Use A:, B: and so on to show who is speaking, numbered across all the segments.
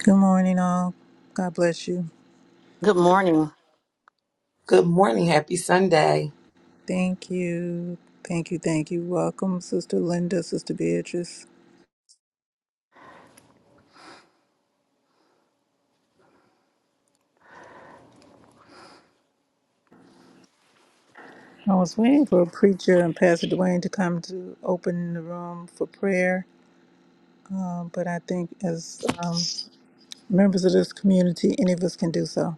A: Good morning, all. God bless you.
B: Good morning.
C: Good morning. Happy Sunday.
A: Thank you. Thank you. Thank you. Welcome, Sister Linda, Sister Beatrice. I was waiting for a preacher and Pastor Dwayne to come to open the room for prayer, uh, but I think as um, members of this community, any of us can do so.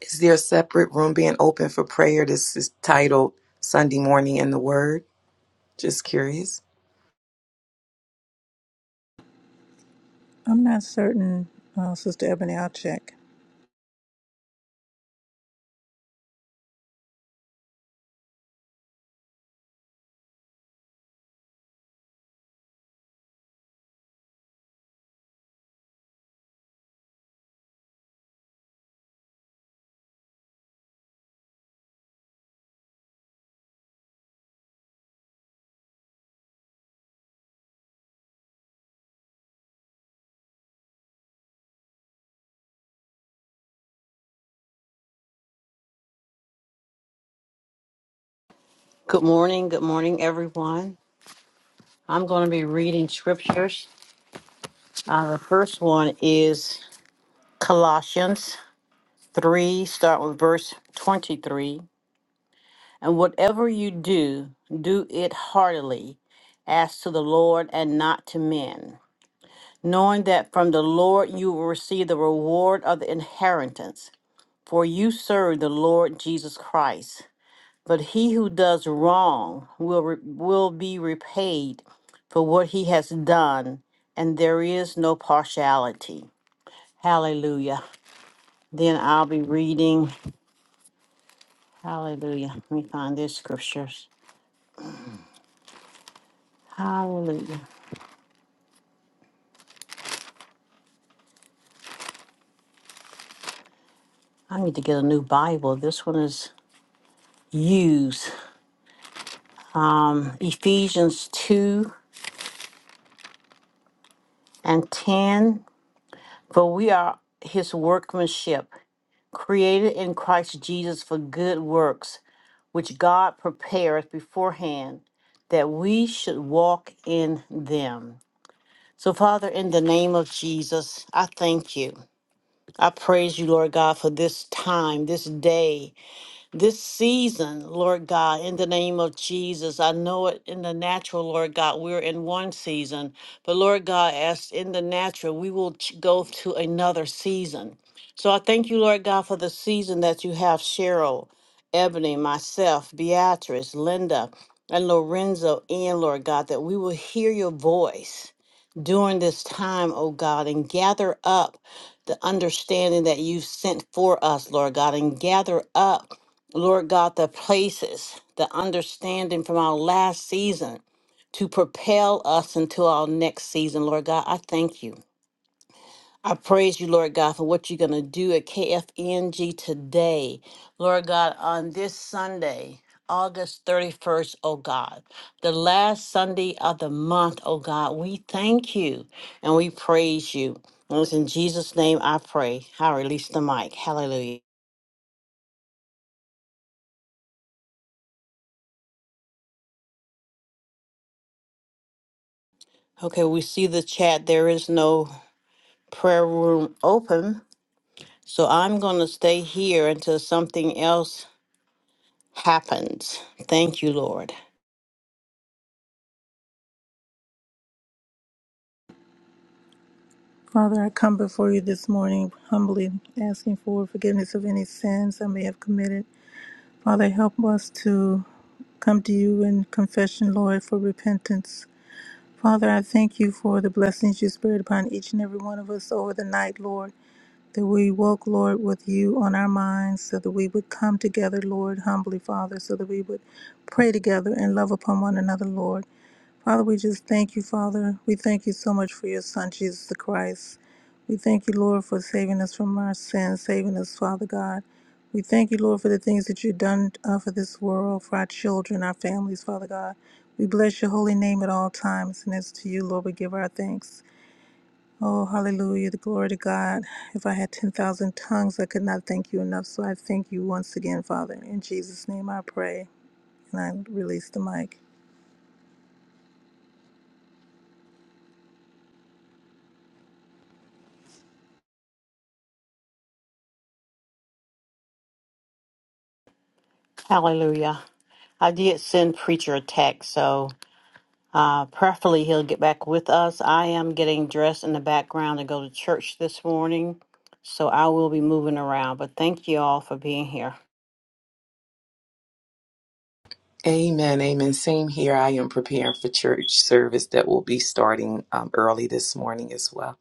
C: Is there a separate room being open for prayer? This is titled Sunday Morning in the Word. Just curious.
A: I'm not certain, uh, Sister Ebony, I'll check.
B: Good morning. Good morning, everyone. I'm going to be reading scriptures. Uh, the first one is Colossians 3, start with verse 23. And whatever you do, do it heartily, as to the Lord and not to men, knowing that from the Lord you will receive the reward of the inheritance. For you serve the Lord Jesus Christ. But he who does wrong will, re- will be repaid for what he has done, and there is no partiality. Hallelujah. Then I'll be reading. Hallelujah. Let me find these scriptures. Hallelujah. I need to get a new Bible. This one is used. Ephesians 2 and 10. For we are his workmanship, created in Christ Jesus for good works which God prepares beforehand that we should walk in them. So, Father, in the name of Jesus, I thank you. I praise you, Lord God, for this time, this day this season, Lord God, in the name of Jesus. I know it in the natural, Lord God, we're in one season, but Lord God, as in the natural, we will ch- go to another season. So I thank you, Lord God, for the season that you have Cheryl, Ebony, myself, Beatrice, Linda, and Lorenzo in, Lord God, that we will hear your voice during this time, O God, and gather up the understanding that you've sent for us, Lord God, and gather up, Lord God, the places, the understanding from our last season to propel us into our next season, Lord God. I thank you. I praise you, Lord God, for what you're going to do at KFNG today. Lord God, on this Sunday, August 31st, oh God, the last Sunday of the month, oh God, we thank you and we praise you. And it's in Jesus' name I pray. I release the mic. Hallelujah. Okay, we see the chat. There is no prayer room open. So I'm going to stay here until something else happens. Thank you, Lord.
A: Father, I come before you this morning humbly asking for forgiveness of any sins I may have committed. Father, help us to come to you in confession, Lord, for repentance. Father, I thank you for the blessings you spared upon each and every one of us over the night, Lord, that we woke, Lord, with you on our minds, so that we would come together, Lord, humbly, Father, so that we would pray together and love upon one another, Lord. Father, we just thank you, Father. We thank you so much for your Son, Jesus the Christ. We thank you, Lord, for saving us from our sins, saving us, Father God. We thank you, Lord, for the things that you've done uh, for this world, for our children, our families, Father God. We bless your holy name at all times, and it's to you, Lord, we give our thanks. Oh, hallelujah, the glory to God. If I had 10,000 tongues, I could not thank you enough, so I thank you once again, Father. In Jesus' name I pray, and I release the mic.
B: Hallelujah. I did send Preacher a text, so uh, preferably he'll get back with us. I am getting dressed in the background to go to church this morning, so I will be moving around. But thank you all for being here.
C: Amen. Amen. Same here. I am preparing for church service that will be starting um, early this morning as well.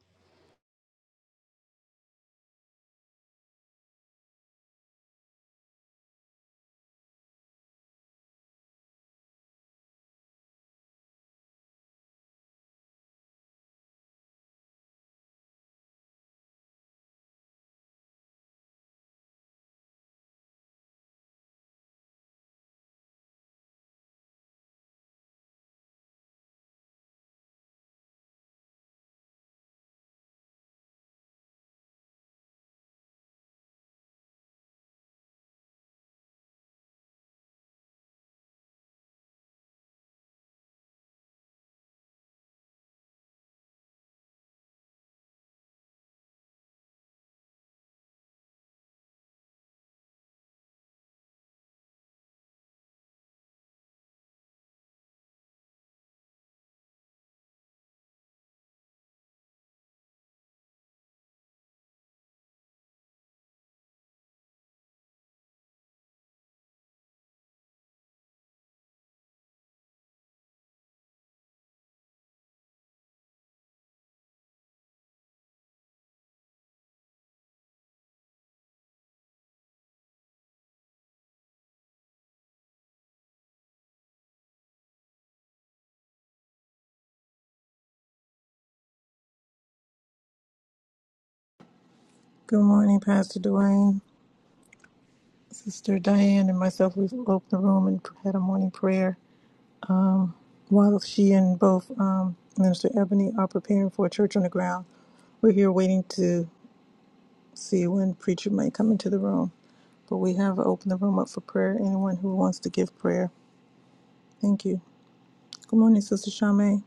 A: Good morning, Pastor Dwayne. Sister Diane and myself, we've opened the room and had a morning prayer while she and both um, Minister Ebony are preparing for a church on the ground. We're here waiting to see when preacher might come into the room, but we have opened the room up for prayer. Anyone who wants to give prayer, thank you. Good morning, Sister Charmaine.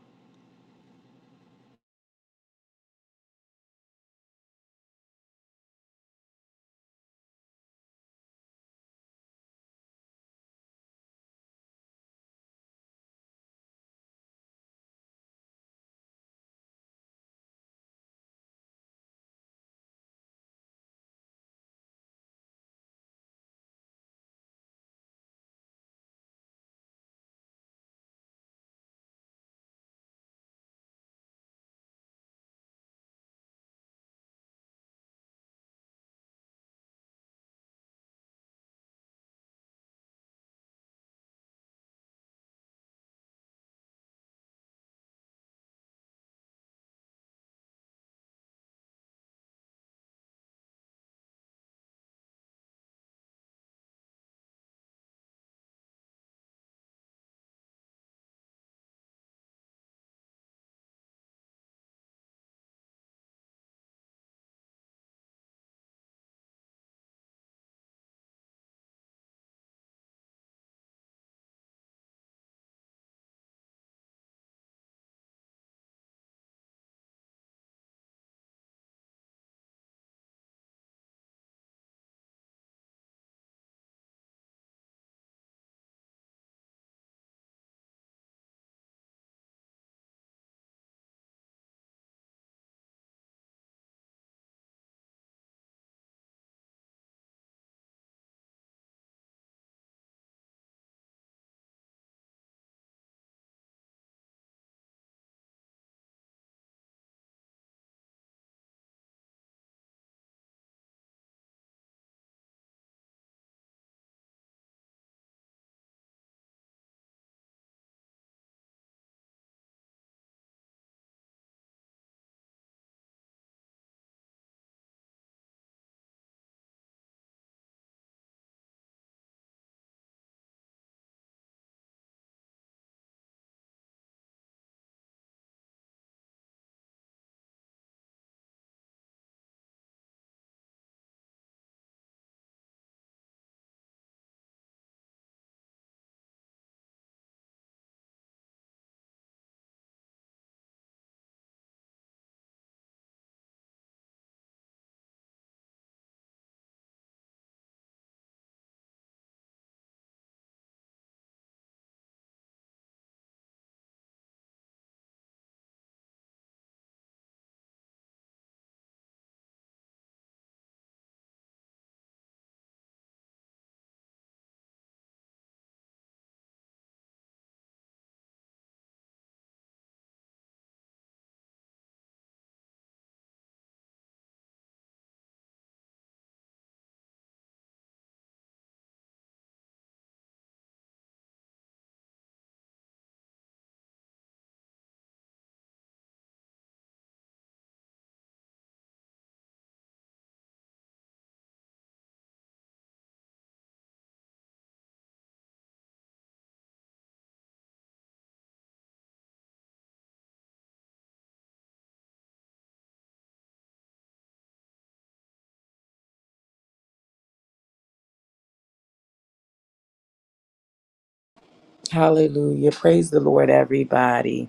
C: Hallelujah. Praise the Lord, everybody.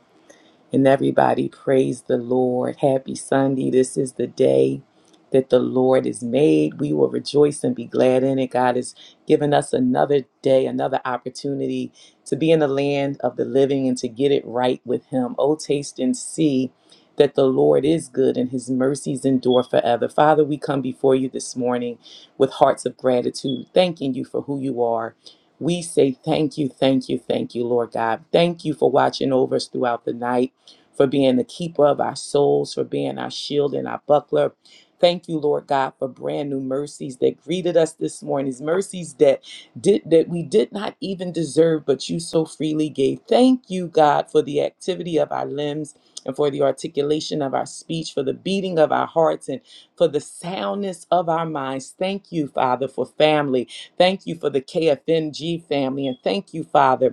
C: And everybody praise the Lord. Happy Sunday. This is the day that the Lord has made. We will rejoice and be glad in it. God has given us another day, another opportunity to be in the land of the living and to get it right with Him. Oh, taste and see that the Lord is good and His mercies endure forever. Father, we come before you this morning with hearts of gratitude, thanking you for who you are. We say thank you, thank you, thank you, Lord God. Thank you for watching over us throughout the night for being the keeper of our souls, for being our shield and our buckler. Thank you, Lord God, for brand new mercies that greeted us this morning, mercies that did that we did not even deserve, but you so freely gave. Thank you, God, for the activity of our limbs and for the articulation of our speech, for the beating of our hearts and for the soundness of our minds. Thank you, Father, for family. Thank you for the KFNG family. And thank you, Father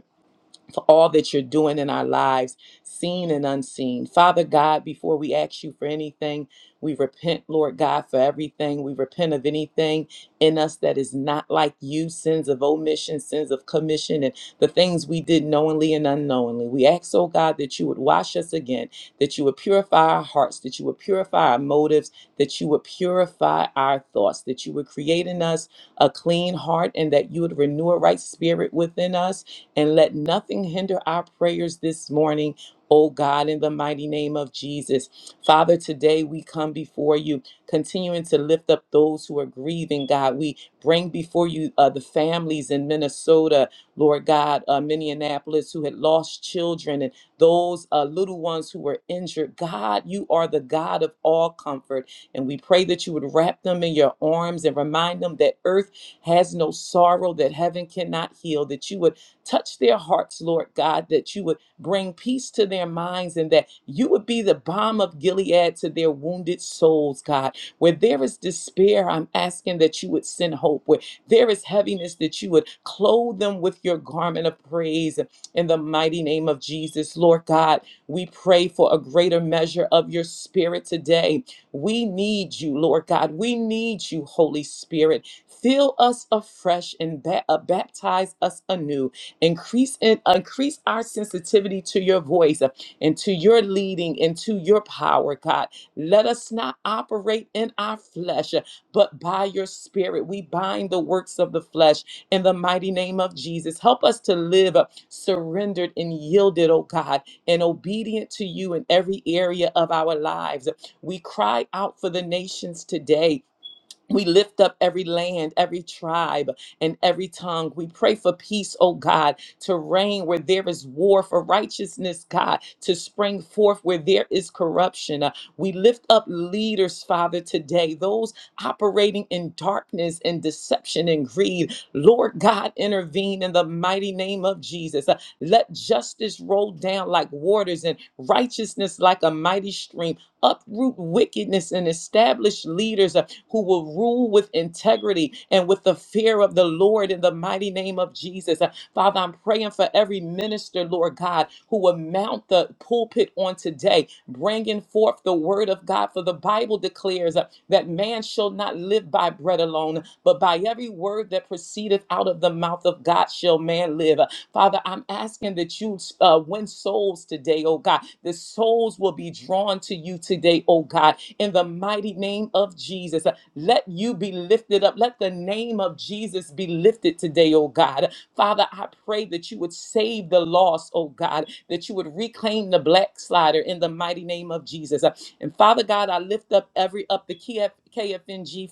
C: for all that you're doing in our lives, seen and unseen. Father God, before we ask you for anything, we repent, Lord God, for everything. We repent of anything in us that is not like you, sins of omission, sins of commission, and the things we did knowingly and unknowingly. We ask, oh God, that you would wash us again, that you would purify our hearts, that you would purify our motives, that you would purify our thoughts, that you would create in us a clean heart, and that you would renew a right spirit within us and let nothing hinder our prayers this morning, oh God, in the mighty name of Jesus. Father, today we come before you, continuing to lift up those who are grieving, God. We bring before you uh, the families in Minnesota, Lord God, uh, Minneapolis, who had lost children and those uh, little ones who were injured. God, you are the God of all comfort. And we pray that you would wrap them in your arms and remind them that earth has no sorrow that heaven cannot heal, that you would Touch their hearts, Lord God, that you would bring peace to their minds and that you would be the balm of Gilead to their wounded souls, God. Where there is despair, I'm asking that you would send hope. Where there is heaviness, that you would clothe them with your garment of praise in the mighty name of Jesus. Lord God, we pray for a greater measure of your spirit today. We need you, Lord God. We need you, Holy Spirit. Fill us afresh and ba- uh, baptize us anew Increase in increase our sensitivity to your voice uh, and to your leading and to your power, God. Let us not operate in our flesh, uh, but by your spirit. We bind the works of the flesh in the mighty name of Jesus. Help us to live uh, surrendered and yielded, oh God, and obedient to you in every area of our lives. We cry out for the nations today we lift up every land, every tribe, and every tongue. We pray for peace, oh God, to reign where there is war, for righteousness, God, to spring forth where there is corruption. Uh, we lift up leaders, Father, today, those operating in darkness and deception and greed. Lord God, intervene in the mighty name of Jesus. Uh, let justice roll down like waters and righteousness like a mighty stream uproot wickedness and establish leaders uh, who will rule with integrity and with the fear of the Lord in the mighty name of Jesus. Uh, Father, I'm praying for every minister, Lord God, who will mount the pulpit on today, bringing forth the word of God. For the Bible declares uh, that man shall not live by by bread alone, but by every word that proceedeth out of the mouth of God shall man live. Father, I'm asking that you uh, win souls today, oh God. The souls will be drawn to you today, oh God, in the mighty name of Jesus. Let you be lifted up. Let the name of Jesus be lifted today, oh God. Father, I pray that you would save the lost, oh God, that you would reclaim the black slider in the mighty name of Jesus. Uh, And Father God, I lift up every up the KF,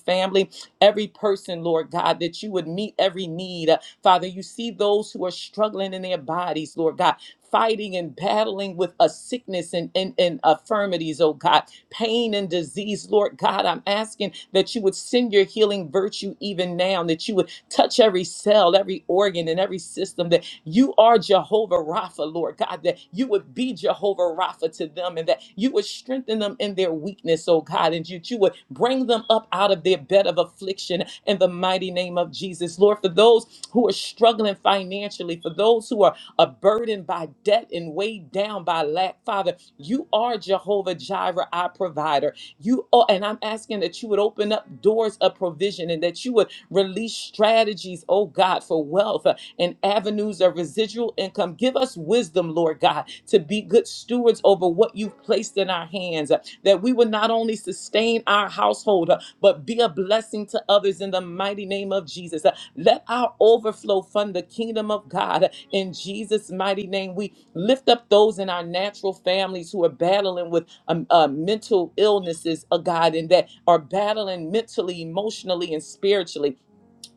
C: family, every person, Lord God, that you would meet every need. Uh, Father, you see those who are struggling in their bodies, Lord God fighting and battling with a sickness and, and, and affirmities, oh God, pain and disease, Lord God. I'm asking that you would send your healing virtue even now, and that you would touch every cell, every organ, and every system, that you are Jehovah Rapha, Lord God, that you would be Jehovah Rapha to them, and that you would strengthen them in their weakness, oh God, and you you would bring them up out of their bed of affliction in the mighty name of Jesus. Lord, for those who are struggling financially, for those who are uh, burdened by debt and weighed down by lack. Father, you are Jehovah Jireh, our provider. You are, and I'm asking that you would open up doors of provision and that you would release strategies, oh God, for wealth uh, and avenues of residual income. Give us wisdom, Lord God, to be good stewards over what you've placed in our hands. uh, uh, that we would not only sustain our household, uh, but be a blessing to others in the mighty name of Jesus. Uh, Let our overflow fund the kingdom of God uh, in Jesus' mighty name. We lift up those in our natural families who are battling with um, uh, mental illnesses, uh, God, and that are battling mentally, emotionally, and spiritually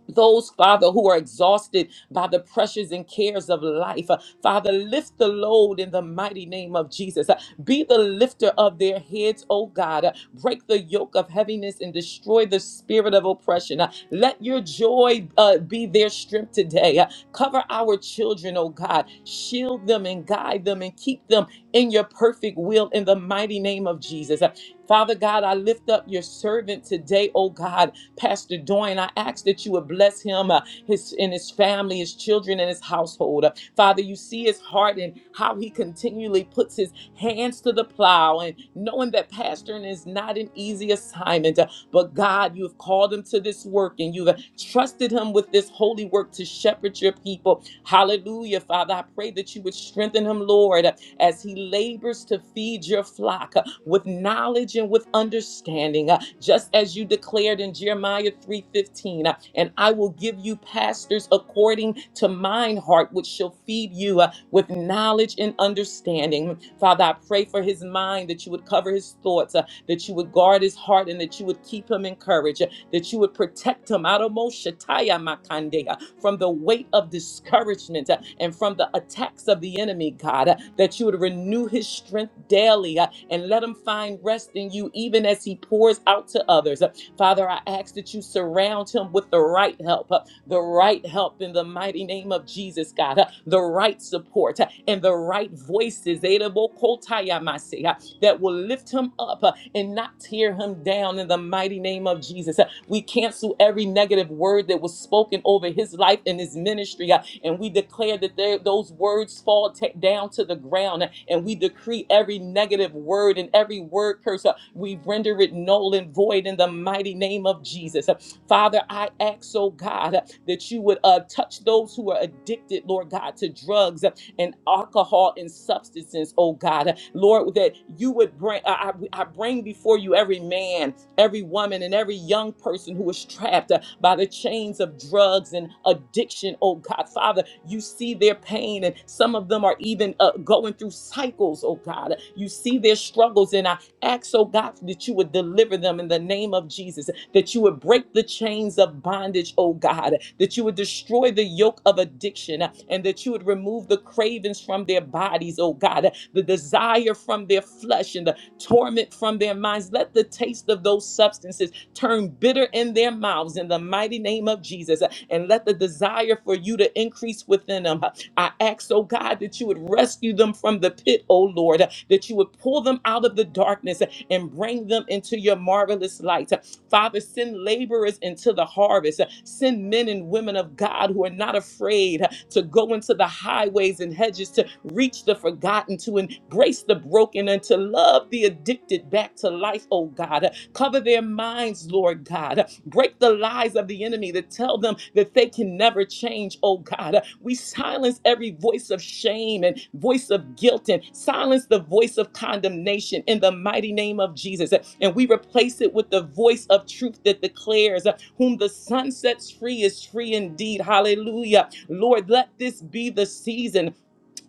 C: those, Father, who are exhausted by the pressures and cares of life. Uh, Father, lift the load in the mighty name of Jesus. Uh, Be the lifter of their heads, oh God. Uh, Break the yoke of heaviness and destroy the spirit of oppression. Uh, Let your joy uh, be their strength today. Uh, Cover our children, oh God. Shield them and guide them and keep them in your perfect will in the mighty name of Jesus. Uh, Father God, I lift up your servant today, oh God. Pastor Doyne. I ask that you would bless him, uh, his and his family, his children, and his household. Uh, Father, you see his heart and how he continually puts his hands to the plow, and knowing that pastoring is not an easy assignment, uh, but God, you have called him to this work, and you have trusted him with this holy work to shepherd your people. Hallelujah, Father. I pray that you would strengthen him, Lord. uh, as he labors to feed your flock uh, with knowledge and with understanding, uh, just as you declared in Jeremiah 3:15, uh, and I will give you pastors according to mine heart, which shall feed you uh, with knowledge and understanding. Father, I pray for his mind that you would cover his his thoughts, uh, that you would guard his heart and that you would keep him encouraged, uh, that you would protect him out of Moshataya Makande, uh, from the weight of discouragement uh, and from the attacks of the enemy, God, uh, that you would renew his strength daily uh, and let him find rest in you even as he pours out to others. Uh, Father, I ask that you surround him with the right help, uh, the right help in the mighty name of Jesus, God, uh, the right support uh, and the right voices. Edabokotayamasea, that will lift him up uh, and not tear him down in the mighty name of Jesus. Uh, We cancel every negative word that was spoken over his life and his ministry, uh, and we declare that they- those words fall ta- down to the ground, uh, and we decree every negative word and every word curse, uh, we render it null and void in the mighty name of Jesus. Uh, Father, I ask, oh God, that you would uh, touch those who are addicted, Lord God, to drugs and alcohol and substances, oh God. Lord, that you would bring, I, I I bring before you every man, every woman, and every young person who is trapped uh, by the chains of drugs and addiction, oh God. Father, you see their their pain, and some of them are even uh, going through cycles, oh God. You see their struggles, and I ask, oh God, that you would deliver them in the name of Jesus, that you would break the chains of bondage, oh God, that you would destroy the yoke of addiction, uh, and that you would remove the cravings from their bodies, oh God, uh, the desire from their flesh, and the torment from their minds. Let the taste of those substances turn bitter in their mouths in the mighty name of Jesus. uh, And let the desire for you to increase within them. I ask, oh God, that you would rescue them from the pit, oh Lord, that you would pull them out of the darkness and bring them into your marvelous light. Father, send laborers into the harvest. Send men and women of God who are not afraid to go into the highways and hedges to reach the forgotten, to embrace the broken, and to love the addicted back to life, oh God. Cover their minds, Lord God. Break the lies of the enemy enemy to tell them that they can never change, oh God. We silence every voice of shame and voice of guilt and silence the voice of condemnation in the mighty name of Jesus. And we replace it with the voice of truth that declares, Whom the sun sets free is free indeed. Hallelujah. Lord, let this be the season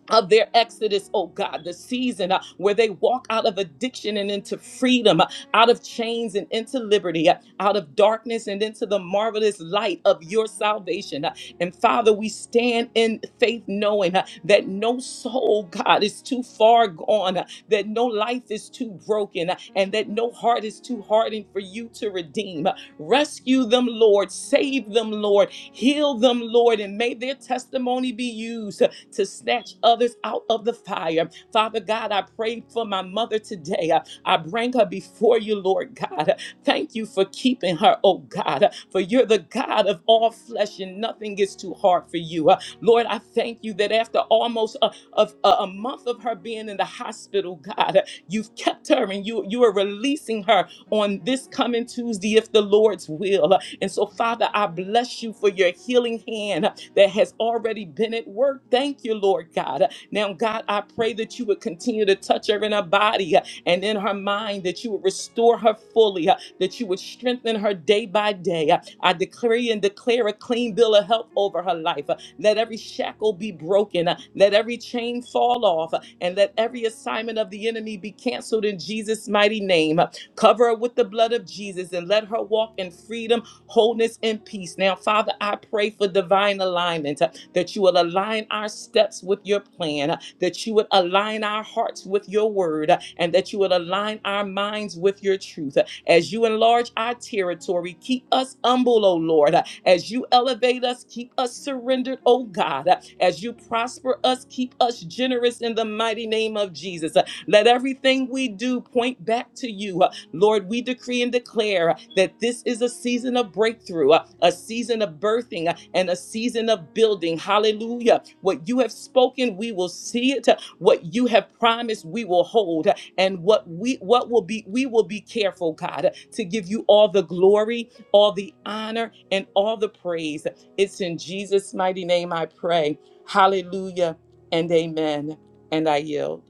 C: of their exodus, oh God, the season uh, where they walk out of addiction and into freedom, uh, out of chains and into liberty, uh, out of darkness and into the marvelous light of your salvation. Uh, and Father, we stand in faith knowing uh, that no soul, God, is too far gone, uh, that no life is too broken, uh, and that no heart is too hardened for you to redeem. Uh, Rescue them, Lord. Save them, Lord. Heal them, Lord. And may their testimony be used uh, to snatch others out of the fire. Father God, I pray for my mother today. Uh, I bring her before you, Lord God. Thank you for keeping her, oh God, for you're the God of all flesh and nothing is too hard for you. Uh, Lord, I thank you that after almost a, of a, a month of her being in the hospital, God, uh, you've kept her and you, you are releasing her on this coming Tuesday, if the Lord's will. Uh, And so, Father, I bless you for your healing hand uh, that has already been at work. Thank you, Lord God. Uh, Now, God, I pray that you would continue to touch her in her body uh, and in her mind, that you would restore her fully, uh, that you would strengthen her day by day. Uh, I declare and declare a clean bill of health over her life. Uh, Let every shackle be broken. uh, Let every chain fall off. uh, And let every assignment of the enemy be canceled in Jesus' mighty name. Cover her with the blood of Jesus and let her walk in freedom, wholeness, and peace. Now, Father, I pray for divine alignment, uh, that you will align our steps with your plan, uh, that you would align our hearts with your word, uh, and that you would align our minds with your truth. Uh, As you enlarge our territory, keep us humble, O Lord. Uh, As you elevate us, keep us surrendered, O God. Uh, As you prosper us, keep us generous in the mighty name of Jesus. Uh, Let everything we do point back to you. Uh, Lord, we decree and declare that this is a season of breakthrough, uh, a season of birthing, uh, and a season of building. Hallelujah. What you have spoken, we will see it. What you have promised, we will hold. And what we what will be, we will be careful, God, to give you all the glory, all the honor, and all the praise. It's in Jesus' mighty name I pray. Hallelujah and amen. And I yield.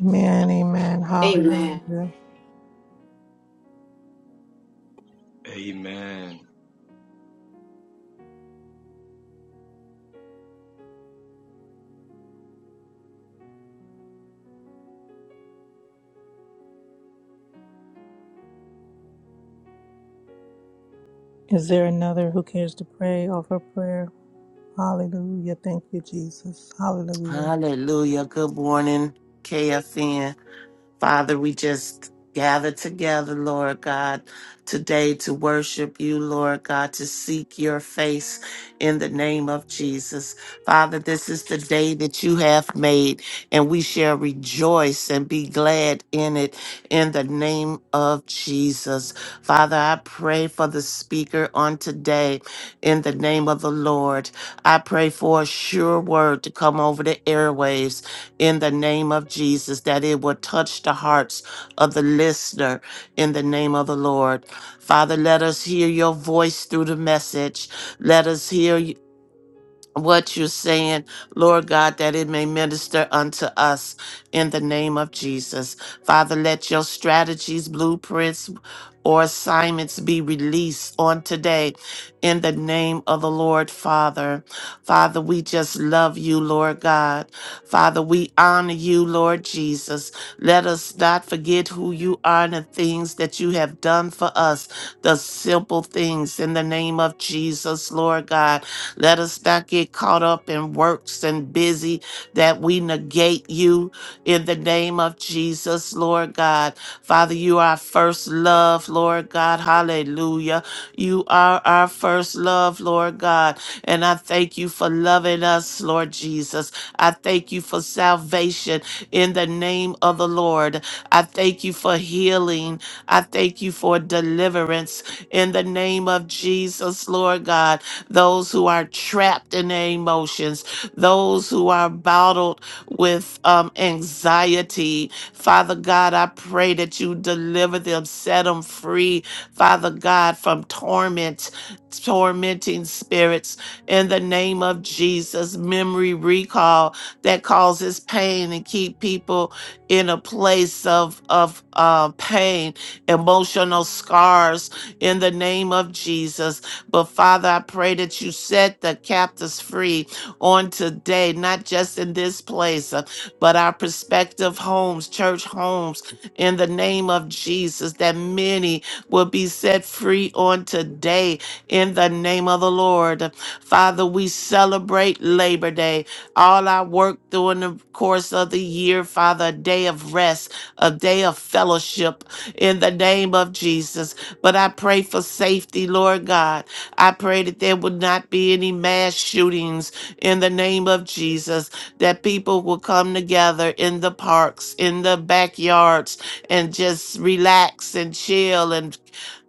A: Amen, amen. Hallelujah.
B: Amen.
A: Hallelujah.
D: Amen.
A: Is there another who cares to pray? Offer prayer. Hallelujah. Thank you, Jesus. Hallelujah.
E: Hallelujah. Good morning, KFN. Father, we just gather together, Lord God, today to worship you, Lord God, to seek your face in the name of Jesus. Father, this is the day that you have made, and we shall rejoice and be glad in it in the name of Jesus. Father, I pray for the speaker on today in the name of the Lord. I pray for a sure word to come over the airwaves in the name of Jesus, that it will touch the hearts of the listener in the name of the Lord. Father, let us hear your voice through the message. Let us hear what you're saying, Lord God, that it may minister unto us in the name of Jesus. Father, let your strategies, blueprints, or assignments be released on today in the name of the Lord, Father. Father, we just love you, Lord God. Father, we honor you, Lord Jesus. Let us not forget who you are and the things that you have done for us, the simple things in the name of Jesus, Lord God. Let us not get caught up in works and busy that we negate you in the name of Jesus, Lord God. Father, you are our first love, Lord God. Hallelujah. You are our first love, Lord God. And I thank you for loving us, Lord Jesus. I thank you for salvation in the name of the Lord. I thank you for healing. I thank you for deliverance in the name of Jesus, Lord God those who are trapped in their emotions, those who are bottled with um, anxiety. Father God, I pray that you deliver them, set them free, Father God, from torment, tormenting spirits. In the name of Jesus, memory recall that causes pain and keep people in a place of of uh, pain, emotional scars. In the name of Jesus, but Father, I pray that you set the captives free on today, not just in this place, uh, but our prospective homes, church homes, in the name of Jesus, that many will be set free on today in the name of the Lord. Father, we celebrate Labor Day, all our work during the course of the year, Father, a day of rest, a day of fellowship in the name of Jesus. But I pray for safety, Lord God. I pray that there would not be any mass shootings in the name of Jesus, that people will come together in the parks, in the backyards, and just relax and chill and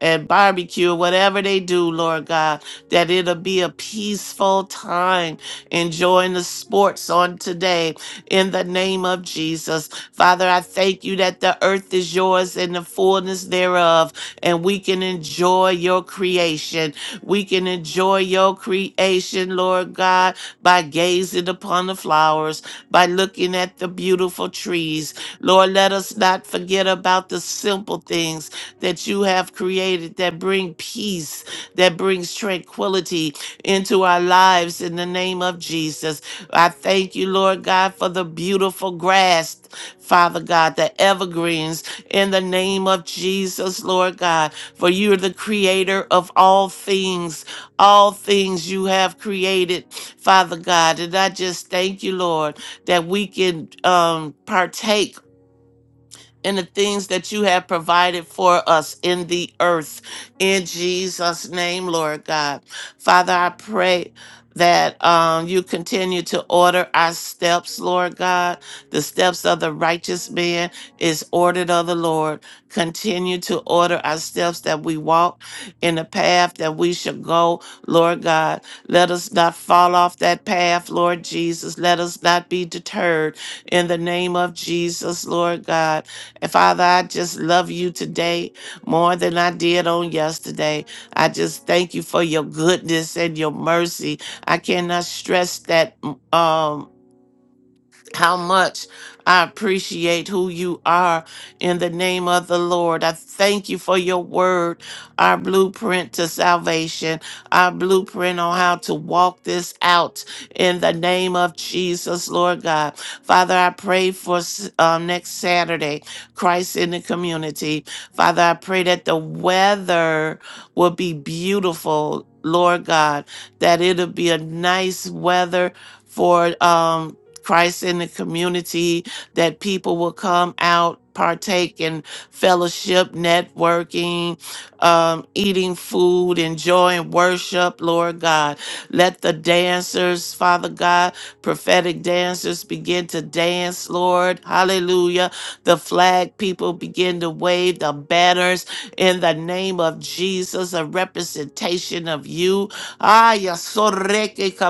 E: and barbecue, whatever they do, Lord God, that it'll be a peaceful time enjoying the sports on today in the name of Jesus. Father, I thank you that the earth is yours and the fullness thereof, and we can enjoy your creation we can enjoy your creation, Lord God, by gazing upon the flowers, by looking at the beautiful trees. Lord, let us not forget about the simple things that you have created that bring peace, that brings tranquility into our lives in the name of Jesus. I thank you, Lord God, for the beautiful grass, Father God, the evergreens in the name of Jesus, Lord God for you're the creator of all things. All things you have created, Father God. And I just thank you, Lord, that we can um, partake and the things that you have provided for us in the earth. In Jesus' name, Lord God. Father, I pray that um, you continue to order our steps, Lord God. The steps of the righteous man is ordered of the Lord. Continue to order our steps that we walk in the path that we should go, Lord God. Let us not fall off that path, Lord Jesus. Let us not be deterred in the name of Jesus, Lord God. And Father, I just love you today more than I did on yesterday. I just thank you for your goodness and your mercy. I cannot stress that mm, um how much I appreciate who you are in the name of the Lord. I thank you for your word, our blueprint to salvation, our blueprint on how to walk this out in the name of Jesus, Lord God. Father, I pray for s- um, next Saturday, Christ in the community. Father, I pray that the weather will be beautiful. Lord God, that it'll be a nice weather for um Christ in the community, that people will come out, partake in fellowship, networking, um, eating food, enjoying worship, Lord God. Let the dancers, Father God, prophetic dancers begin to dance, Lord. Hallelujah. The flag people begin to wave, the banners in the name of Jesus, a representation of you. Ah,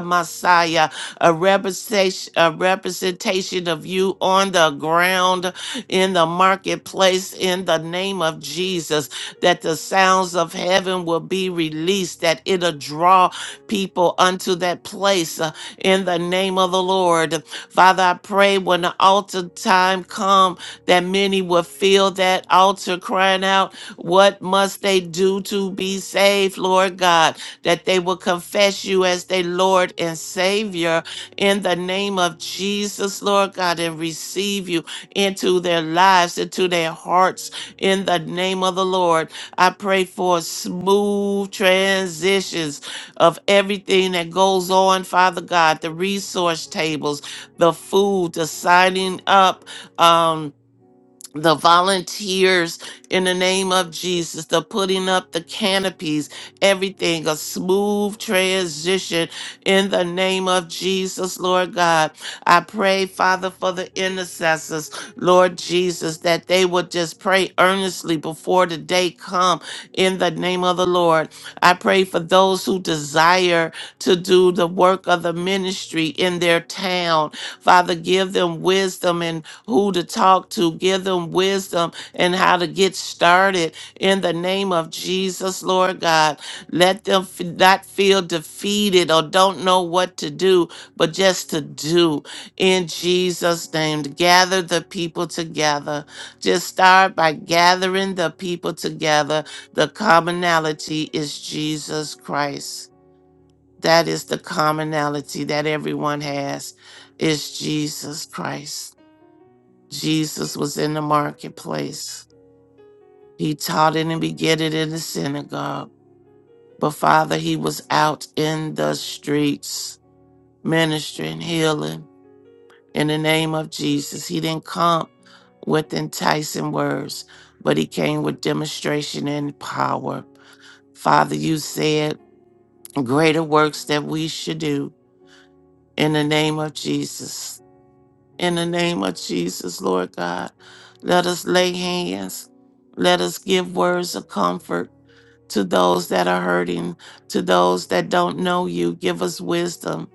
E: Messiah a representation, a representation of you on the ground in the marketplace in the name of Jesus, that the sounds of heaven will be released, that it'll draw people unto that place uh, in the name of the Lord. Father, I pray when the altar time come that many will feel that altar crying out, what must they do to be saved, Lord God? That they will confess you as their Lord and Savior in the name of Jesus, Lord God, and receive you into their lives, into their hearts, in the name of the Lord. I pray for smooth transitions of everything that goes on, Father God, the resource tables, the food, the signing up. Um, the volunteers in the name of Jesus, the putting up the canopies, everything, a smooth transition in the name of Jesus, Lord God. I pray, Father, for the intercessors, Lord Jesus, that they would just pray earnestly before the day come in the name of the Lord. I pray for those who desire to do the work of the ministry in their town. Father, give them wisdom and who to talk to, give them wisdom and how to get started in the name of Jesus, Lord God. Let them f- not feel defeated or don't know what to do, but just to do in Jesus' name. Gather the people together. Just start by gathering the people together. The commonality is Jesus Christ. That is the commonality that everyone has is Jesus Christ. Jesus was in the marketplace. He taught in and begat it in the synagogue. But Father, he was out in the streets ministering, healing in the name of Jesus. He didn't come with enticing words, but he came with demonstration and power. Father, you said greater works that we should do in the name of Jesus. In the name of Jesus, Lord God, let us lay hands. Let us give words of comfort to those that are hurting, to those that don't know you. Give us wisdom.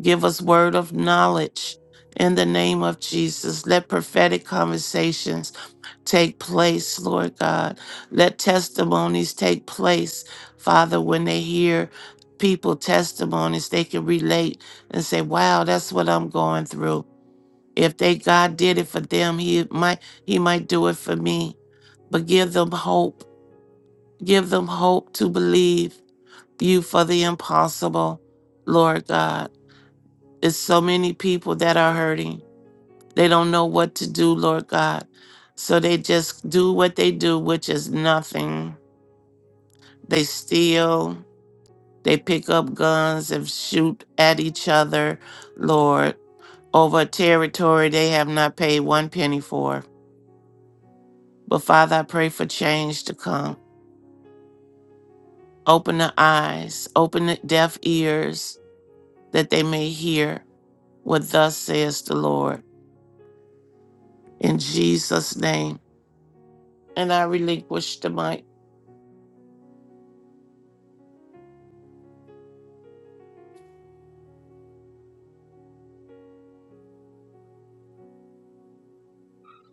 E: Give us word of knowledge. In the name of Jesus, let prophetic conversations take place, Lord God. Let testimonies take place, Father, when they hear people testimonies, they can relate and say, wow, that's what I'm going through. If they God did it for them, he might he might do it for me. But give them hope. Give them hope to believe you for the impossible, Lord God. It's so many people that are hurting. They don't know what to do, Lord God. So they just do what they do, which is nothing. They steal, they pick up guns and shoot at each other, Lord, over territory they have not paid one penny for. But Father, I pray for change to come. Open the eyes, open the deaf ears, that they may hear what thus says the Lord. In Jesus' name. And I relinquish the mic.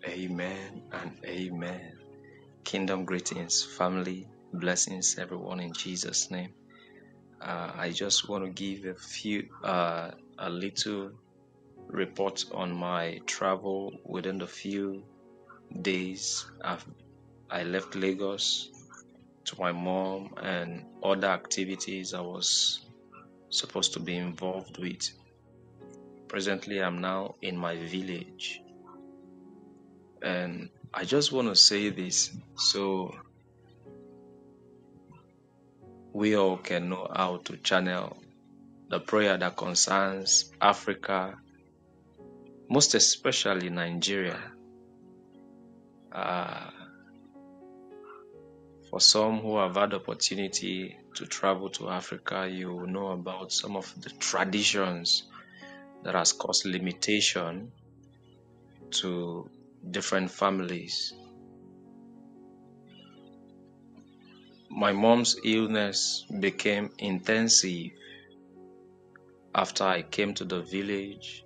D: Amen and amen. Kingdom greetings, family, blessings, everyone in Jesus' name. Uh, I just want to give a few, uh, a little report on my travel within the few days. I've, I left Lagos to my mom and other activities I was supposed to be involved with. Presently, I'm now in my village and I just want to say this. So we all can know how to channel the prayer that concerns Africa, most especially Nigeria. Uh, for some who have had opportunity to travel to Africa, you know about some of the traditions that has caused limitation to different families. My mom's illness became intensive after I came to the village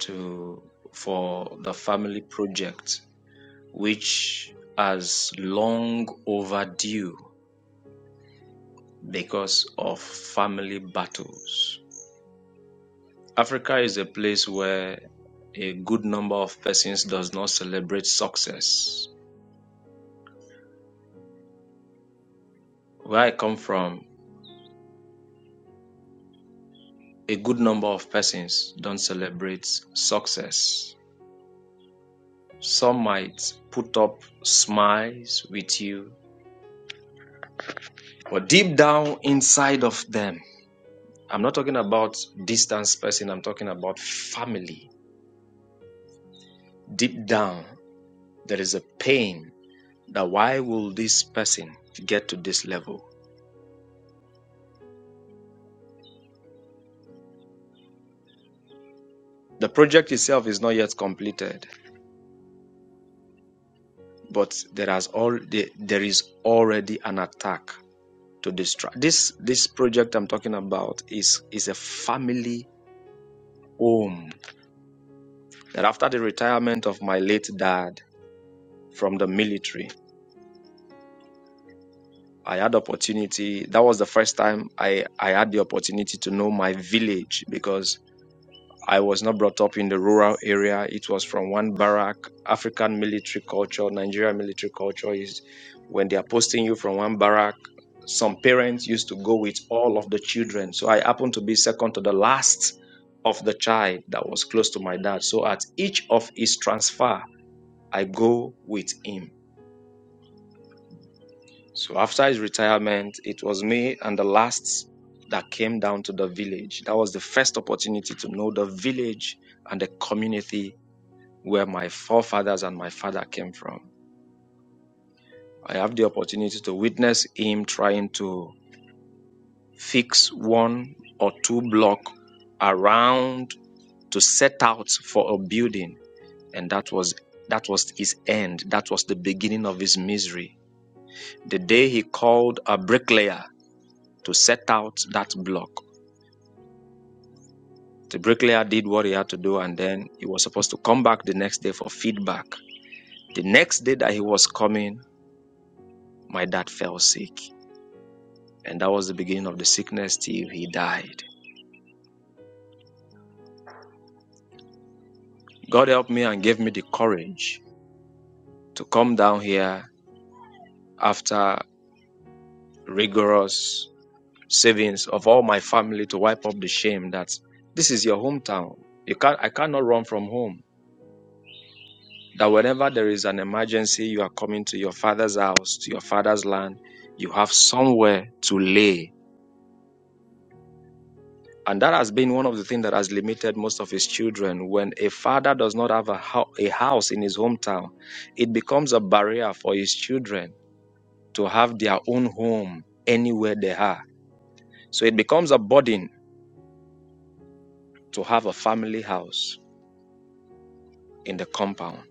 D: to for the family project which has long overdue because of family battles. Africa is a place where a good number of persons does not celebrate success. Where I come from, a good number of persons don't celebrate success. Some might put up smiles with you, but deep down inside of them, I'm not talking about distant person, I'm talking about family. Deep down There is a pain that why will this person get to this level? The project itself is not yet completed, but there has all there is already an attack to destroy. This this project I'm talking about is is a family home. That after the retirement of my late dad from the military, I had opportunity. That was the first time I I had the opportunity to know my village because I was not brought up in the rural area. It was from one barrack. African military culture, Nigerian military culture is when they are posting you from one barrack. Some parents used to go with all of the children. So I happened to be second to the last of the child that was close to my dad. So at each of his transfer, I go with him. So after his retirement, it was me and the last that came down to the village. That was the first opportunity to know the village and the community where my forefathers and my father came from. I have the opportunity to witness him trying to fix one or two block around to set out for a building and that was that was his end that was the beginning of his misery the day he called a bricklayer to set out that block the bricklayer did what he had to do and then he was supposed to come back the next day for feedback the next day that he was coming my dad fell sick And that was the beginning of the sickness till he died. God helped me and gave me the courage to come down here after rigorous savings of all my family to wipe up the shame that this is your hometown. You can't, I cannot run from home. That whenever there is an emergency, you are coming to your father's house, to your father's land. You have somewhere to lay And that has been one of the things that has limited most of his children. When a father does not have a, ho- a house in his hometown, it becomes a barrier for his children to have their own home anywhere they are. So it becomes a burden to have a family house in the compound.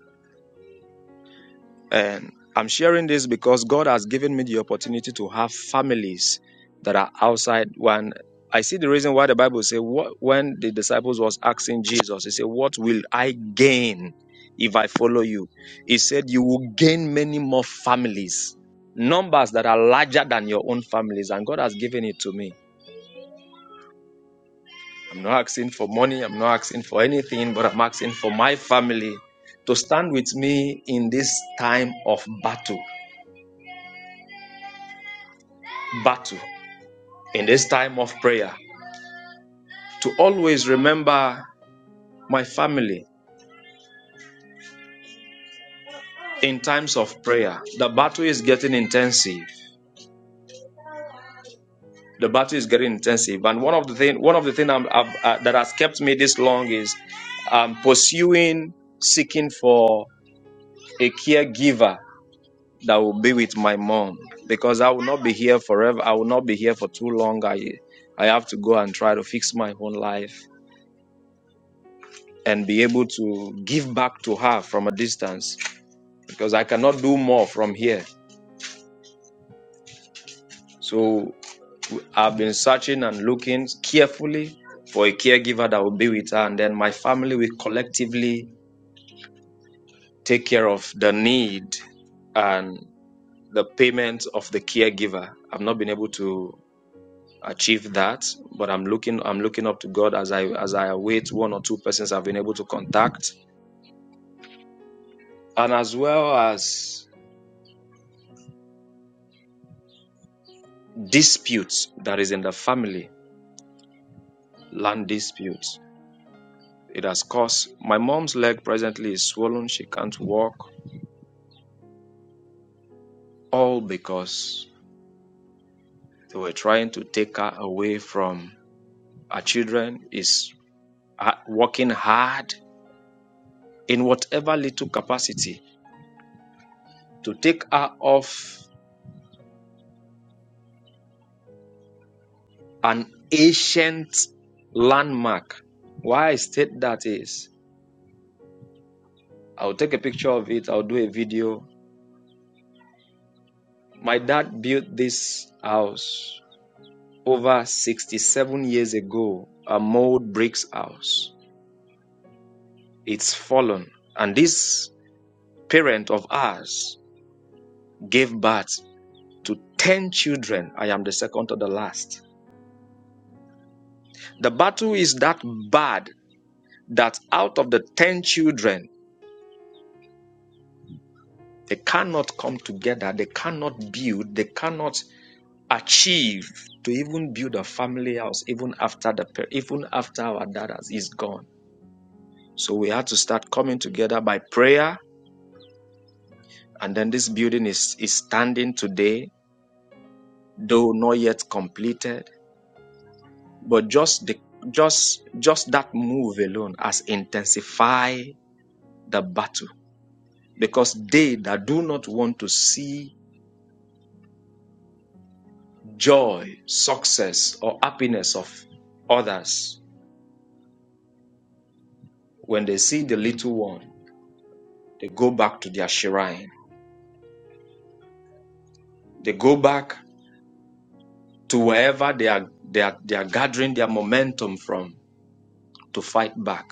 D: And I'm sharing this because God has given me the opportunity to have families that are outside When I see the reason why the Bible says when the disciples was asking Jesus, he said, What will I gain if I follow you? He said, You will gain many more families, numbers that are larger than your own families. And God has given it to me. I'm not asking for money, I'm not asking for anything, but I'm asking for my family to stand with me in this time of battle. Battle. in this time of prayer to always remember my family in times of prayer. The battle is getting intensive. The battle is getting intensive, and one of the thing, one of the thing I'm, I've, uh, that has kept me this long is um, pursuing, seeking for a caregiver that will be with my mom because I will not be here forever. I will not be here for too long. I I have to go and try to fix my own life and be able to give back to her from a distance because I cannot do more from here. So I've been searching and looking carefully for a caregiver that will be with her, and then my family will collectively take care of the need and the payment of the caregiver. I've not been able to achieve that, but I'm looking I'm looking up to God as I as I await one or two persons I've been able to contact, and as well as disputes that is in the family, land disputes. It has caused my mom's leg presently is swollen. She can't walk. All because they were trying to take her away from her children. Is working hard in whatever little capacity to take her off an ancient landmark. Why I state that is, I'll take a picture of it. I'll do a video. My dad built this house over 67 years ago, a mold bricks house it's fallen. And this parent of ours gave birth to 10 children. I am the second to the last. The battle is that bad that out of the 10 children, they cannot come together, they cannot build, they cannot achieve to even build a family house, even after the even after our dad is gone. So we had to start coming together by prayer, and then this building is is standing today, though not yet completed But just the just just that move alone has intensified the battle because they that do not want to see joy, success, or happiness of others, when they see the little one, they go back to their shrine. They go back to wherever they are they are, they are gathering their momentum from to fight back.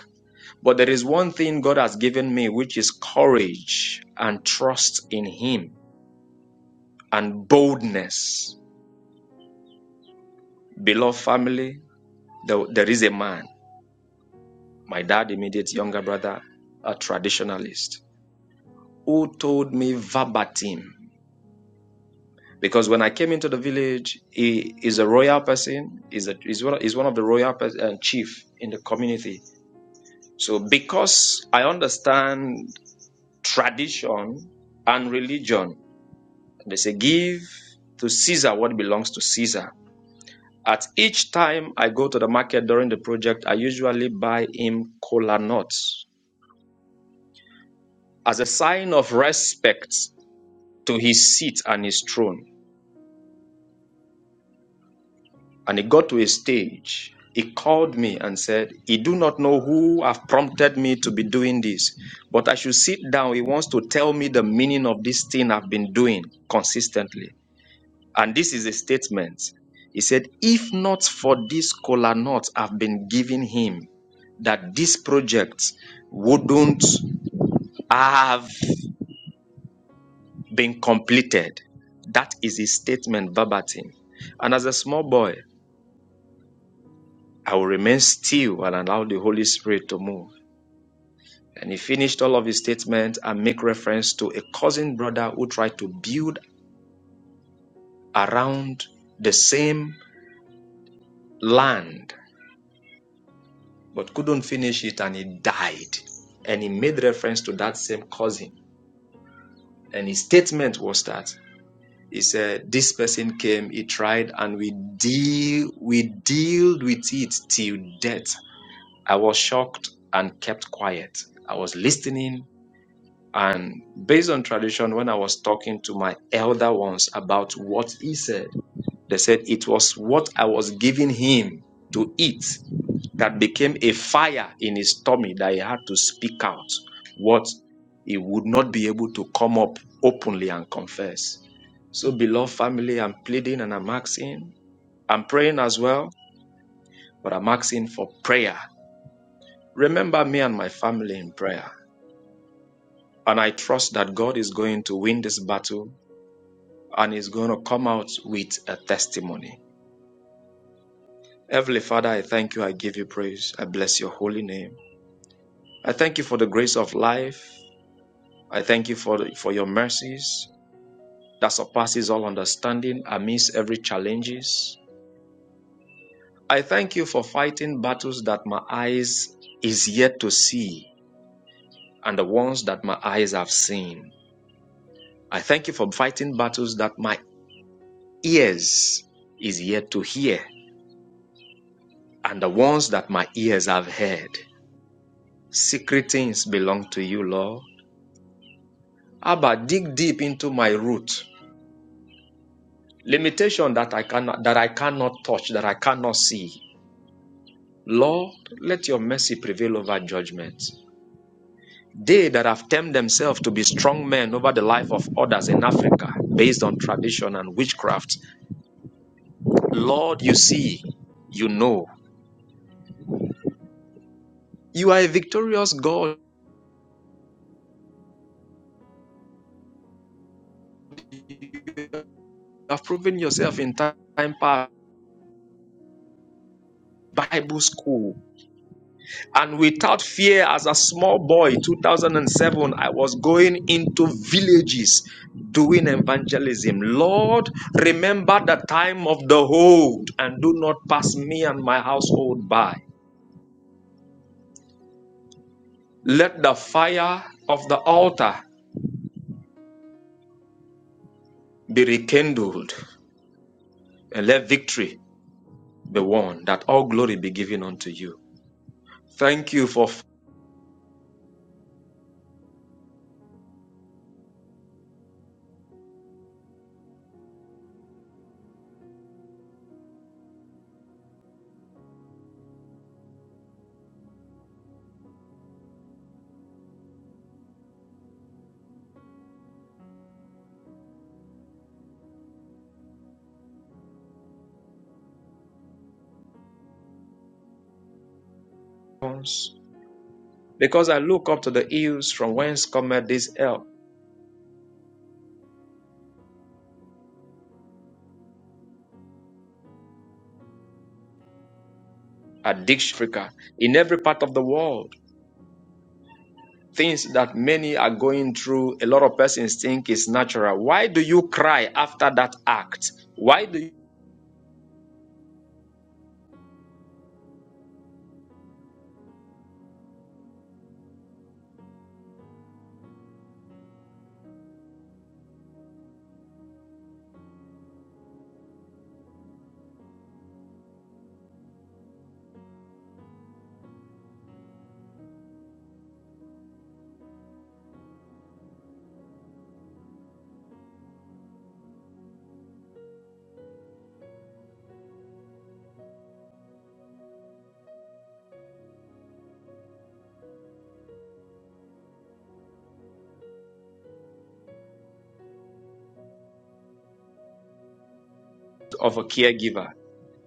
D: But there is one thing God has given me, which is courage and trust in Him and boldness. Beloved family, there, there is a man, my dad, immediate younger brother, a traditionalist, who told me verbatim. Because when I came into the village, he is a royal person, is a is one, is one of the royal uh, chief in the community. So because I understand tradition and religion, they say give to Caesar what belongs to Caesar. At each time I go to the market during the project, I usually buy him cola nuts as a sign of respect to his seat and his throne. And he got to a stage. He called me and said, He do not know who have prompted me to be doing this, but I should sit down. He wants to tell me the meaning of this thing I've been doing consistently. And this is a statement. He said, If not for this kola nut I've been giving him, that this project wouldn't have been completed. That is his statement verbatim. And as a small boy, I will remain still and allow the Holy Spirit to move. And he finished all of his statements and make reference to a cousin brother who tried to build around the same land but couldn't finish it and he died. And he made reference to that same cousin. And his statement was that he said, This person came, he tried, and we deal we dealt with it till death. I was shocked and kept quiet. I was listening. And based on tradition, when I was talking to my elder ones about what he said, they said it was what I was giving him to eat that became a fire in his tummy that he had to speak out what he would not be able to come up openly and confess. So, beloved family, I'm pleading and I'm asking, I'm praying as well, but I'm asking for prayer. Remember me and my family in prayer. And I trust that God is going to win this battle and is going to come out with a testimony. Heavenly Father, I thank you. I give you praise. I bless your holy name. I thank you for the grace of life. I thank you for, for your mercies that surpasses all understanding amidst every challenges. I thank you for fighting battles that my eyes is yet to see and the ones that my eyes have seen. I thank you for fighting battles that my ears is yet to hear and the ones that my ears have heard. Secret things belong to you, Lord. Abba, dig deep into my root. Limitation that I cannot that I cannot touch, that I cannot see. Lord, let your mercy prevail over judgment. They that have termed themselves to be strong men over the life of others in Africa, based on tradition and witchcraft, Lord, you see, you know. You are a victorious God. You have proven yourself in time past. Bible school, And without fear, as a small boy, 2007, I was going into villages doing evangelism. Lord, remember the time of the hold and do not pass me and my household by. Let the fire of the altar be rekindled and let victory be won, that all glory be given unto you. Thank you for us, because I look up to the hills from whence cometh this help. Addiction, Africa, in every part of the world. things that many are going through, a lot of persons think is natural. Why do you cry after that act? Why do you of a caregiver?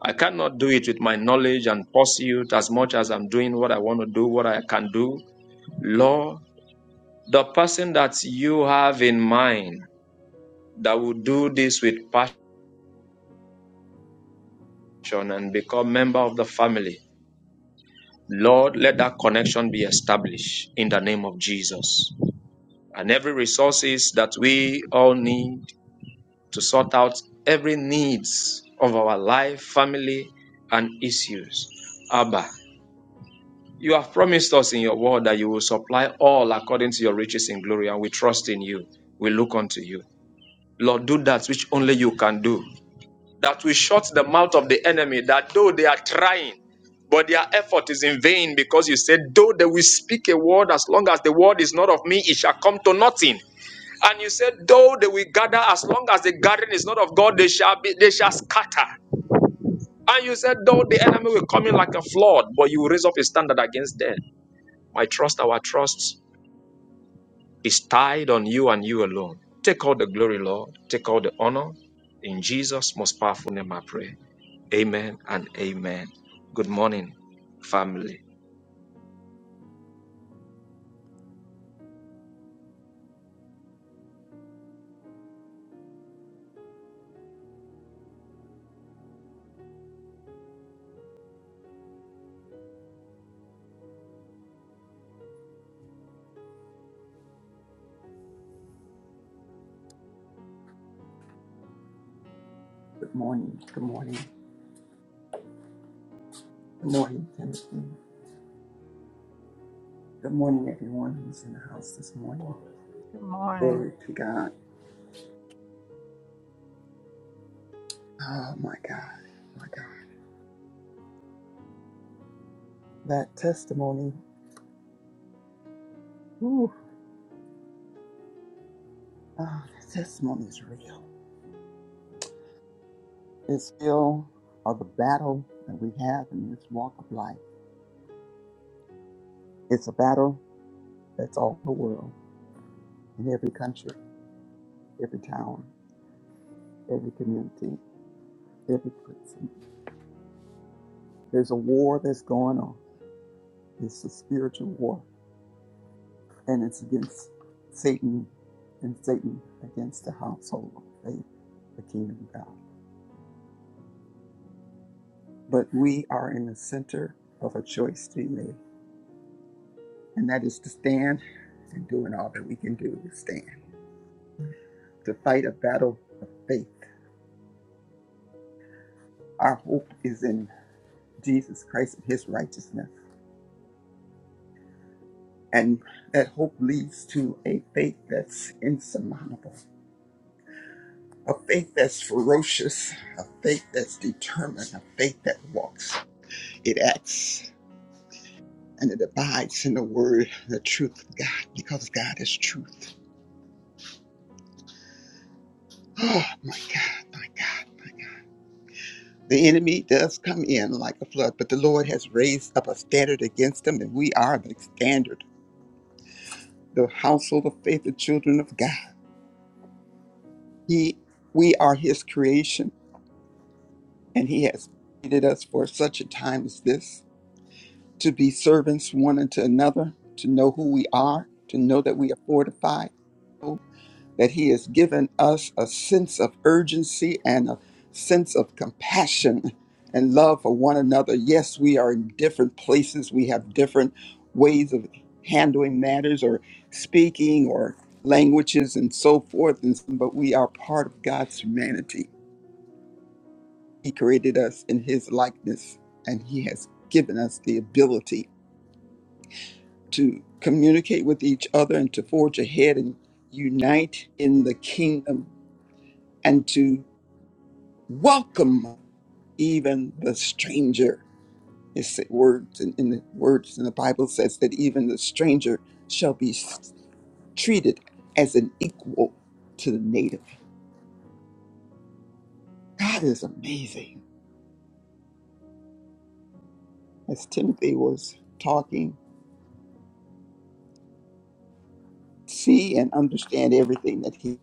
D: I cannot do it with my knowledge and pursuit as much as I'm doing what I want to do, what I can do. Lord, the person that you have in mind that will do this with passion and become member of the family, Lord, let that connection be established in the name of Jesus. And every resources that we all need to sort out every needs of our life, family, and issues. Abba, you have promised us in your word that you will supply all according to your riches in glory, and we trust in you. We look unto you. Lord, do that which only you can do, that we shut the mouth of the enemy, that though they are trying, but their effort is in vain because you said, though they will speak a word, as long as the word is not of me, it shall come to nothing. And you said, though they will gather, as long as the gathering is not of God, they shall be, they shall scatter. And you said, though the enemy will come in like a flood, but you will raise up a standard against them. My trust, our trust is tied on you and you alone. Take all the glory, Lord. Take all the honor. In Jesus' most powerful name, I pray. Amen and amen. Good morning, family.
F: Good morning. Good morning. Good morning, Timothy. Good morning, everyone who's in the house this morning.
A: Good morning.
F: Glory to God. Oh, my God. My God. That testimony, ooh, oh, that testimony is real. It's real of the battle that we have in this walk of life. It's a battle that's all the world, in every country, every town, every community, every person. There's a war that's going on. It's a spiritual war and it's against Satan and Satan against the household of faith, the kingdom of God. But we are in the center of a choice to be made, and that is to stand and doing all that we can do to stand, to fight a battle of faith. Our hope is in Jesus Christ and his righteousness. And that hope leads to a faith that's insurmountable, a faith that's ferocious, a faith that's determined, a faith that walks, it acts and it abides in the word, the truth of God, because God is truth. Oh my God, my God, my God. The enemy does come in like a flood, but the Lord has raised up a standard against them, and we are the standard, the household of faith, the children of God. He, we are His creation, and He has created us for such a time as this to be servants one unto another, to know who we are, to know that we are fortified that He has given us a sense of urgency and a sense of compassion and love for one another. Yes, we are in different places, we have different ways of handling matters or speaking or languages and so forth, and, so- but we are part of God's humanity. He created us in His likeness, and He has given us the ability to communicate with each other and to forge ahead and unite in the kingdom and to welcome even the stranger. It said words in, in the words in the Bible says that even the stranger shall be s- treated as an equal to the native. God is amazing. As Timothy was talking, see and understand everything that he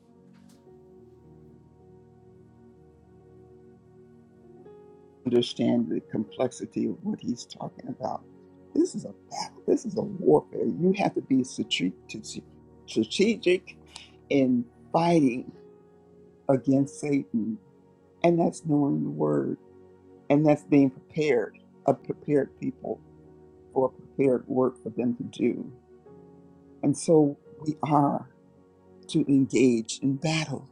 F: understand the complexity of what he's talking about. This is a battle. This is a warfare. You have to be strate- strategic in fighting against Satan. And that's knowing the word. And that's being prepared, a prepared people for prepared work for them to do. And so we are to engage in battle.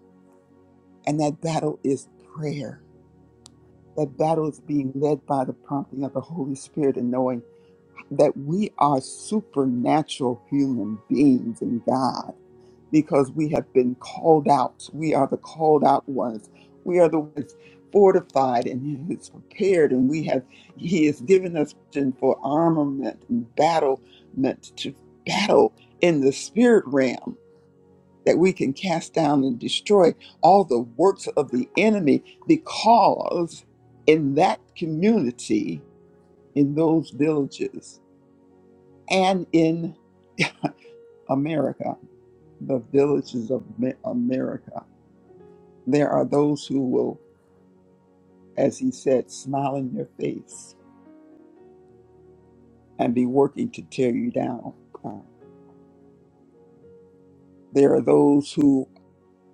F: And that battle is prayer. That battle is being led by the prompting of the Holy Spirit and knowing that we are supernatural human beings in God because we have been called out. We are the called out ones. We are the ones fortified and He is prepared, and we have He has given us vision for armament and battlement to battle in the spirit realm that we can cast down and destroy all the works of the enemy because in that community, in those villages and in America, the villages of Ma- America. There are those who will, as he said, smile in your face and be working to tear you down. Uh, there are those who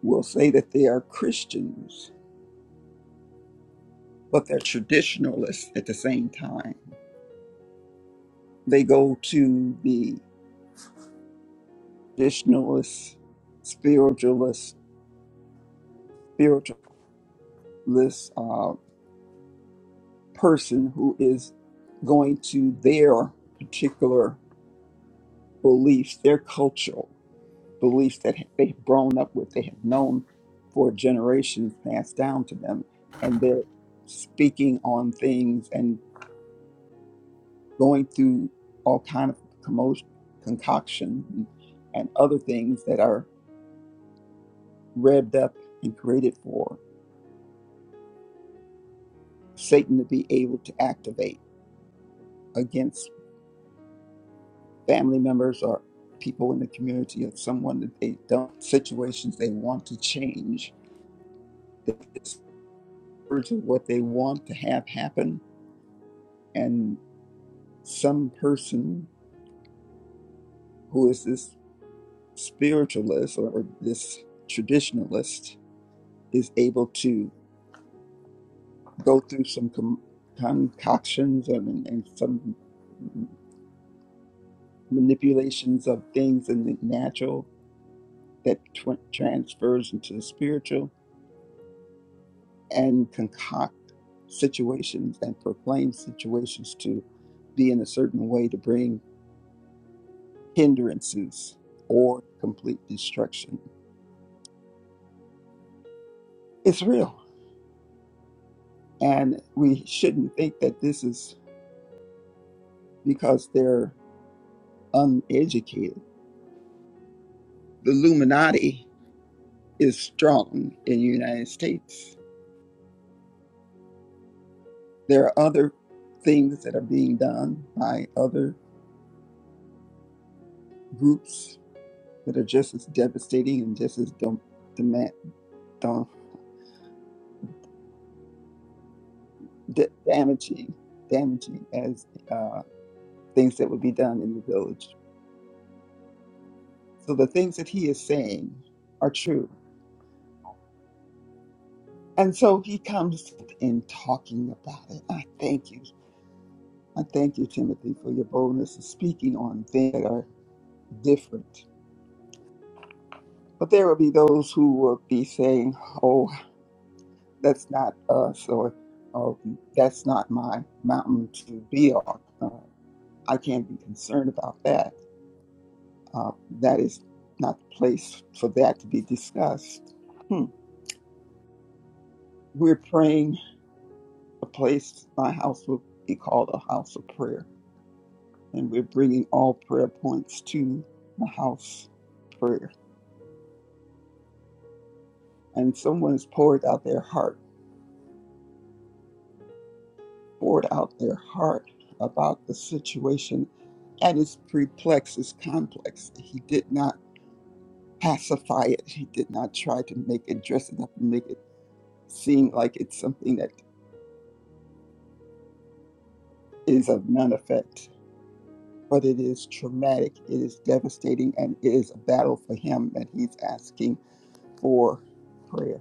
F: will say that they are Christians, but they're traditionalists at the same time. They go to the traditionalist, spiritualist, spiritualist uh, person who is going to their particular beliefs, their cultural beliefs that they've grown up with, they have known for generations passed down to them, and they're speaking on things and going through all kind of commotion, concoctions and, and other things that are revved up and created for Satan to be able to activate against family members or people in the community or someone that they don't situations they want to change words of what they want to have happen, and some person who is this spiritualist or this traditionalist is able to go through some com- concoctions and, and some manipulations of things in the natural that tw- transfers into the spiritual and concoct situations and proclaim situations to be in a certain way to bring hindrances or complete destruction. It's real. And we shouldn't think that this is because they're uneducated. The Illuminati is strong in the United States. There are other things that are being done by other groups that are just as devastating and just as dom- demand, dom- da- damaging, damaging as uh, things that would be done in the village. So the things that he is saying are true And so he comes in talking about it. I thank you. I thank you, Timothy, for your boldness in speaking on things that are different. But there will be those who will be saying, oh, that's not us, or oh, that's not my mountain to be on. Uh, I can't be concerned about that. Uh, that is not the place for that to be discussed. Hmm. We're praying a place, my house will be called a house of prayer and we're bringing all prayer points to the house prayer. And someone has poured out their heart, poured out their heart about the situation at its perplex, its complex. He did not pacify it. He did not try to make it dress it up and make it seem like it's something that is of none effect. But it is traumatic, it is devastating, and it is a battle for him, and he's asking for prayer.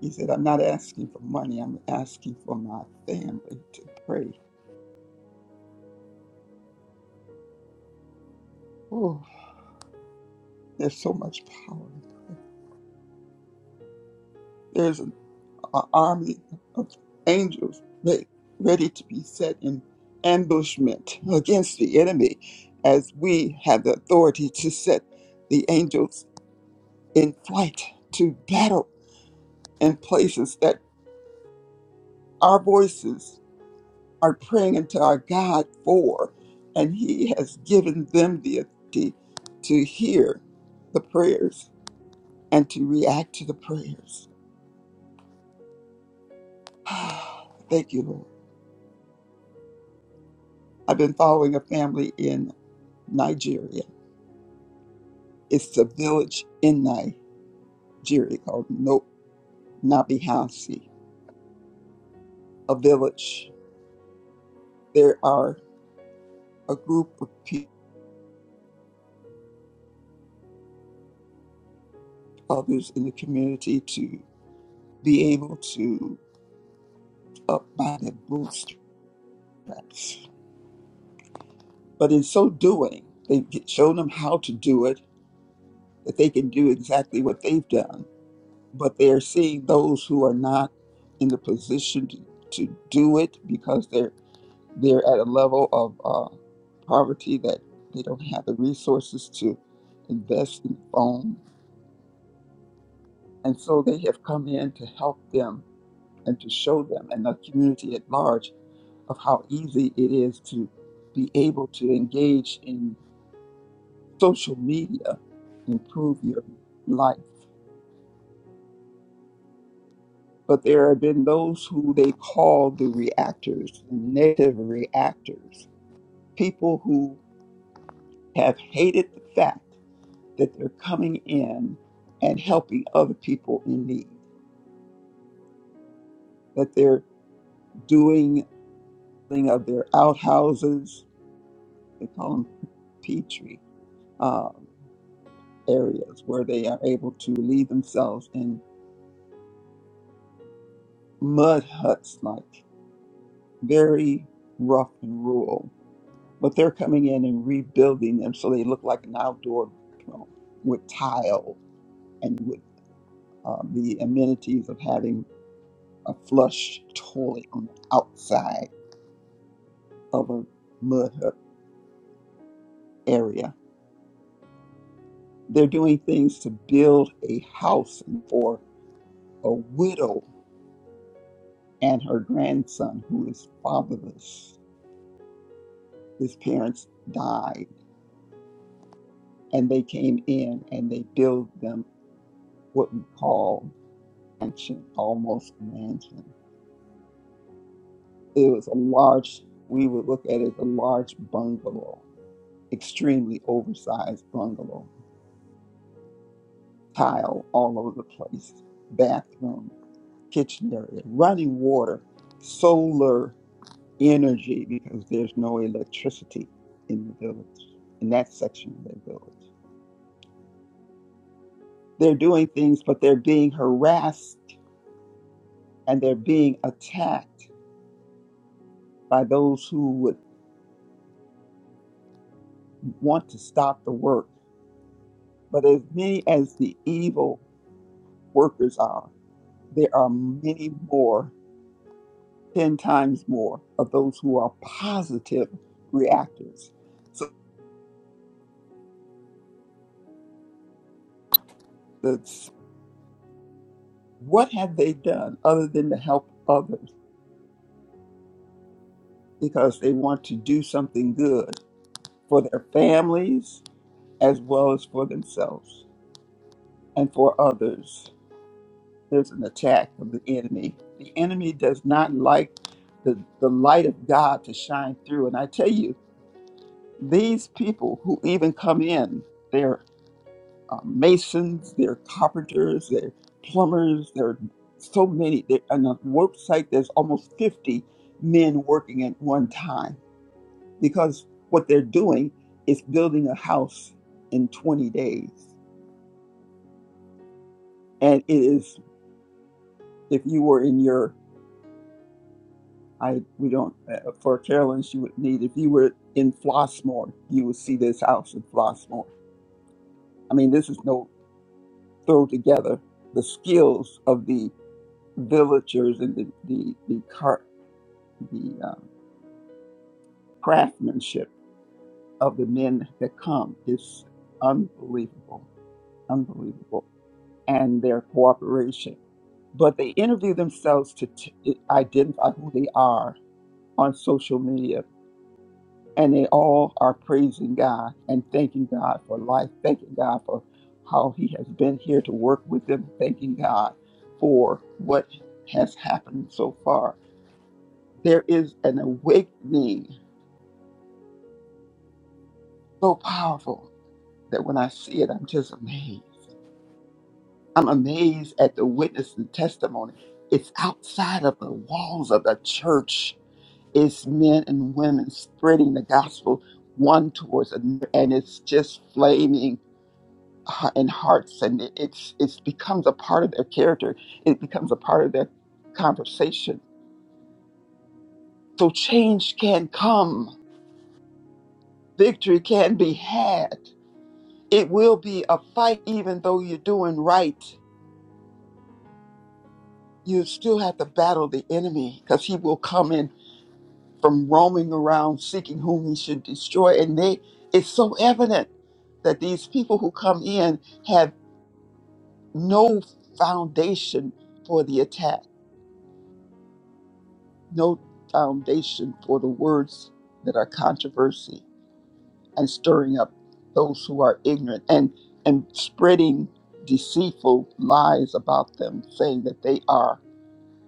F: He said, I'm not asking for money. I'm asking for my family to pray. Oh, there's so much power in prayer. There's an a- army of angels re- ready to be set in ambushment against the enemy as we have the authority to set the angels in flight to battle in places that our voices are praying unto our God for, and He has given them the ability to hear the prayers and to react to the prayers. Thank you, Lord. I've been following a family in Nigeria. It's a village in Nigeria called no- Nabihasi, a village. There are a group of people, others in the community to be able to up by the bootstraps But in so doing, they've g- shown them how to do it, that they can do exactly what they've done. But they are seeing those who are not in the position to, to do it because they're they're at a level of uh, poverty that they don't have the resources to invest in phone. And so they have come in to help them and to show them and the community at large of how easy it is to be able to engage social media improve your life. But there have been those who they call the reactors, the negative reactors, people who have hated the fact that they're coming in and helping other people in need, that they're doing thing of their outhouses, they call them petri um, areas, where they are able to leave themselves in mud huts, like very rough and rural but they're coming in and rebuilding them so they look like an outdoor bathroom with tile and with uh, the amenities of having a flush toilet on the outside of a mud hut area. They're doing things to build a house for a widow and her grandson who is fatherless. His parents died, and they came in and they build them what we call mansion, almost mansion It was a large, we would look at it as a large bungalow, extremely oversized bungalow, tile all over the place, bathroom, kitchen area, running water, solar energy because there's no electricity in the village, in that section of the village. They're doing things, but they're being harassed and they're being attacked by those who would want to stop the work. But as many as the evil workers are, there are many more, 10 times more of those who are positive reactors. So, that's, what have they done other than to help others because they want to do something good for their families as well as for themselves and for others? There's an attack of the enemy. The enemy does not like the, the light of God to shine through. And I tell you, these people who even come in, they're uh, masons, they're carpenters, they're plumbers, there are so many. There, on a work site, there's almost 50 men working at one time because what they're doing is building a house in 20 days. And it is, if you were in your, I we don't, uh, for Carolyn, she would need, if you were in Flossmoor, you would see this house in Flossmoor. I mean, this is no throw together. The skills of the villagers and the, the, the car, the um, craftsmanship of the men that come is unbelievable, unbelievable, and their cooperation. But they interview themselves to t- identify who they are on social media, and they all are praising God and thanking God for life, thanking God for how He has been here to work with them, thanking God for what has happened so far. There is an awakening so powerful that when I see it, I'm just amazed. I'm amazed at the witness and testimony. It's outside of the walls of the church. It's men and women spreading the gospel one towards another, and it's just flaming uh, in hearts, and it, it's it becomes a part of their character. It becomes a part of their conversation. So change can come. Victory can be had. It will be a fight, even though you're doing right you still have to battle the enemy because he will come in from roaming around seeking whom he should destroy. And they, it's so evident that these people who come in have no foundation for the attack, no foundation for the words that are controversy and stirring up those who are ignorant and and spreading deceitful lies about them, saying that they are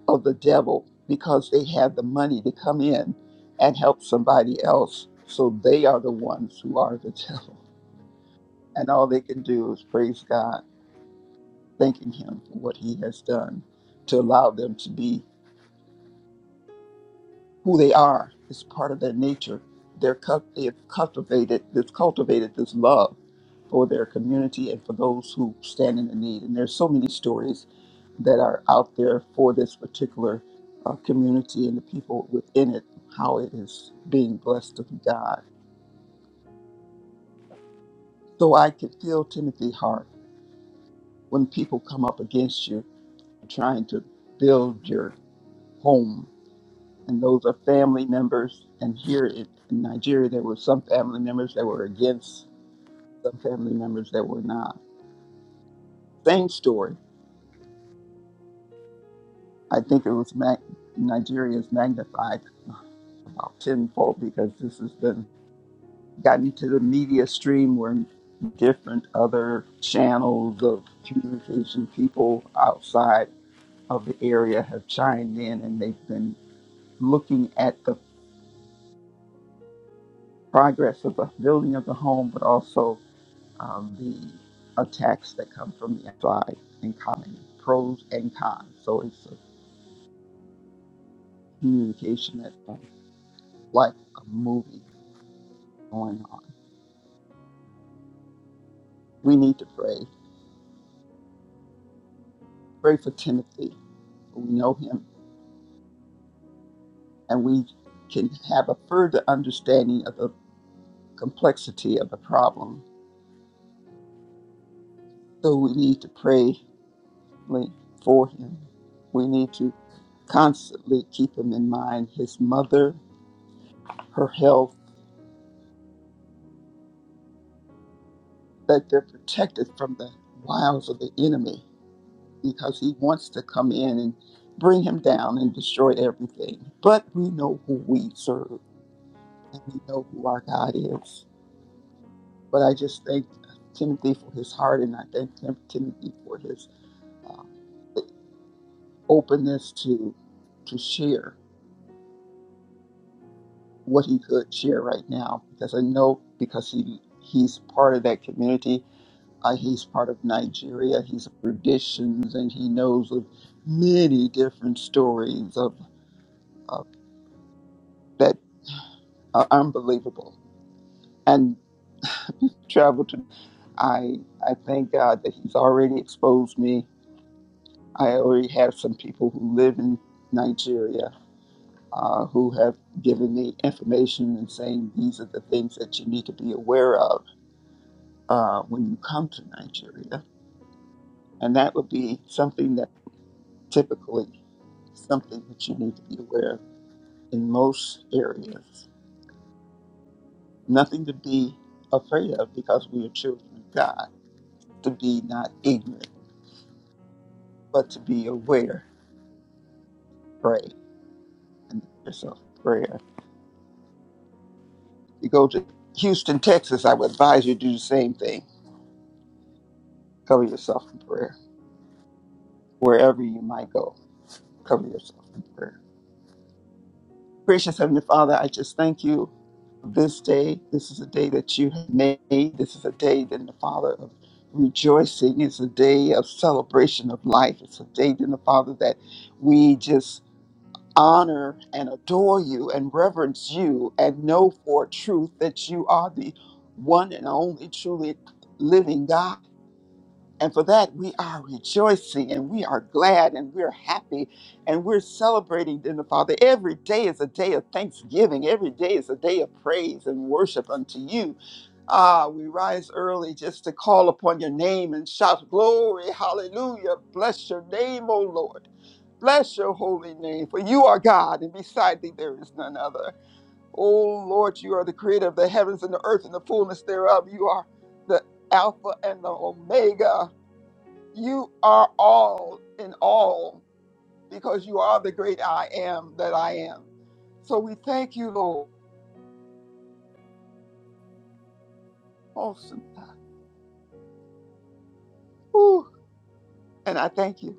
F: of the devil because they have the money to come in and help somebody else. So they are the ones who are the devil. And all they can do is praise God, thanking Him for what He has done to allow them to be who they are. It's part of their nature. They're cult- they've cultivated this cultivated this love for their community and for those who stand in the need. And there's so many stories that are out there for this particular uh, community and the people within it, how it is being blessed of God. So I can feel Timothy's heart when people come up against you trying to build your home. And those are family members. And here in in Nigeria, there were some family members that were against, some family members that were not. Same story. I think it was Mag- Nigeria is magnified about tenfold because this has been got into the media stream where different other channels of communication people outside of the area have chimed in and they've been looking at the progress of the building of the home, but also um, the attacks that come from the outside and commenting pros and cons. So it's a communication that's um, like a movie going on. We need to pray. Pray for Timothy. We know him and we can have a further understanding of the complexity of the problem. So we need to pray for him. We need to constantly keep him in mind, his mother, her health, that they're protected from the wiles of the enemy because he wants to come in and bring him down and destroy everything. But we know who we serve and we know who our God is. But I just thank Timothy for his heart and I thank Timothy for his um, openness to to share what he could share right now because I know because he he's part of that community. Uh, he's part of Nigeria. He's of traditions and he knows of many different stories of, of that are unbelievable. And travel to I I thank God that he's already exposed me. I already have some people who live in Nigeria uh, who have given me information and saying these are the things that you need to be aware of uh, when you come to Nigeria. And that would be something that typically something that you need to be aware of in most areas. Nothing to be afraid of because we are children of God. To be not ignorant, but to be aware, pray, and give yourself in prayer. you go to Houston, Texas, I would advise you to do the same thing. Cover yourself in prayer wherever you might go Cover yourself in prayer. Gracious Heavenly Father, I just thank you for this day. This is a day that you have made. This is a day then the Father of rejoicing. It's a day of celebration of life. It's a day then the Father that we just honor and adore you and reverence you and know for truth that you are the one and only truly living God. And for that, we are rejoicing and we are glad and we're happy and we're celebrating in the Father. Every day is a day of thanksgiving. Every day is a day of praise and worship unto you. Ah, we rise early just to call upon your name and shout, Glory, hallelujah. Bless your name, O Lord. Bless your holy name, for you are God, and beside thee there is none other. O Lord, you are the creator of the heavens and the earth and the fullness thereof. You are the Alpha and the Omega. You are all in all because you are the great I am that I am. So we thank you, Lord. Awesome. Whew. And I thank you.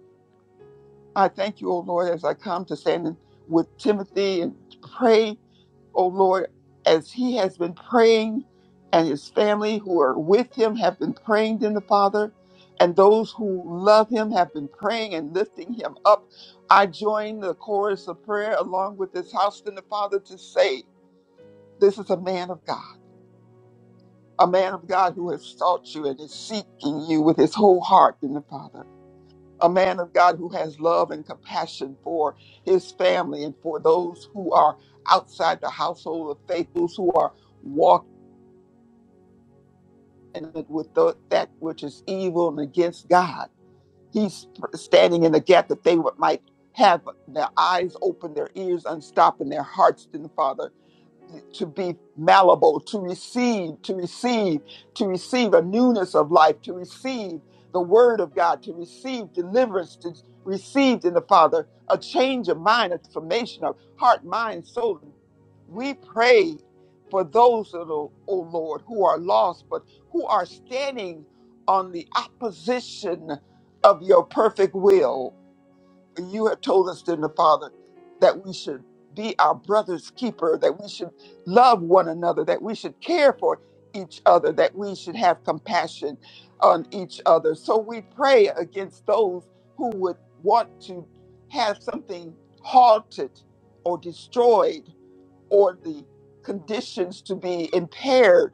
F: I thank you, O Lord, as I come to stand in with Timothy and pray, O Lord, as he has been praying and his family who are with him have been praying in the Father, and those who love him have been praying and lifting him up. I join the chorus of prayer along with this house in the Father to say, This is a man of God, a man of God who has sought you and is seeking you with his whole heart in the Father, a man of God who has love and compassion for his family and for those who are outside the household of faith, those who are walking with tho- that which is evil and against God. He's standing in the gap that they would- might have their eyes open, their ears unstopped, and their hearts in the Father to be malleable, to receive, to receive, to receive a newness of life, to receive the word of God, to receive deliverance, to receive in the Father a change of mind, a transformation of heart, mind, soul. We pray for those, O O Lord, who are lost, but who are standing on the opposition of your perfect will when you have told us, dear Father, that we should be our brother's keeper, that we should love one another, that we should care for each other, that we should have compassion on each other. So we pray against those who would want to have something halted or destroyed, or the conditions to be impaired,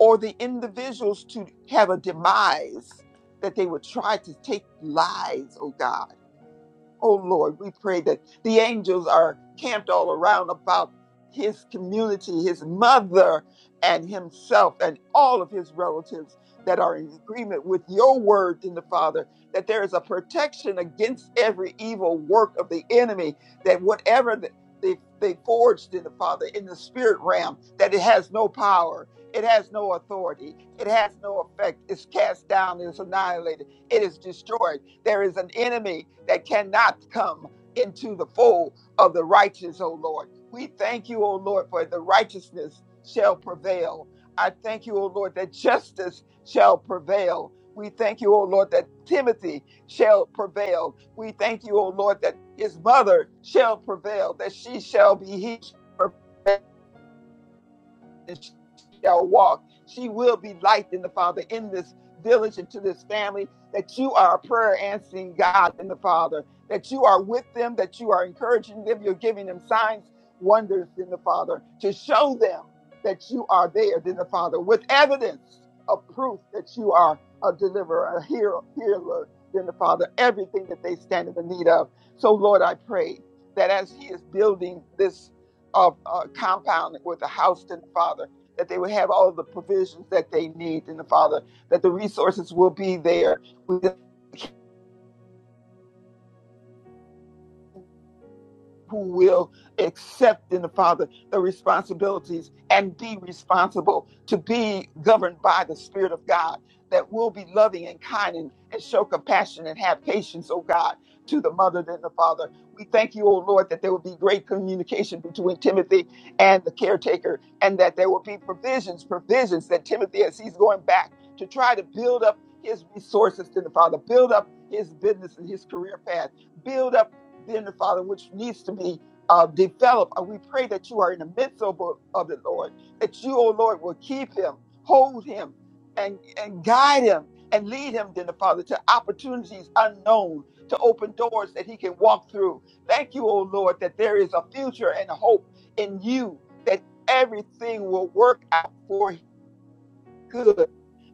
F: or the individuals to have a demise, that they would try to take lives, oh God Oh Lord, we pray that the angels are camped all around about his community, his mother, and himself, and all of his relatives that are in agreement with your word in the Father, that there is a protection against every evil work of the enemy, that whatever the, they, they forged in the Father, in the spirit realm, that it has no power. It has no authority. It has no effect. It's cast down. It's annihilated. It is destroyed there is an enemy that cannot come into the fold of the righteous, O Lord. We thank you, O Lord, for the righteousness shall prevail. I thank you, O Lord, that justice shall prevail. We thank you, O Lord, that Timothy shall prevail. We thank you, O Lord, that his mother shall prevail, that she shall be healed and she shall walk. She will be light in the Father in this village and to this family. That you are a prayer answering God in the Father. That you are with them. That you are encouraging them. You're giving them signs, wonders in the Father to show them that you are there in the Father with evidence of proof that you are a deliverer, a hero, healer in the Father. Everything that they stand in the need of. So Lord, I pray that as He is building this of uh, compound with the house and the father that they would have all of the provisions that they need in the father that the resources will be there We who will accept in the Father the responsibilities and be responsible to be governed by the Spirit of God that will be loving and kind and, and show compassion and have patience, oh God, to the mother and the father. We thank you, oh Lord, that there will be great communication between Timothy and the caretaker and that there will be provisions, provisions that Timothy, as he's going back to try to build up his resources to the Father, build up his business and his career path, build up then the Father, which needs to be uh, developed. And we pray that you are in the midst of, of it, Lord, that you, oh Lord, will keep him, hold him, and, and guide him and lead him, then the Father, to opportunities unknown, to open doors that he can walk through. Thank you, oh Lord, that there is a future and a hope in you, that everything will work out for his good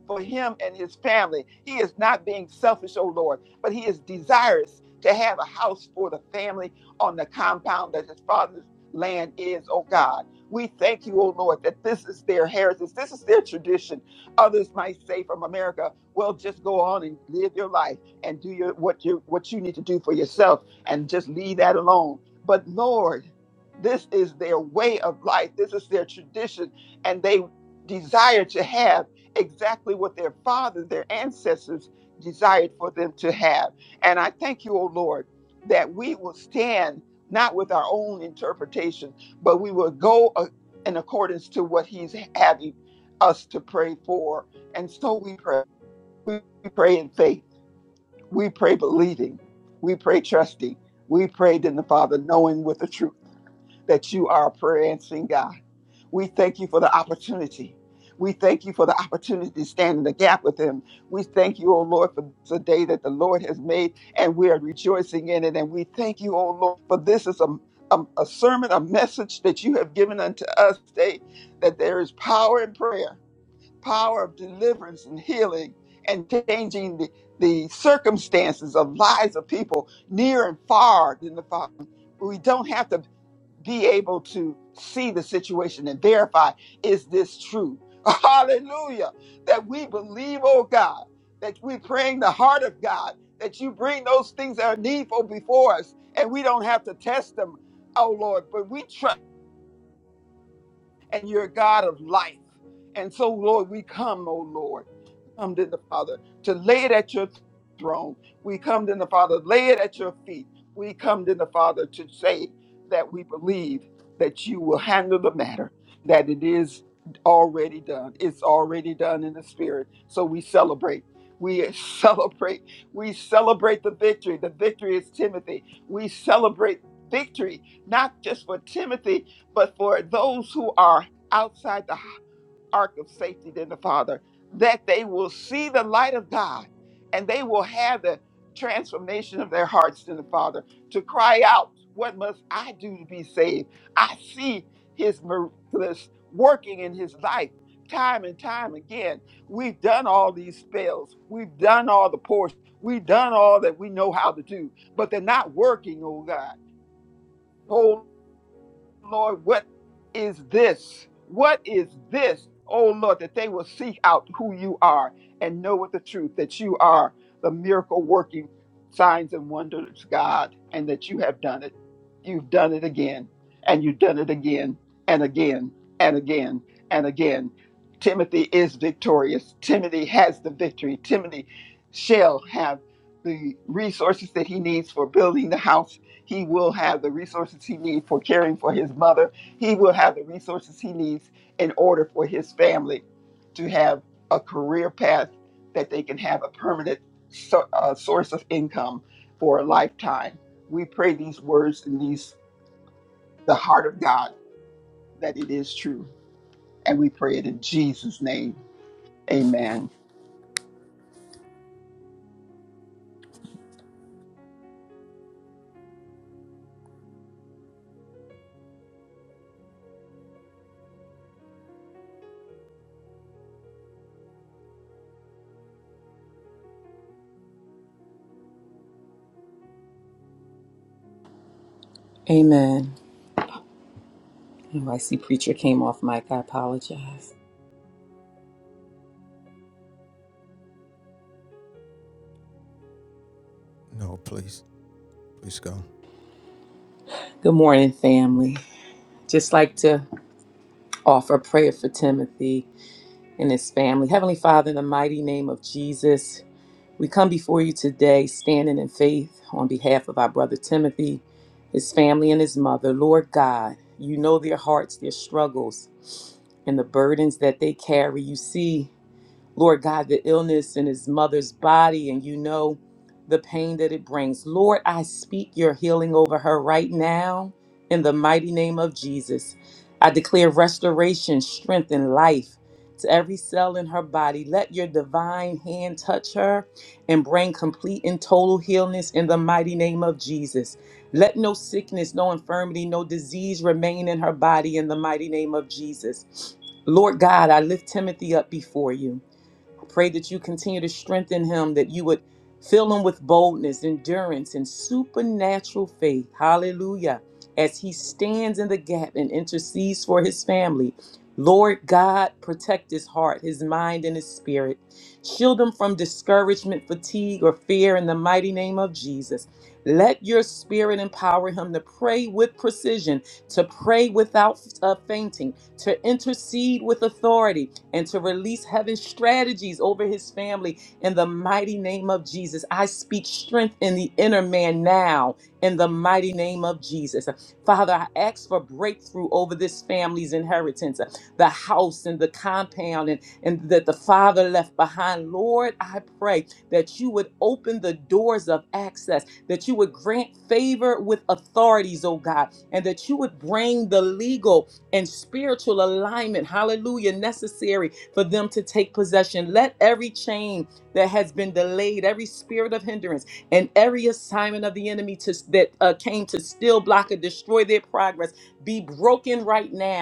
F: for him and his family. He is not being selfish, oh Lord, but he is desirous to have a house for the family on the compound that his father's land is, oh God. We thank you, oh Lord, that this is their heritage. This is their tradition. Others might say from America, well, just go on and live your life and do your what you what you need to do for yourself and just leave that alone. But Lord, this is their way of life. This is their tradition. And they desire to have exactly what their fathers, their ancestors desired for them to have. And I thank you, O Lord, that we will stand not with our own interpretation, but we will go uh, in accordance to what He's having us to pray for. And so we pray. We pray in faith. We pray believing. We pray trusting. We prayed in the Father, knowing with the truth that you are a prayer answering God. We thank you for the opportunity. We thank you for the opportunity to stand in the gap with him. We thank you, O Lord, for the day that the Lord has made, and we are rejoicing in it. And we thank you, O Lord, for this is a, a, a sermon, a message that you have given unto us today, that there is power in prayer, power of deliverance and healing, and changing the, the circumstances of lives of people near and far in the Father. We don't have to be able to see the situation and verify is this true? Hallelujah. That we believe, oh God, that we praying the heart of God, that you bring those things that are needful before us and we don't have to test them, oh Lord, but we trust and you're a God of life. And so, Lord, we come, oh Lord, come to the Father to lay it at your throne. We come to the Father, lay it at your feet. We come to the Father to say that we believe that you will handle the matter, that it is already done. It's already done in the Spirit. So we celebrate. We celebrate. We celebrate the victory. The victory is Timothy. We celebrate victory, not just for Timothy, but for those who are outside the ark of safety than the Father, that they will see the light of God and they will have the transformation of their hearts in the Father to cry out, What must I do to be saved? I see his miraculous working in his life time and time again. We've done all these spells, we've done all the portions, we've done all that we know how to do, but they're not working, oh God. Lord, what is this? What is this, oh Lord, that they will seek out who you are and know with the truth that you are the miracle working signs and wonders, God, and that you have done it. You've done it again, and you've done it again, and again, and again, and again. Timothy is victorious. Timothy has the victory. Timothy shall have the resources that he needs for building the house he will have the resources he needs for caring for his mother. He will have the resources he needs in order for his family to have a career path that they can have a permanent so, uh, source of income for a lifetime. We pray these words in these the heart of God that it is true, and we pray it in Jesus' name. Amen.
C: Amen. Oh, I see preacher came off mic. I apologize.
G: No, please, please go.
C: Good morning, family. Just like to offer prayer for Timothy and his family. Heavenly Father, in the mighty name of Jesus, we come before you today standing in faith on behalf of our brother Timothy, his family, and his mother. Lord God, you know their hearts, their struggles, and the burdens that they carry. You see Lord God, the illness in his mother's body, and you know the pain that it brings. Lord, I speak your healing over her right now in the mighty name of Jesus. I declare restoration, strength, and life to every cell in her body. Let your divine hand touch her and bring complete and total healness in the mighty name of Jesus. Let no sickness, no infirmity, no disease remain in her body in the mighty name of Jesus. Lord God, I lift Timothy up before you. I pray that you continue to strengthen him, that you would fill him with boldness, endurance, and supernatural faith. Hallelujah. As he stands in the gap and intercedes for his family, Lord God, protect his heart, his mind, and his spirit. Shield him from discouragement, fatigue, or fear in the mighty name of Jesus. Let your spirit empower him to pray with precision, to pray without uh, fainting, to intercede with authority, and to release heaven's strategies over his family in the mighty name of Jesus. I speak strength in the inner man now in the mighty name of Jesus. Father, I ask for breakthrough over this family's inheritance, the house and the compound and, and that the father left behind. Lord, I pray that you would open the doors of access, that you would grant favor with authorities, oh God, and that you would bring the legal and spiritual alignment, hallelujah, necessary for them to take possession. Let every chain that has been delayed, every spirit of hindrance, and every assignment of the enemy to, that uh, came to still block or destroy their progress be broken right now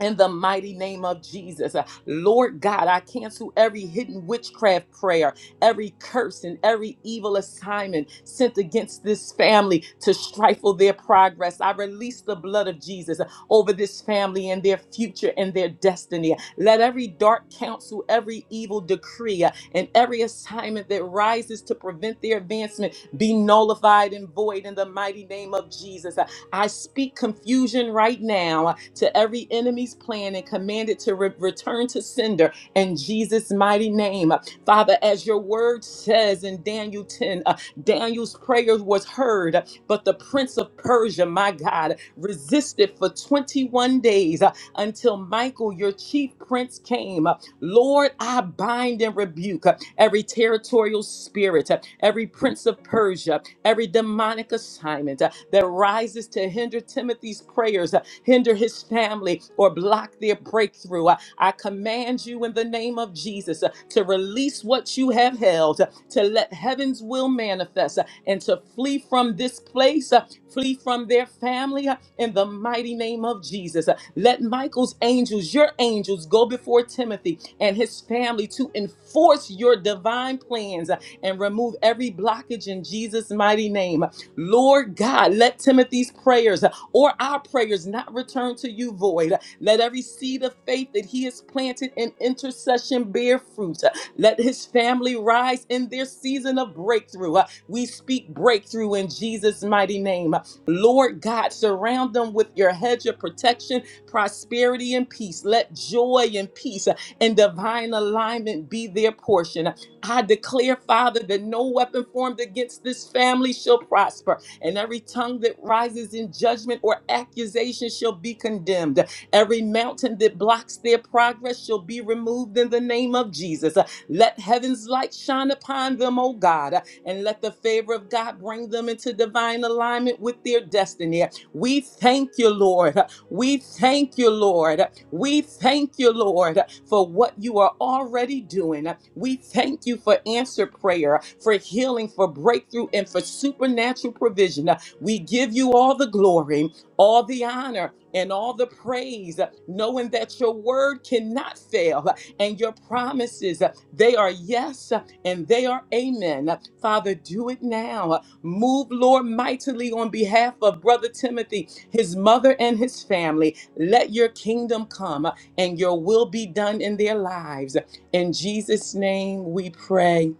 C: in the mighty name of Jesus. Uh, Lord God, I cancel every hidden witchcraft prayer, every curse, and every evil assignment sent against this family to stifle their progress. I release the blood of Jesus uh, over this family and their future and their destiny. Let every dark counsel, every evil decree, uh, and every assignment that rises to prevent their advancement be nullified and void in the mighty name of Jesus. Uh, I speak confusion right now uh, to every enemy's plan and command it to re- return to sender in Jesus' mighty name. Father, as your word says in Daniel 10, uh, Daniel's prayer was heard, but the prince of Persia, my God, resisted for 21 days uh, until Michael, your chief prince, came. Uh, Lord, I bind and rebuke uh, every territorial spirit, uh, every prince of Persia, every demonic assignment uh, that rises to hinder Timothy's prayers uh, hinder his family, or block their breakthrough. I, I command you in the name of Jesus uh, to release what you have held, uh, to let heaven's will manifest, uh, and to flee from this place, uh, flee from their family uh, in the mighty name of Jesus. Uh, Let Michael's angels, your angels, go before Timothy and his family to enforce your divine plans uh, and remove every blockage in Jesus' mighty name. Lord God, let Timothy's prayers uh, or our prayers not return to you void. Let every seed of faith that he has planted in intercession bear fruit. Let his family rise in their season of breakthrough. Uh, We speak breakthrough in Jesus' mighty name. Lord God, surround them with your hedge of protection, prosperity, and peace. Let joy and peace uh, and divine alignment be their portion. I declare, Father, that no weapon formed against this family shall prosper, and every tongue that rises in judgment or accusation shall be condemned. Every mountain that blocks their progress shall be removed in the name of Jesus. Let heaven's light shine upon them, O God, and let the favor of God bring them into divine alignment with their destiny. We thank you, Lord. We thank you, Lord. We thank you, Lord, for what you are already doing. We thank you for answer prayer, for healing, for breakthrough, and for supernatural provision. We give you all the glory, all the honor, and all the praise, knowing that your word cannot fail and your promises, they are yes and they are amen. Father, do it now. Move, Lord, mightily on behalf of Brother Timothy, his mother, and his family. Let your kingdom come uh, and your will be done in their lives. In Jesus' name we pray.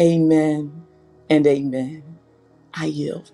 C: Amen and amen. I yield.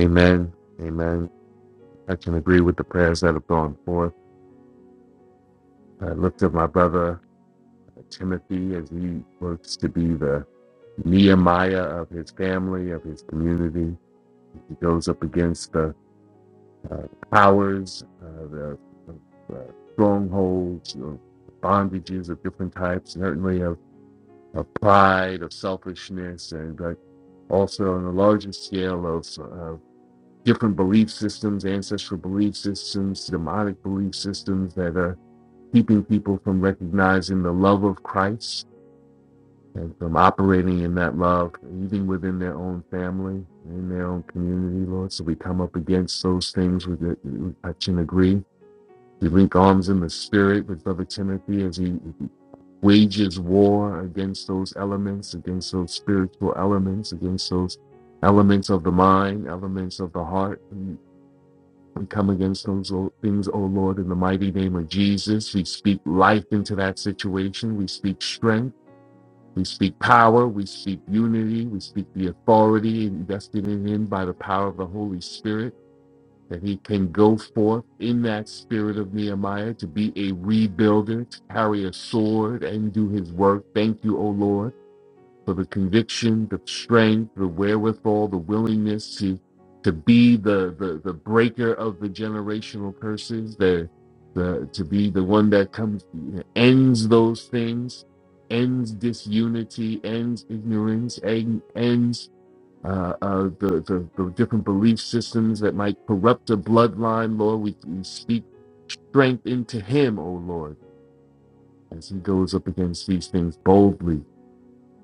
H: Amen. Amen. I can agree with the prayers that have gone forth. I lift up my brother uh, Timothy as he works to be the Nehemiah of his family, of his community. He goes up against the uh, powers, uh, the uh, strongholds, of bondages of different types, certainly of, of pride, of selfishness, and uh, also on a larger scale of, different belief systems, ancestral belief systems, demonic belief systems that are keeping people from recognizing the love of Christ and from operating in that love, even within their own family, in their own community, Lord. So we come up against those things with it, we touch and agree. We link arms in the spirit with Brother Timothy as he wages war against those elements, against those spiritual elements, against those elements of the mind, elements of the heart. We come against those o- things, O Lord, in the mighty name of Jesus. We speak life into that situation. We speak strength. We speak power. We speak unity. We speak the authority invested in him by the power of the Holy Spirit, that he can go forth in that spirit of Nehemiah to be a rebuilder, to carry a sword and do his work. Thank you, O Lord for the conviction, the strength, the wherewithal, the willingness to to be the the, the breaker of the generational curses, the the to be the one that comes ends those things, ends disunity, ends ignorance, en- ends uh, uh, the, the the different belief systems that might corrupt a bloodline. Lord, we, we speak strength into him, O Lord, as he goes up against these things boldly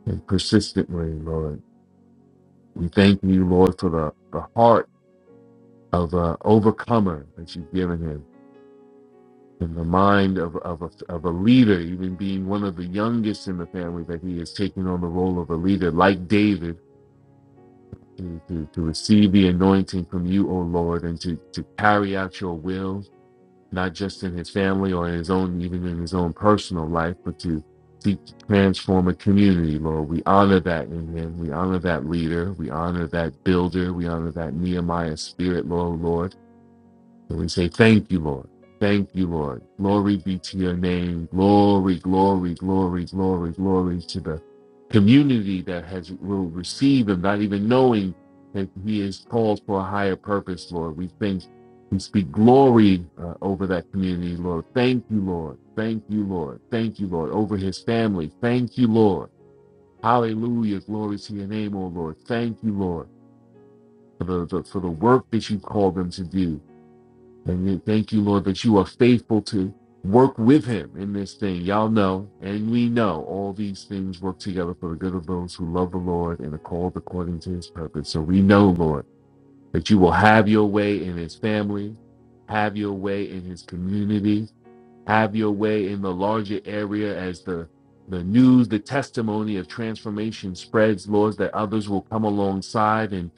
H: and persistently, Lord. We thank you, Lord, for the, the heart of an overcomer that you've given him and the mind of, of, a, of a leader, even being one of the youngest in the family, that he is taking on the role of a leader like David to, to, to receive the anointing from you, O Lord, and to, to carry out your will not just in his family or in his own, even in his own personal life, but to seek to transform a community, Lord. We honor that in him. We honor that leader. We honor that builder. We honor that Nehemiah spirit, Lord, Lord. And we say, Thank you, Lord. Thank you, Lord. Glory be to your name. Glory, glory, glory, glory, glory to the community that has will receive him, not even knowing that he is called for a higher purpose, Lord. We think we speak glory uh, over that community, Lord. Thank you, Lord. Thank you, Lord. Thank you, Lord. Over his family. Thank you, Lord. Hallelujah. Glory to your name, O Lord. Thank you, Lord, for the, the for the work that you called them to do. And we thank you, Lord, that you are faithful to work with him in this thing. Y'all know, and we know, all these things work together for the good of those who love the Lord and are called according to his purpose. So we know, Lord, that you will have your way in his family, have your way in his community, have your way in the larger area as the the news, the testimony of transformation spreads, Lord, that others will come alongside and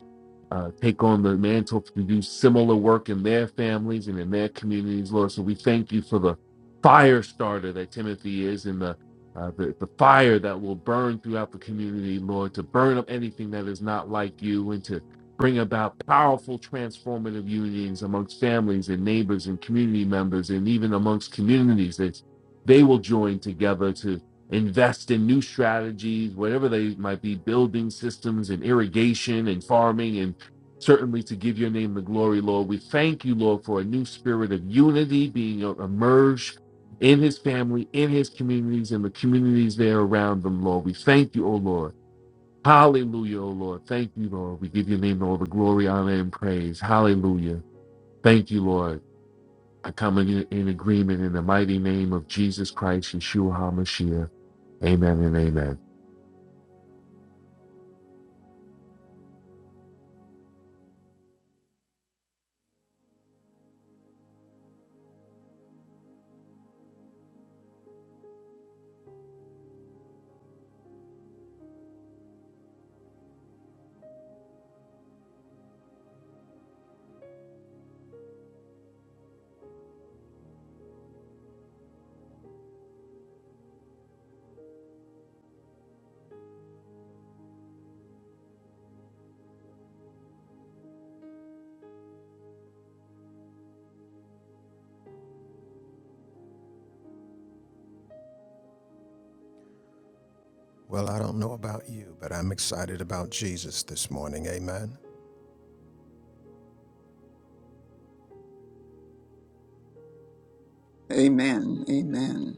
H: uh, take on the mantle to do similar work in their families and in their communities, Lord. So we thank you for the fire starter that Timothy is and the, uh, the, the fire that will burn throughout the community, Lord, to burn up anything that is not like you and to bring about powerful transformative unions amongst families and neighbors and community members and even amongst communities that they will join together to invest in new strategies, whatever they might be, building systems and irrigation and farming and certainly to give your name the glory, Lord. We thank you, Lord, for a new spirit of unity being emerged in his family, in his communities, and the communities there around them, Lord. We thank you, O Lord. Hallelujah, O Lord. Thank you, Lord. We give your name all the glory, honor, and praise. Hallelujah. Thank you, Lord. I come in, in agreement in the mighty name of Jesus Christ, Yeshua HaMashiach. Amen and amen.
G: Well, I don't know about you, but I'm excited about Jesus this morning. Amen.
F: Amen. Amen.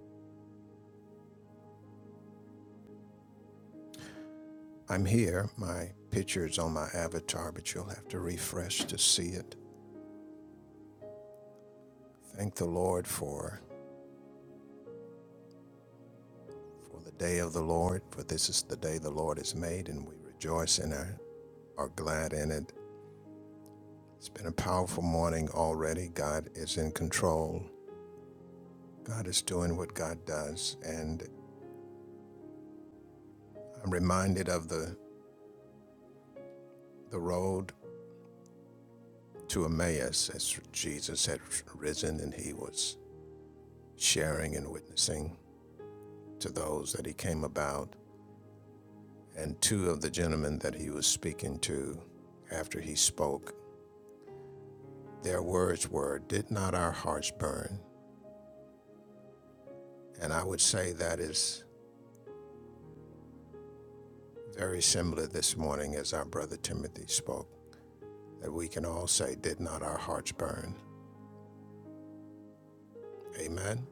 G: I'm here. My picture's on my avatar, but you'll have to refresh to see it. Thank the Lord for for the day of the Lord, for this is the day the Lord has made, and we rejoice and are, are glad in it. It's been a powerful morning already. God is in control. God is doing what God does, and I'm reminded of the the road to Emmaus as Jesus had risen and he was sharing and witnessing to those that he came about. And two of the gentlemen that he was speaking to after he spoke, their words were, Did not our hearts burn? And I would say that is very similar this morning as our brother Timothy spoke, that we can all say, Did not our hearts burn? Amen.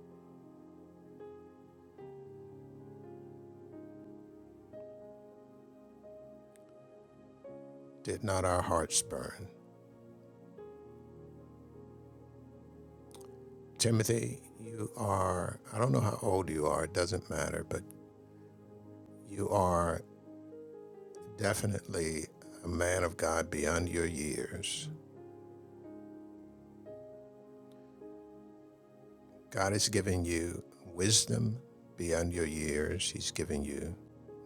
G: Did not our hearts burn? Timothy, you are, I don't know how old you are, it doesn't matter, but You are definitely a man of God beyond your years. God has given you wisdom beyond your years. He's given you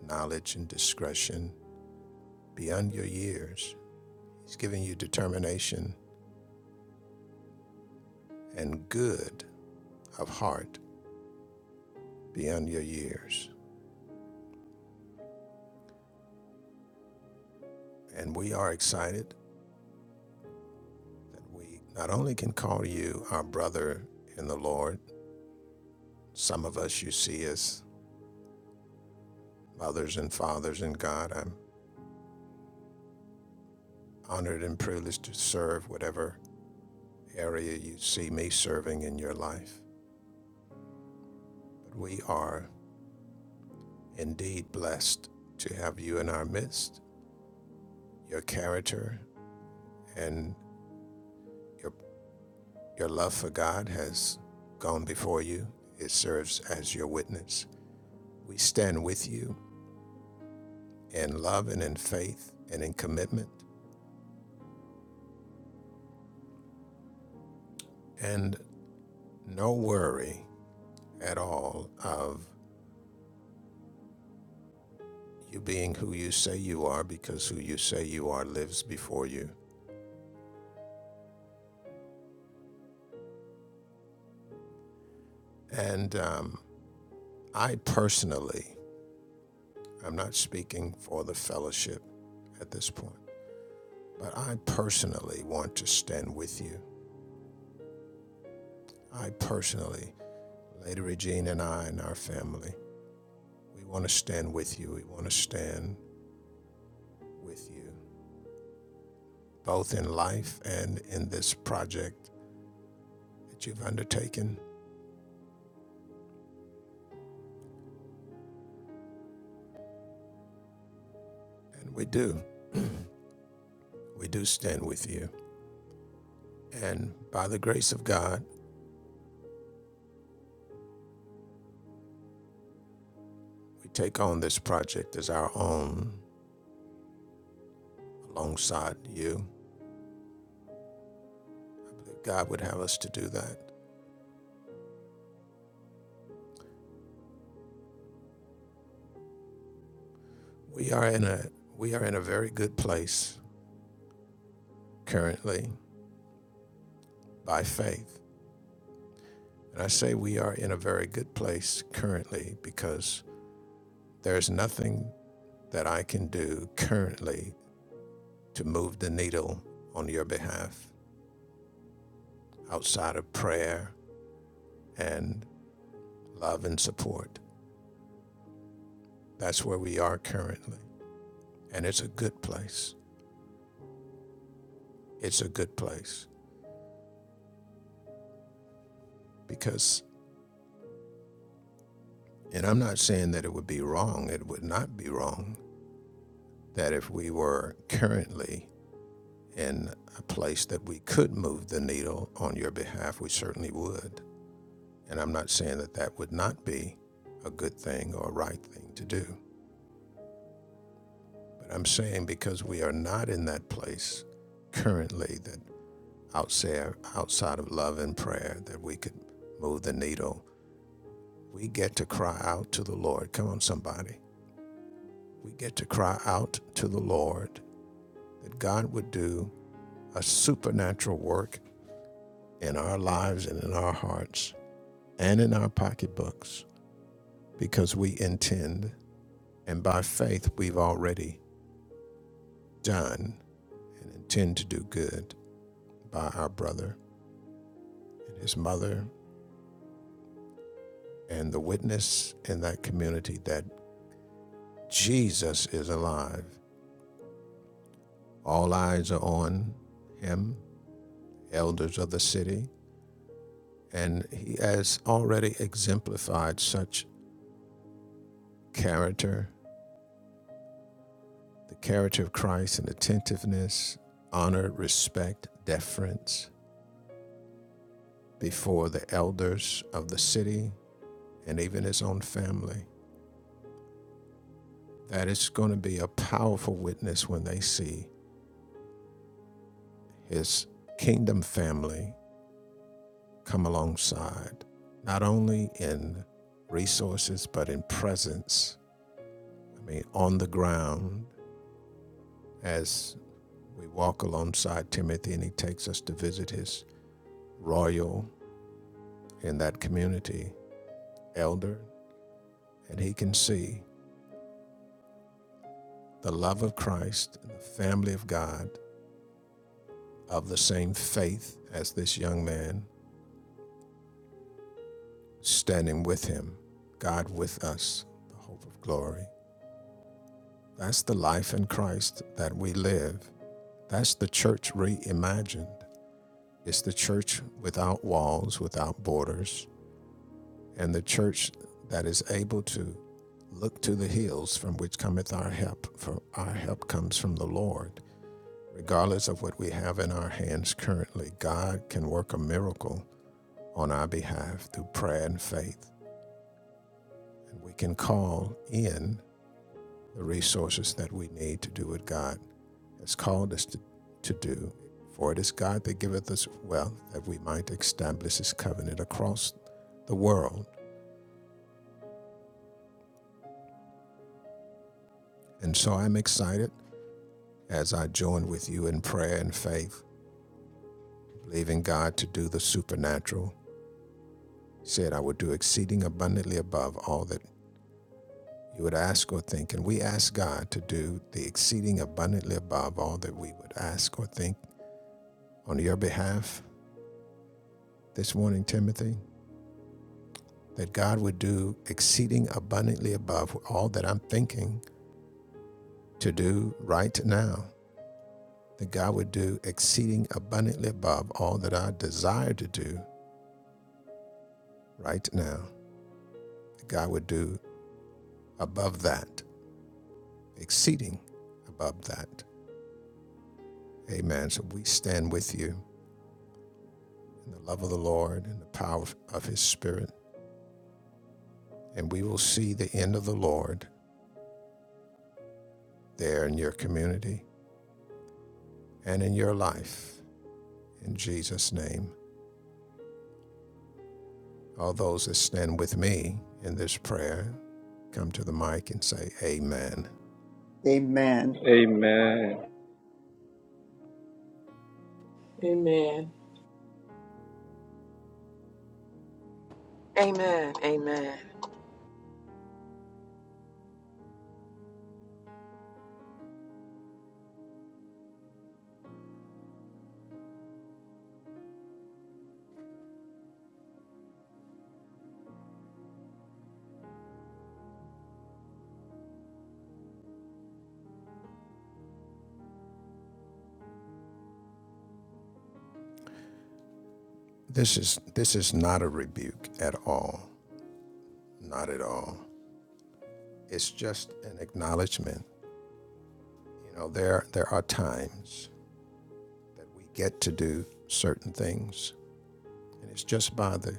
G: knowledge and discretion beyond your years. He's given you determination and good of heart beyond your years. And we are excited that we not only can call you our brother in the Lord, some of us you see as mothers and fathers in God. I'm honored and privileged to serve whatever area you see me serving in your life. But we are indeed blessed to have you in our midst. Your character and your, your love for God has gone before you, it serves as your witness. We stand with you in love and in faith and in commitment, and no worry at all of you being who you say you are because who you say you are lives before you And um, I personally, I'm not speaking for the fellowship at this point, but I personally want to stand with you. I personally, Lady Regine and I and our family, we want to stand with you. We want to stand with you, both in life and in this project that you've undertaken. And we do. We do stand with you. And by the grace of God, we take on this project as our own alongside you God would have us to do that. We are in a we are in a very good place currently by faith. And I say we are in a very good place currently because there's nothing that I can do currently to move the needle on your behalf outside of prayer and love and support. That's where we are currently. And it's a good place. It's a good place because, and I'm not saying that it would be wrong, it would not be wrong that if we were currently in a place that we could move the needle on your behalf, we certainly would. And I'm not saying that that would not be a good thing or a right thing to do. But I'm saying because we are not in that place currently that outside, outside of love and prayer that we could move the needle, we get to cry out to the Lord. Come on, somebody. We get to cry out to the Lord that God would do a supernatural work in our lives and in our hearts and in our pocketbooks because we intend and by faith we've already done and intend to do good by our brother and his mother and the witness in that community that Jesus is alive. All eyes are on him, elders of the city, and he has already exemplified such character the character of Christ in attentiveness, honor, respect, deference before the elders of the city and even his own family. That is going to be a powerful witness when they see his kingdom family come alongside, not only in resources, but in presence. I mean, on the ground as we walk alongside Timothy and he takes us to visit his royal in that community elder and he can see the love of Christ and the family of God of the same faith as this young man standing with him, God with us, the hope of glory. That's the life in Christ that we live. That's the church reimagined. It's the church without walls, without borders, and the church that is able to look to the hills from which cometh our help, for our help comes from the Lord. Regardless of what we have in our hands currently, God can work a miracle on our behalf through prayer and faith. And we can call in the resources that we need to do what God has called us to, to do. For it is God that giveth us wealth that we might establish his covenant across the world. And so I'm excited as I join with you in prayer and faith, believing God to do the supernatural. He said, I will do exceeding abundantly above all that you would ask or think. And we ask God to do the exceeding abundantly above all that we would ask or think on your behalf this morning, Timothy, that God would do exceeding abundantly above all that I'm thinking to do right now, that God would do exceeding abundantly above all that I desire to do right now, that God would do above that, exceeding above that. Amen. So we stand with you in the love of the Lord and the power of his spirit. and we will see the end of the Lord there in your community and in your life. In Jesus' name, all those that stand with me in this prayer, come to the mic and say amen.
F: Amen.
D: Amen.
I: Amen.
G: This is this is not a rebuke at all. Not at all. It's just an acknowledgement. You know, there there are times that we get to do certain things, and it's just by the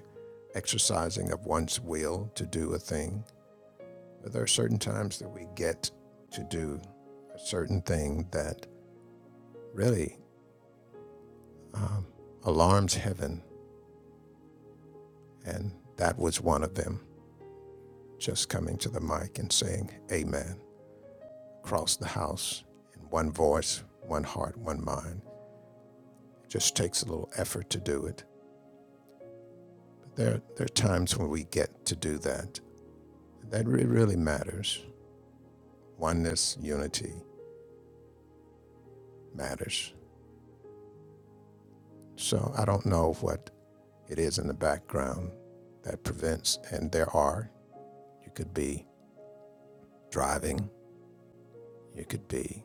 G: exercising of one's will to do a thing But there are certain times that we get to do a certain thing that really um, alarms heaven. And that was one of them, just coming to the mic and saying, Amen, across the house in one voice, one heart, one mind. It just takes a little effort to do it. But there, there are times when we get to do that. That re- really matters. Oneness, unity matters. So I don't know what it is in the background that prevents. And there are, you could be driving, you could be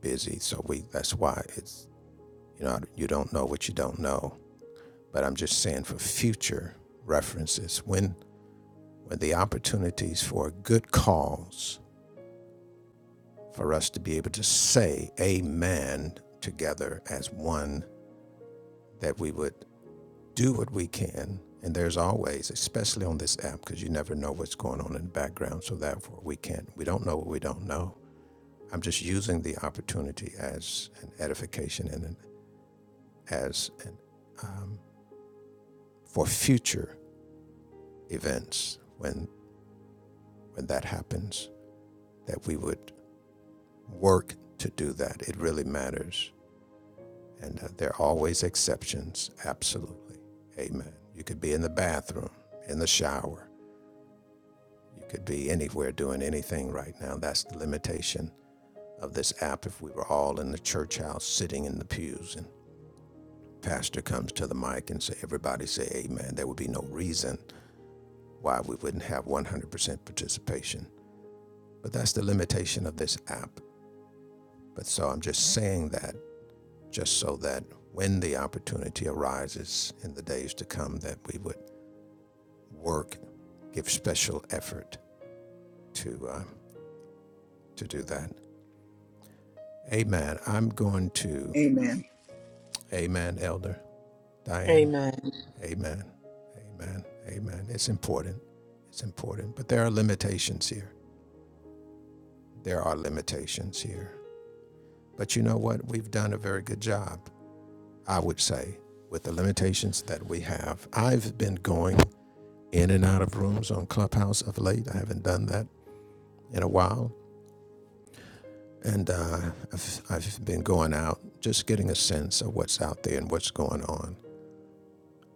G: busy. So we that's why it's you know you don't know what you don't know. But I'm just saying for future references when when the opportunities for a good cause for us to be able to say amen together as one that we would do what we can. And there's always, especially on this app, because you never know what's going on in the background. So therefore, we can't. We don't know what we don't know. I'm just using the opportunity as an edification and an, as an, um, for future events when when that happens that we would work to do that. It really matters, and uh, there are always exceptions. Absolutely, Amen. You could be in the bathroom, in the shower, You could be anywhere doing anything right now. That's the limitation of this app. If we were all in the church house sitting in the pews and pastor comes to the mic and say, everybody say amen, there would be no reason why we wouldn't have 100% participation. But that's the limitation of this app. But so I'm just saying that just so that when the opportunity arises in the days to come that we would work, give special effort to, uh, to do that. Amen. I'm going to
F: Amen.
G: Amen, Elder Diane.
C: Amen.
G: Amen. Amen. Amen. It's important. It's important. But there are limitations here. There are limitations here. But you know what? We've done a very good job, I would say, with the limitations that we have. I've been going in and out of rooms on Clubhouse of late. I haven't done that in a while. And uh, I've, I've been going out, just getting a sense of what's out there and what's going on.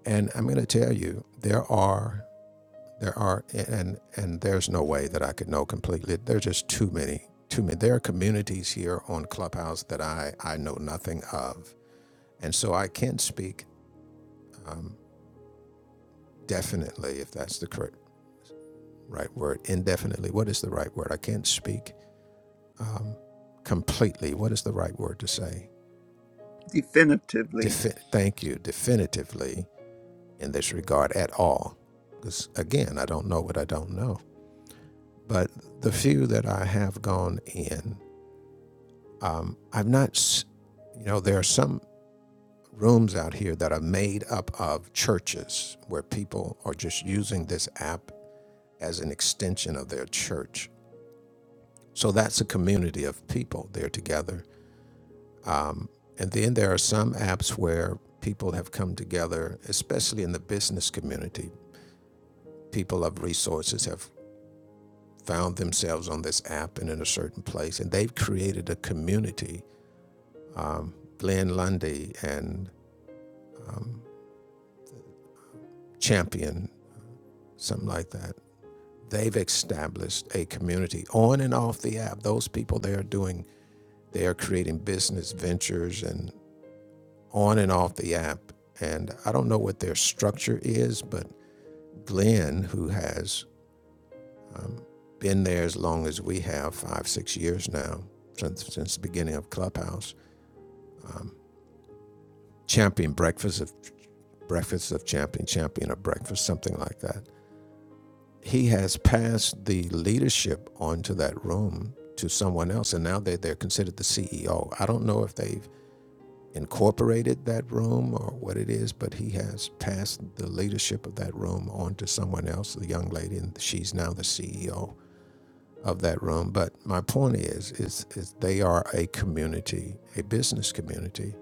G: And I'm going to tell you, there are There are and and there's no way that I could know completely. There's just too many, too many. There are communities here on Clubhouse that I I know nothing of, and so I can't speak definitely if that's the correct right word. Indefinitely, what is the right word? I can't speak um, completely. What is the right word to say?
F: Definitively.
G: Defi- thank you definitively in this regard at all, because again, I don't know what I don't know. But the few that I have gone in Um, I've not, you know, there are some rooms out here that are made up of churches where people are just using this app as an extension of their church. So that's a community of people. They're together. And then there are some apps where people have come together, especially in the business community. People of resources have found themselves on this app and in a certain place, and they've created a community. Glenn Lundy and Champion, something like that they've established a community on and off the app. Those people they are doing, they are creating business ventures and on and off the app. And I don't know what their structure is, but Glenn, who has been there as long as we have, five, six years now, since, since the beginning of Clubhouse, champion breakfast of breakfast of champion, champion of breakfast, something like that. he has passed the leadership onto that room to someone else, and now they they're considered the CEO. I don't know if they've incorporated that room or what it is, but he has passed the leadership of that room onto someone else, the young lady, and she's now the CEO of that room. But my point is, is, is they are a community, a business community.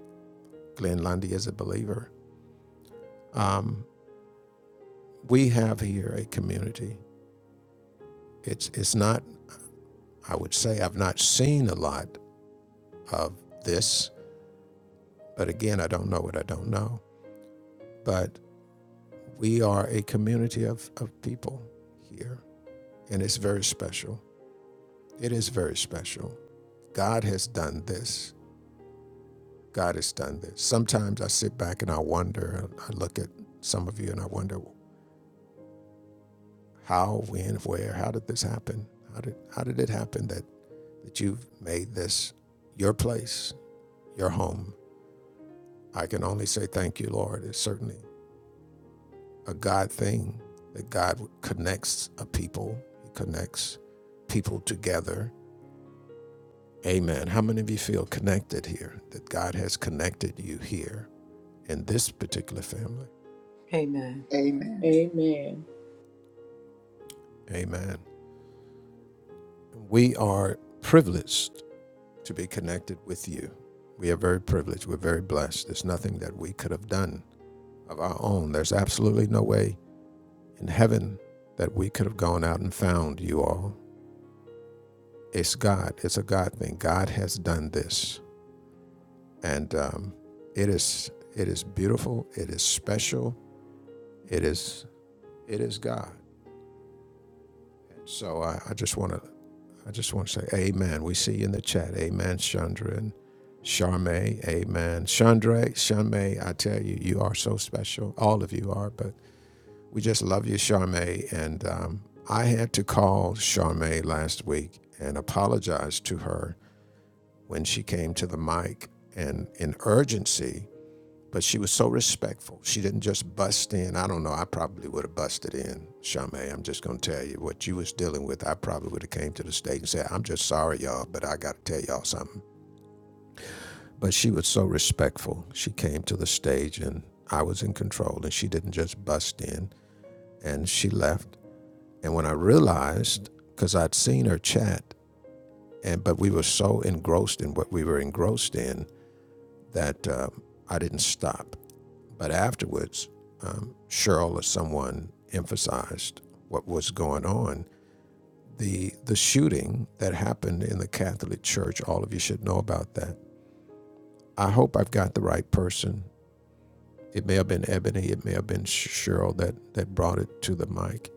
G: Glenn Lundy is a believer. Um, we have here a community. It's it's not. I would say I've not seen a lot of this. But again, I don't know what I don't know. But we are a community of, of people here, and it's very special. It is very special. God has done this. God has done this. Sometimes I sit back and I wonder, I look at some of you and I wonder how, when, where, how did this happen? How did, how did it happen that, that you've made this your place, your home? I can only say thank you, Lord. It's certainly a God thing, that God connects a people, He connects people together. Amen. How many of you feel connected here? That God has connected you here in this particular family?
C: Amen.
F: Amen.
I: Amen.
G: Amen. We are privileged to be connected with you. We are very privileged. We're very blessed. There's nothing that we could have done of our own. There's absolutely no way in heaven that we could have gone out and found you all. It's God. It's a God thing. God has done this. and um, it is it is beautiful. It is special. It is it is God. So I, I just want to I just want to say Amen. We see you in the chat. Amen, Chandra and Charme. Amen, Chandra, Charme. I tell you, you are so special. All of you are, but we just love you, Charme. And um, I had to call Charme last week and apologize to her when she came to the mic and in urgency But she was so respectful. She didn't just bust in. I don't know. I probably would have busted in, Charmaine. I'm just gonna tell you what you was dealing with. I probably would have came to the stage and said, "I'm just sorry, y'all, but I gotta tell y'all something." But she was so respectful. She came to the stage, and I was in control, and she didn't just bust in. And she left. And when I realized, because I'd seen her chat, and but we were so engrossed in what we were engrossed in that uh, I didn't stop. But afterwards, um, Cheryl or someone emphasized what was going on. The, the shooting that happened in the Catholic Church, all of you should know about that. I hope I've got the right person. It may have been Ebony, it may have been Cheryl that, that brought it to the mic.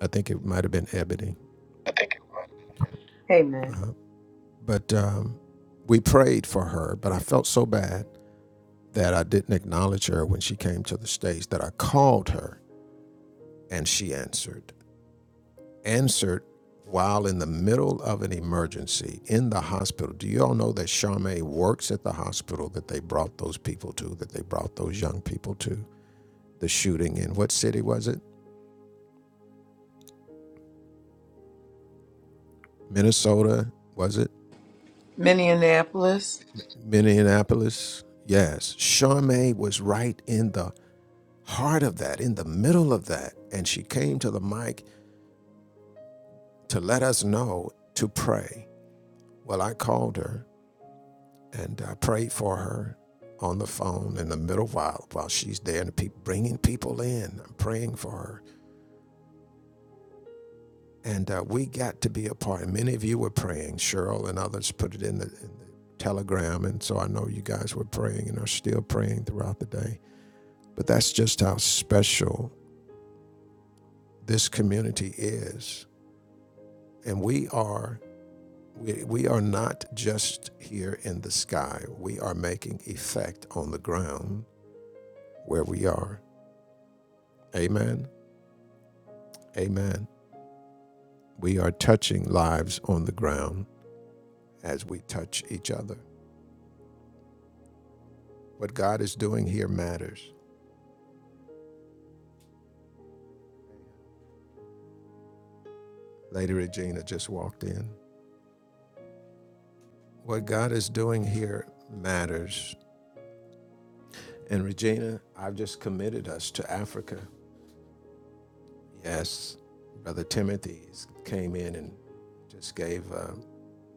G: I think it might have been Ebony.
C: Amen.
G: But um, we prayed for her, but I felt so bad that I didn't acknowledge her when she came to the stage that I called her and she answered. answered while in the middle of an emergency in the hospital. Do you all know that Charme works at the hospital that they brought those people to, that they brought those young people to? The shooting in what city was it? Minnesota, was it?
C: Minneapolis.
G: Minneapolis? Yes. Charme was right in the heart of that, in the middle of that. And she came to the mic to let us know to pray. Well, I called her and I prayed for her on the phone in the middle while while she's there and people bringing people in. I'm praying for her, and uh, we got to be a part. And many of you were praying. Cheryl and others put it in the, in the telegram, and so I know you guys were praying and are still praying throughout the day. But that's just how special this community is, and we are. We, we are not just here in the sky. We are making effect on the ground where we are. Amen. Amen. We are touching lives on the ground as we touch each other. What God is doing here matters. Lady Regina just walked in. What God is doing here matters. And Regina, I've just committed us to Africa. Yes, Brother Timothy came in and just gave um,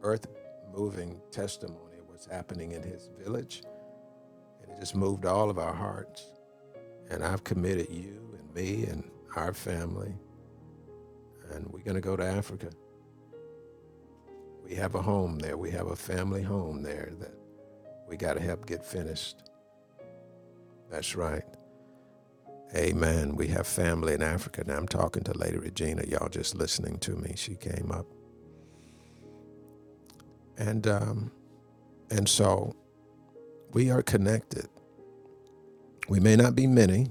G: earth moving testimony of what's happening in his village. And it just moved all of our hearts. And I've committed you and me and our family and we're going to go to Africa. We have a home there. We have a family home there that we got to help get finished. That's right. Amen. We have family in Africa. Now I'm talking to Lady Regina. Y'all just listening to me. She came up, and um, and so we are connected. We may not be many,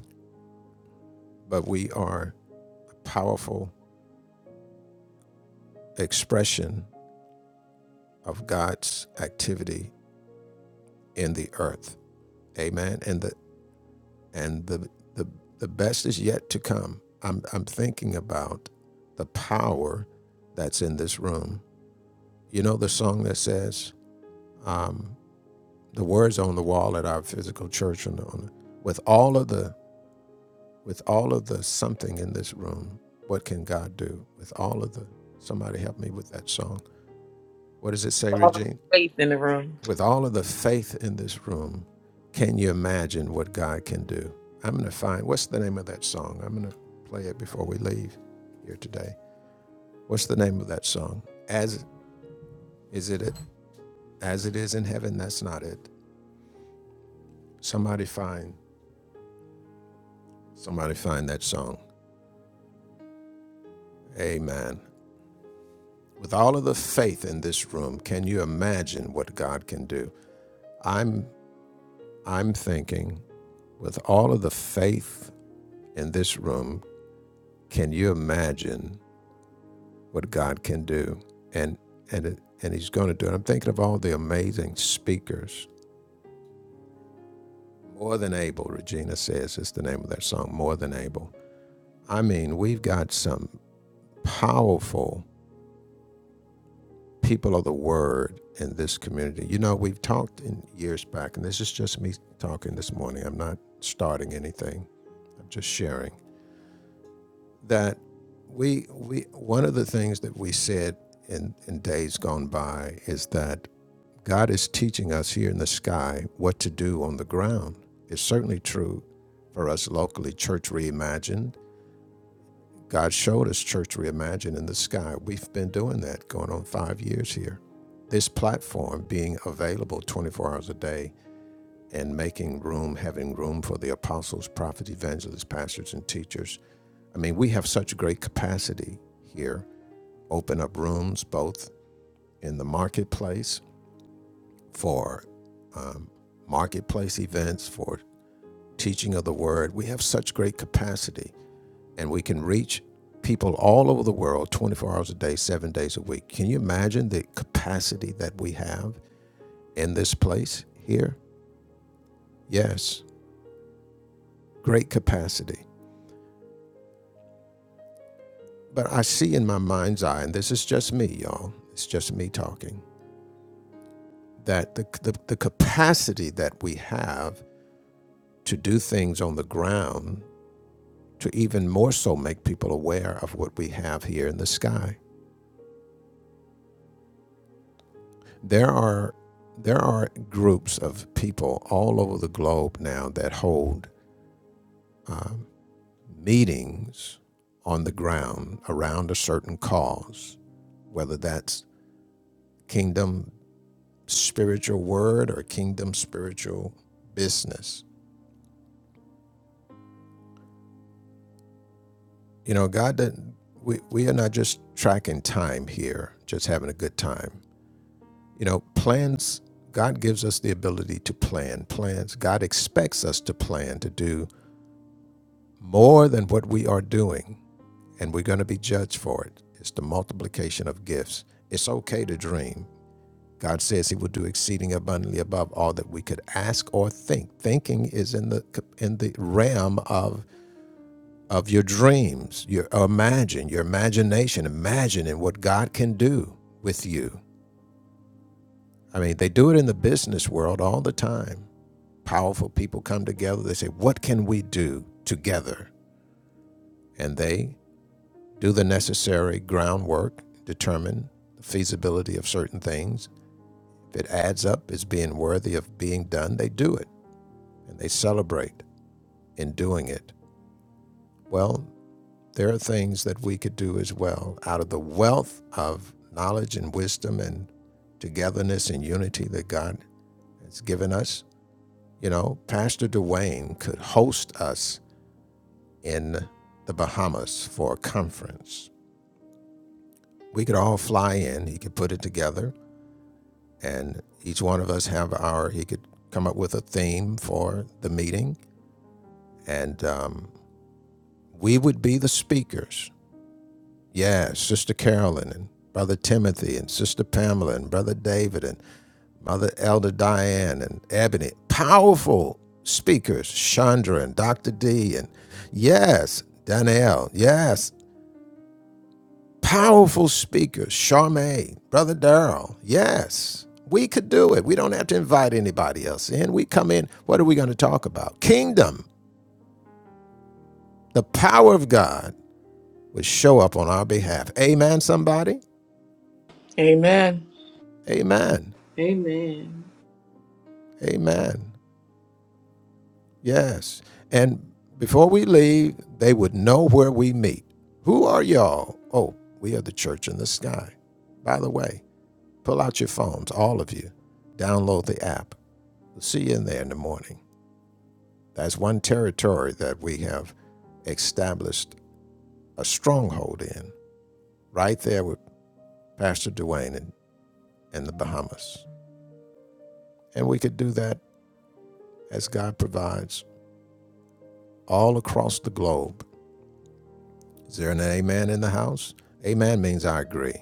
G: but we are a powerful expression of God's activity in the earth. Amen. And the and the the the best is yet to come. I'm I'm thinking about the power that's in this room. You know the song that says um, the words on the wall at our physical church and on with all of the with all of the something in this room. What can God do with all of the? Somebody help me with that song. What does it say, Regine? With all of the faith in this room, can you imagine what God can do? I'm going to find, what's the name of that song? I'm going to play it before we leave here today. What's the name of that song? As is it, it as it is in heaven? That's not it. Somebody find, somebody find that song. Amen. With all of the faith in this room, can you imagine what God can do? I'm, I'm thinking, with all of the faith in this room, can you imagine what God can do, and and it, and He's going to do it. I'm thinking of all the amazing speakers. More than able, Regina says, is the name of that song. More than able. I mean, we've got some powerful people of the word in this community. You know, we've talked in years back, and this is just me talking this morning. I'm not starting anything. I'm just sharing that we we one of the things that we said in in days gone by is that God is teaching us here in the sky what to do on the ground. It's certainly true for us locally, Church Reimagined. God showed us Church Reimagined in the sky. We've been doing that going on five years here. This platform being available 24 hours a day and making room, having room for the apostles, prophets, evangelists, pastors, and teachers. I mean, we have such great capacity here. Open up rooms both in the marketplace for marketplace events, for teaching of the word. We have such great capacity and we can reach people all over the world 24 hours a day, seven days a week. Can you imagine the capacity that we have in this place here? Yes, great capacity. But I see in my mind's eye, and this is just me, y'all, it's just me talking, that the, the, the capacity that we have to do things on the ground to even more so make people aware of what we have here in the sky there are there are groups of people all over the globe now that hold um, meetings on the ground around a certain cause, whether that's kingdom spiritual word or kingdom spiritual business. You know, God doesn't. We, we are not just tracking time here, just having a good time. You know, plans, God gives us the ability to plan. Plans, God expects us to plan, to do more than what we are doing, and we're going to be judged for it. It's the multiplication of gifts. It's okay to dream. God says He will do exceeding abundantly above all that we could ask or think. Thinking is in the in the realm of of your dreams, your imagine, your imagination, imagining what God can do with you. I mean, they do it in the business world all the time. Powerful people come together. They say, "What can we do together?" And they do the necessary groundwork, determine the feasibility of certain things. If it adds up as being worthy of being done, they do it and they celebrate in doing it. Well, there are things that we could do as well out of the wealth of knowledge and wisdom and togetherness and unity that God has given us. You know, Pastor Dwayne could host us in the Bahamas for a conference. We could all fly in, he could put it together and each one of us have our he could come up with a theme for the meeting and um, we would be the speakers yeah sister carolyn and brother timothy and sister pamela and brother david and mother elder diane and ebony powerful speakers chandra and dr d and yes danielle yes Powerful speakers, Charmaine, Brother Darrell. Yes, we could do it. We don't have to invite anybody else in. We come in, what are we going to talk about? Kingdom, the power of God would show up on our behalf. Amen, somebody?
C: Amen.
G: Amen.
I: Amen.
G: Amen. Yes. And before we leave, they would know where we meet. Who are y'all? Oh, we are the church in the sky. By the way, pull out your phones, all of you. Download the app. We'll see you in there in the morning. That's one territory that we have established a stronghold in, right there with Pastor Duane in, in the Bahamas. And we could do that as God provides all across the globe. Is there an amen in the house? Amen means I agree.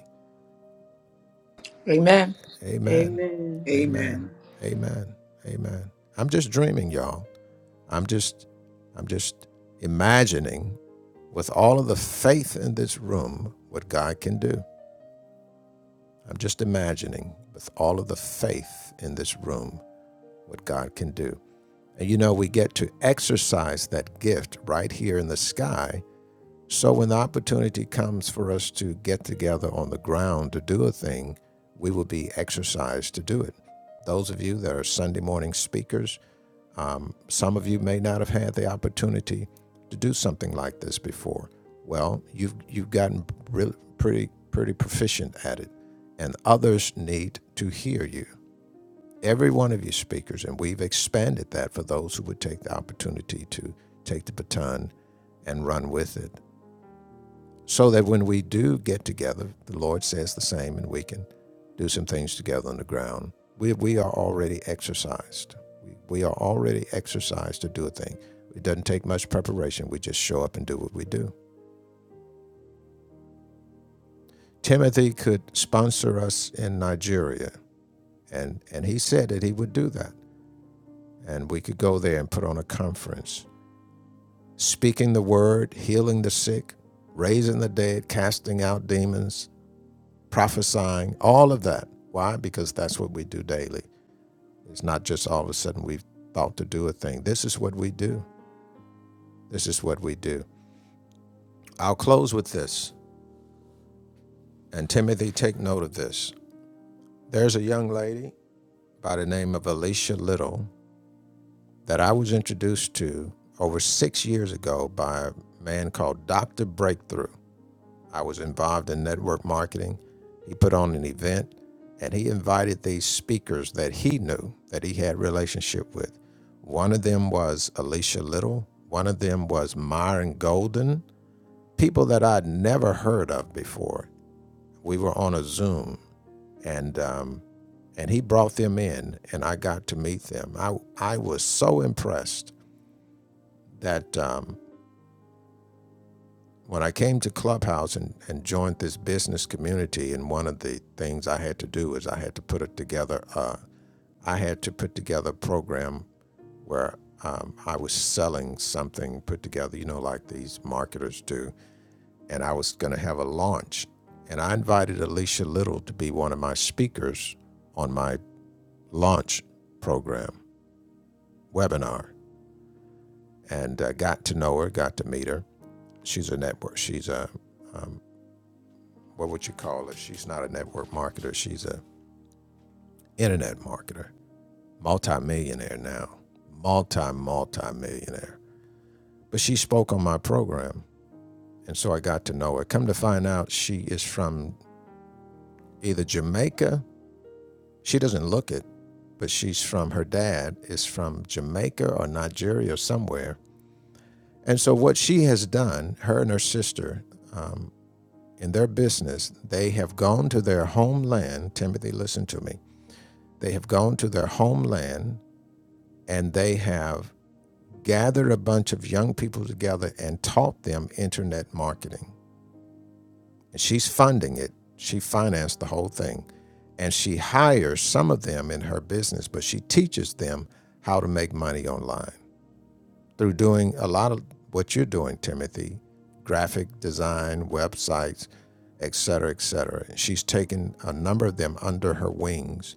C: Amen.
G: Amen.
I: Amen.
G: Amen.
F: Amen.
G: Amen. Amen. I'm just dreaming, y'all. I'm just I'm just imagining with all of the faith in this room what God can do. I'm just imagining with all of the faith in this room what God can do. And you know, we get to exercise that gift right here in the sky. So when the opportunity comes for us to get together on the ground to do a thing, we will be exercised to do it. Those of you that are Sunday morning speakers, um, some of you may not have had the opportunity to do something like this before. Well, you've you've gotten really pretty pretty proficient at it, and others need to hear you. Every one of you speakers, and we've expanded that for those who would take the opportunity to take the baton and run with it so that when we do get together, the Lord says the same, and we can do some things together on the ground. We, we are already exercised. We, we are already exercised to do a thing. It doesn't take much preparation. We just show up and do what we do. Timothy could sponsor us in Nigeria, and, and he said that he would do that. And we could go there and put on a conference, speaking the word, healing the sick, raising the dead, casting out demons, prophesying, all of that. Why? Because that's what we do daily. It's not just all of a sudden we've thought to do a thing. This is what we do. This is what we do. I'll close with this. And Timothy, take note of this. There's a young lady by the name of Alicia Little that I was introduced to over six years ago by a man called Dr. Breakthrough. I was involved in network marketing. He put on an event and he invited these speakers that he knew that he had relationship with. One of them was Alicia Little, one of them was Myron Golden, people that I'd never heard of before. We were on a Zoom and um, and he brought them in and I got to meet them. I I was so impressed that um, when I came to Clubhouse and, and joined this business community, and one of the things I had to do is I had to put it together. Uh, I had to put together a program where um, I was selling something put together, you know, like these marketers do, and I was going to have a launch. And I invited Alicia Little to be one of my speakers on my launch program webinar, and uh, got to know her, got to meet her. She's a network. She's a what would you call her? She's not a network marketer. She's a internet marketer, multi-millionaire now, multi multi millionaire But she spoke on my program, and so I got to know her. Come to find out, she is from either Jamaica. She doesn't look it, but she's from her dad is from Jamaica or Nigeria or somewhere. And so what she has done, her and her sister, um, in their business, they have gone to their homeland. Timothy, listen to me They have gone to their homeland and they have gathered a bunch of young people together and taught them internet marketing. And she's funding it. She financed the whole thing. And she hires some of them in her business, but she teaches them how to make money online through doing a lot of what you're doing, Timothy, graphic design, websites, et cetera, et cetera. And she's taken a number of them under her wings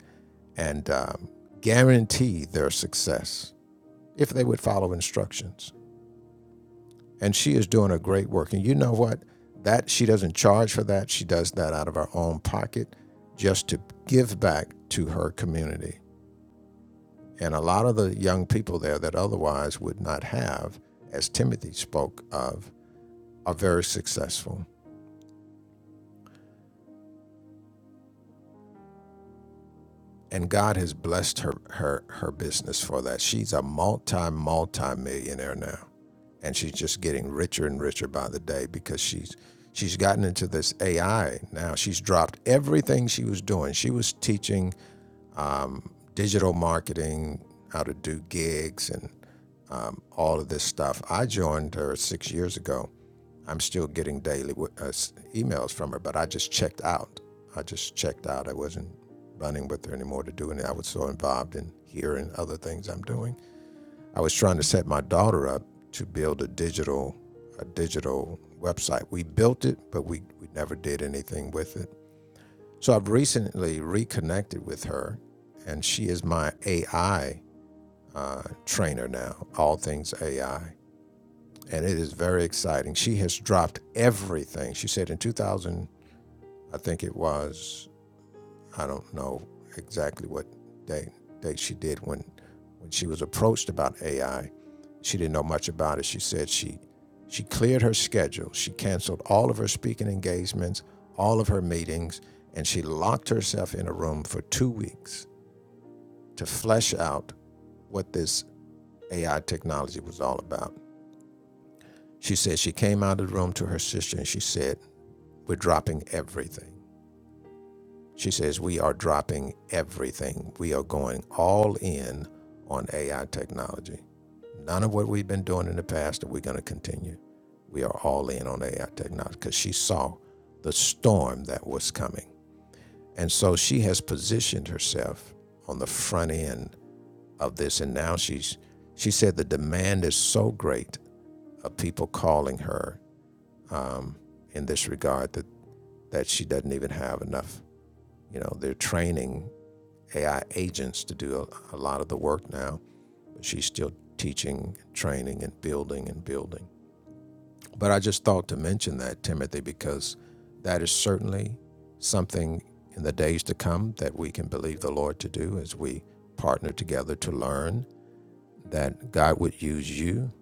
G: and um, guaranteed their success. if they would follow instructions. And she is doing a great work. And you know what? That she doesn't charge for that. She does that out of her own pocket just to give back to her community. And a lot of the young people there that otherwise would not have, as Timothy spoke of, are very successful. And God has blessed her her her business for that. She's a multi multi millionaire now. and she's just getting richer and richer by the day because she's she's gotten into this AI now. She's dropped everything she was doing. She was teaching um, digital marketing, how to do gigs, and um, all of this stuff. I joined her six years ago. I'm still getting daily uh, emails from her, but I just checked out. I just checked out. I wasn't running with her anymore to do anything. I was so involved in here and other things I'm doing. I was trying to set my daughter up to build a digital a digital website. We built it, but we, we never did anything with it. So I've recently reconnected with her, and she is my AI uh, trainer now, all things AI. And it is very exciting. She has dropped everything. She said in 2000, I think it was I don't know exactly what they they she did when when she was approached about AI. She didn't know much about it. She said she she cleared her schedule. She canceled all of her speaking engagements, all of her meetings, and she locked herself in a room for 2 weeks to flesh out what this AI technology was all about. She said she came out of the room to her sister and she said, "We're dropping everything." She says, We are dropping everything. We are going all in on AI technology. None of what we've been doing in the past are we going to continue. We are all in on AI technology because she saw the storm that was coming. And so she has positioned herself on the front end of this. And now she's, she said the demand is so great of people calling her um, in this regard that, that she doesn't even have enough. You know, they're training AI agents to do a, a lot of the work now. She's still teaching, training, and building and building. But I just thought to mention that, Timothy, because that is certainly something in the days to come that we can believe the Lord to do as we partner together to learn that God would use you.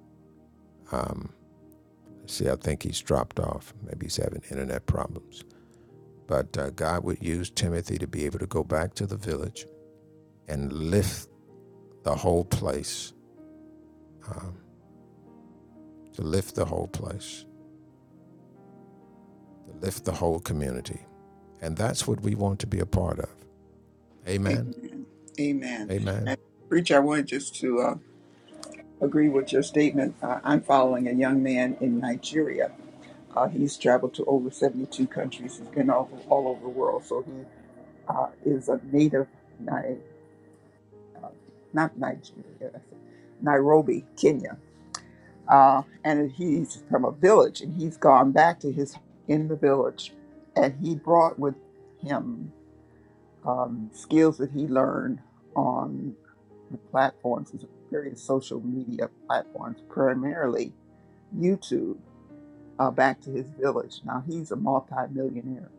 G: See, I think he's dropped off. Maybe he's having internet problems. But uh, God would use Timothy to be able to go back to the village and lift the whole place, to lift the whole place. to lift the whole community. And that's what we want to be a part of. Amen.
F: Amen. Amen.
G: Amen.
F: And preacher, I wanted just to uh, agree with your statement. Uh, I'm following a young man in Nigeria. Uh, he's traveled to over 72 countries. He's been all, all over the world. So he uh, is a native, Ni- uh, not Nigeria, I said Nairobi, Kenya. Uh, and he's from a village, and he's gone back to his in the village, and he brought with him um, skills that he learned on the platforms, various social media platforms, primarily YouTube, uh, back to his village. Now he's a multi-millionaire.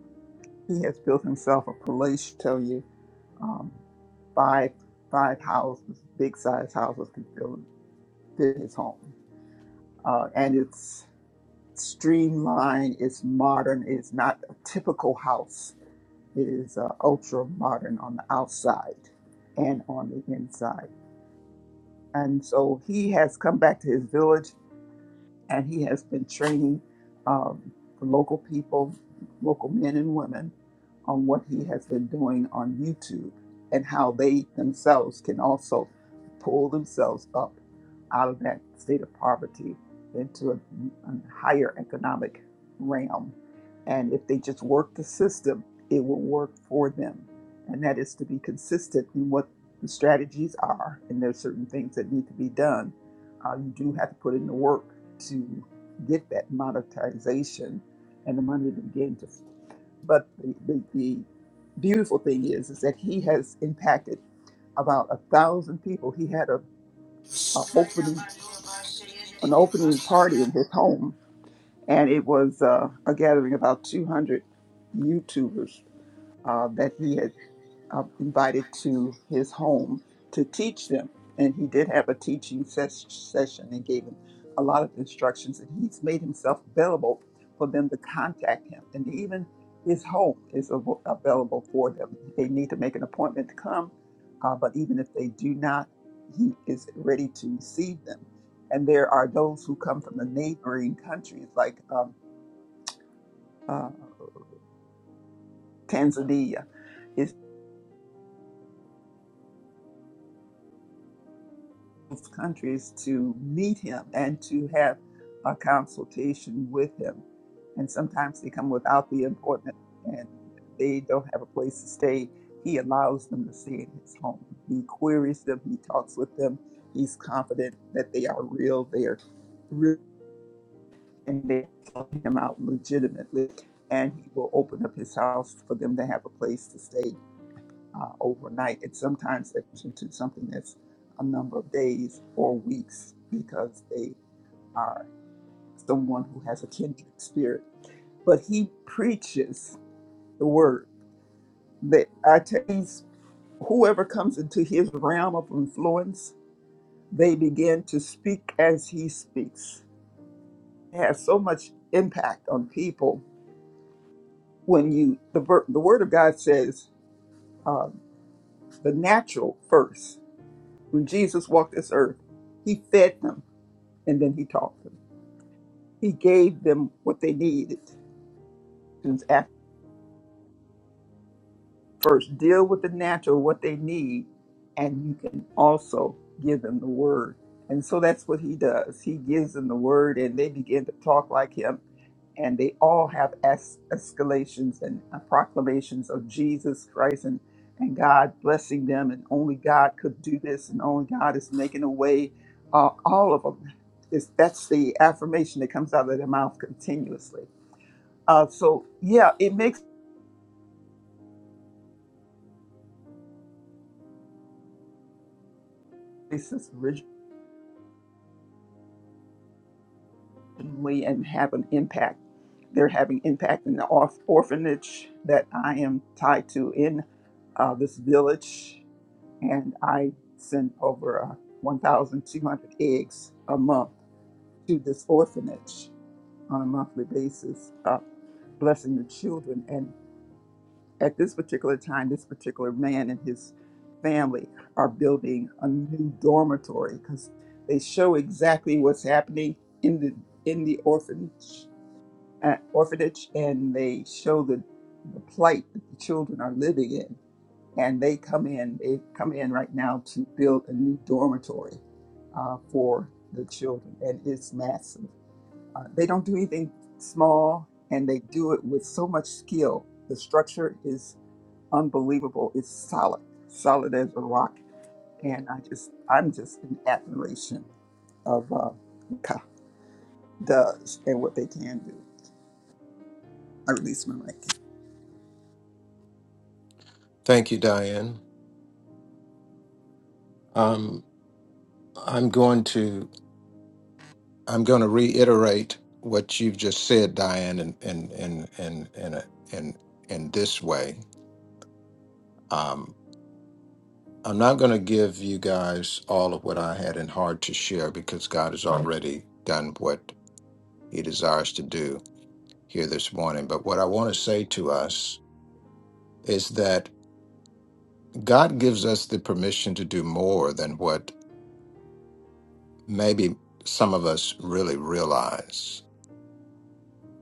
F: He has built himself a palatial, tell you, um, five five houses, big size houses can fill fit his home, uh, and it's streamlined, it's modern, it's not a typical house It is uh, ultra modern on the outside and on the inside. And so he has come back to his village and he has been training um, the local people, local men and women, on what he has been doing on YouTube and how they themselves can also pull themselves up out of that state of poverty into a, a higher economic realm. And if they just work the system, it will work for them. And that is to be consistent in what the strategies are. And there's certain things that need to be done. Uh, you do have to put in the work to get that monetization and the money to begin to. But the, the, the beautiful thing is, is that he has impacted about a thousand people. He had a, a opening an opening party in his home, and it was uh, a gathering of about two hundred YouTubers uh, that he had uh, invited to his home to teach them. And he did have a teaching ses- session and gave them a lot of instructions. And he's made himself available for them to contact him. And even his home is av- available for them. They need to make an appointment to come, uh, but even if they do not, he is ready to receive them. And there are those who come from the neighboring countries like um, uh, Tanzania those countries to meet him and to have a consultation with him. And sometimes they come without the appointment and they don't have a place to stay. He allows them to stay in his home. He queries them, he talks with them. He's confident that they are real, they are real, and they help him out legitimately. And he will open up his house for them to have a place to stay uh, overnight. And sometimes it's into something that's a number of days or weeks because they are someone who has a kindred spirit. But he preaches the word that I tell you, whoever comes into his realm of influence, they begin to speak as he speaks. It has so much impact on people when you the ver- the word of God says uh, the natural first. When Jesus walked this earth, he fed them and then he taught them. He gave them what they needed. Students ask First, deal with the natural, what they need, and you can also give them the word. And so that's what he does. He gives them the word, and they begin to talk like him. And they all have es- escalations and uh, proclamations of Jesus Christ and, and God blessing them, and only God could do this, and only God is making a way. Uh, all of them. Is that's the affirmation that comes out of their mouth continuously Uh, so yeah, it makes sense originally and have an impact. They're having impact in the orph- orphanage that I am tied to in uh, this village, and I send over uh, 1,200 eggs a month to this orphanage on a monthly basis, uh, blessing the children. at this particular time, this particular man and his family are building a new dormitory because they show exactly what's happening in the in the orphanage, uh, orphanage, and they show the the plight that the children are living in. And they come in, they come in right now to build a new dormitory uh, for the children, and it's massive. Uh, they don't do anything small, and they do it with so much skill. The structure is unbelievable. It's solid, solid as a rock. And I just, I'm just in admiration of uh, what Ka does and what they can do. I release my mic.
J: Thank you, Diane. Um, I'm going to I'm going to reiterate what you've just said, Diane, in in in in in a, in, in this way. Um, I'm not going to give you guys all of what I had in heart to share because God has already done what He desires to do here this morning. But what I want to say to us is that God gives us the permission to do more than what maybe some of us really realize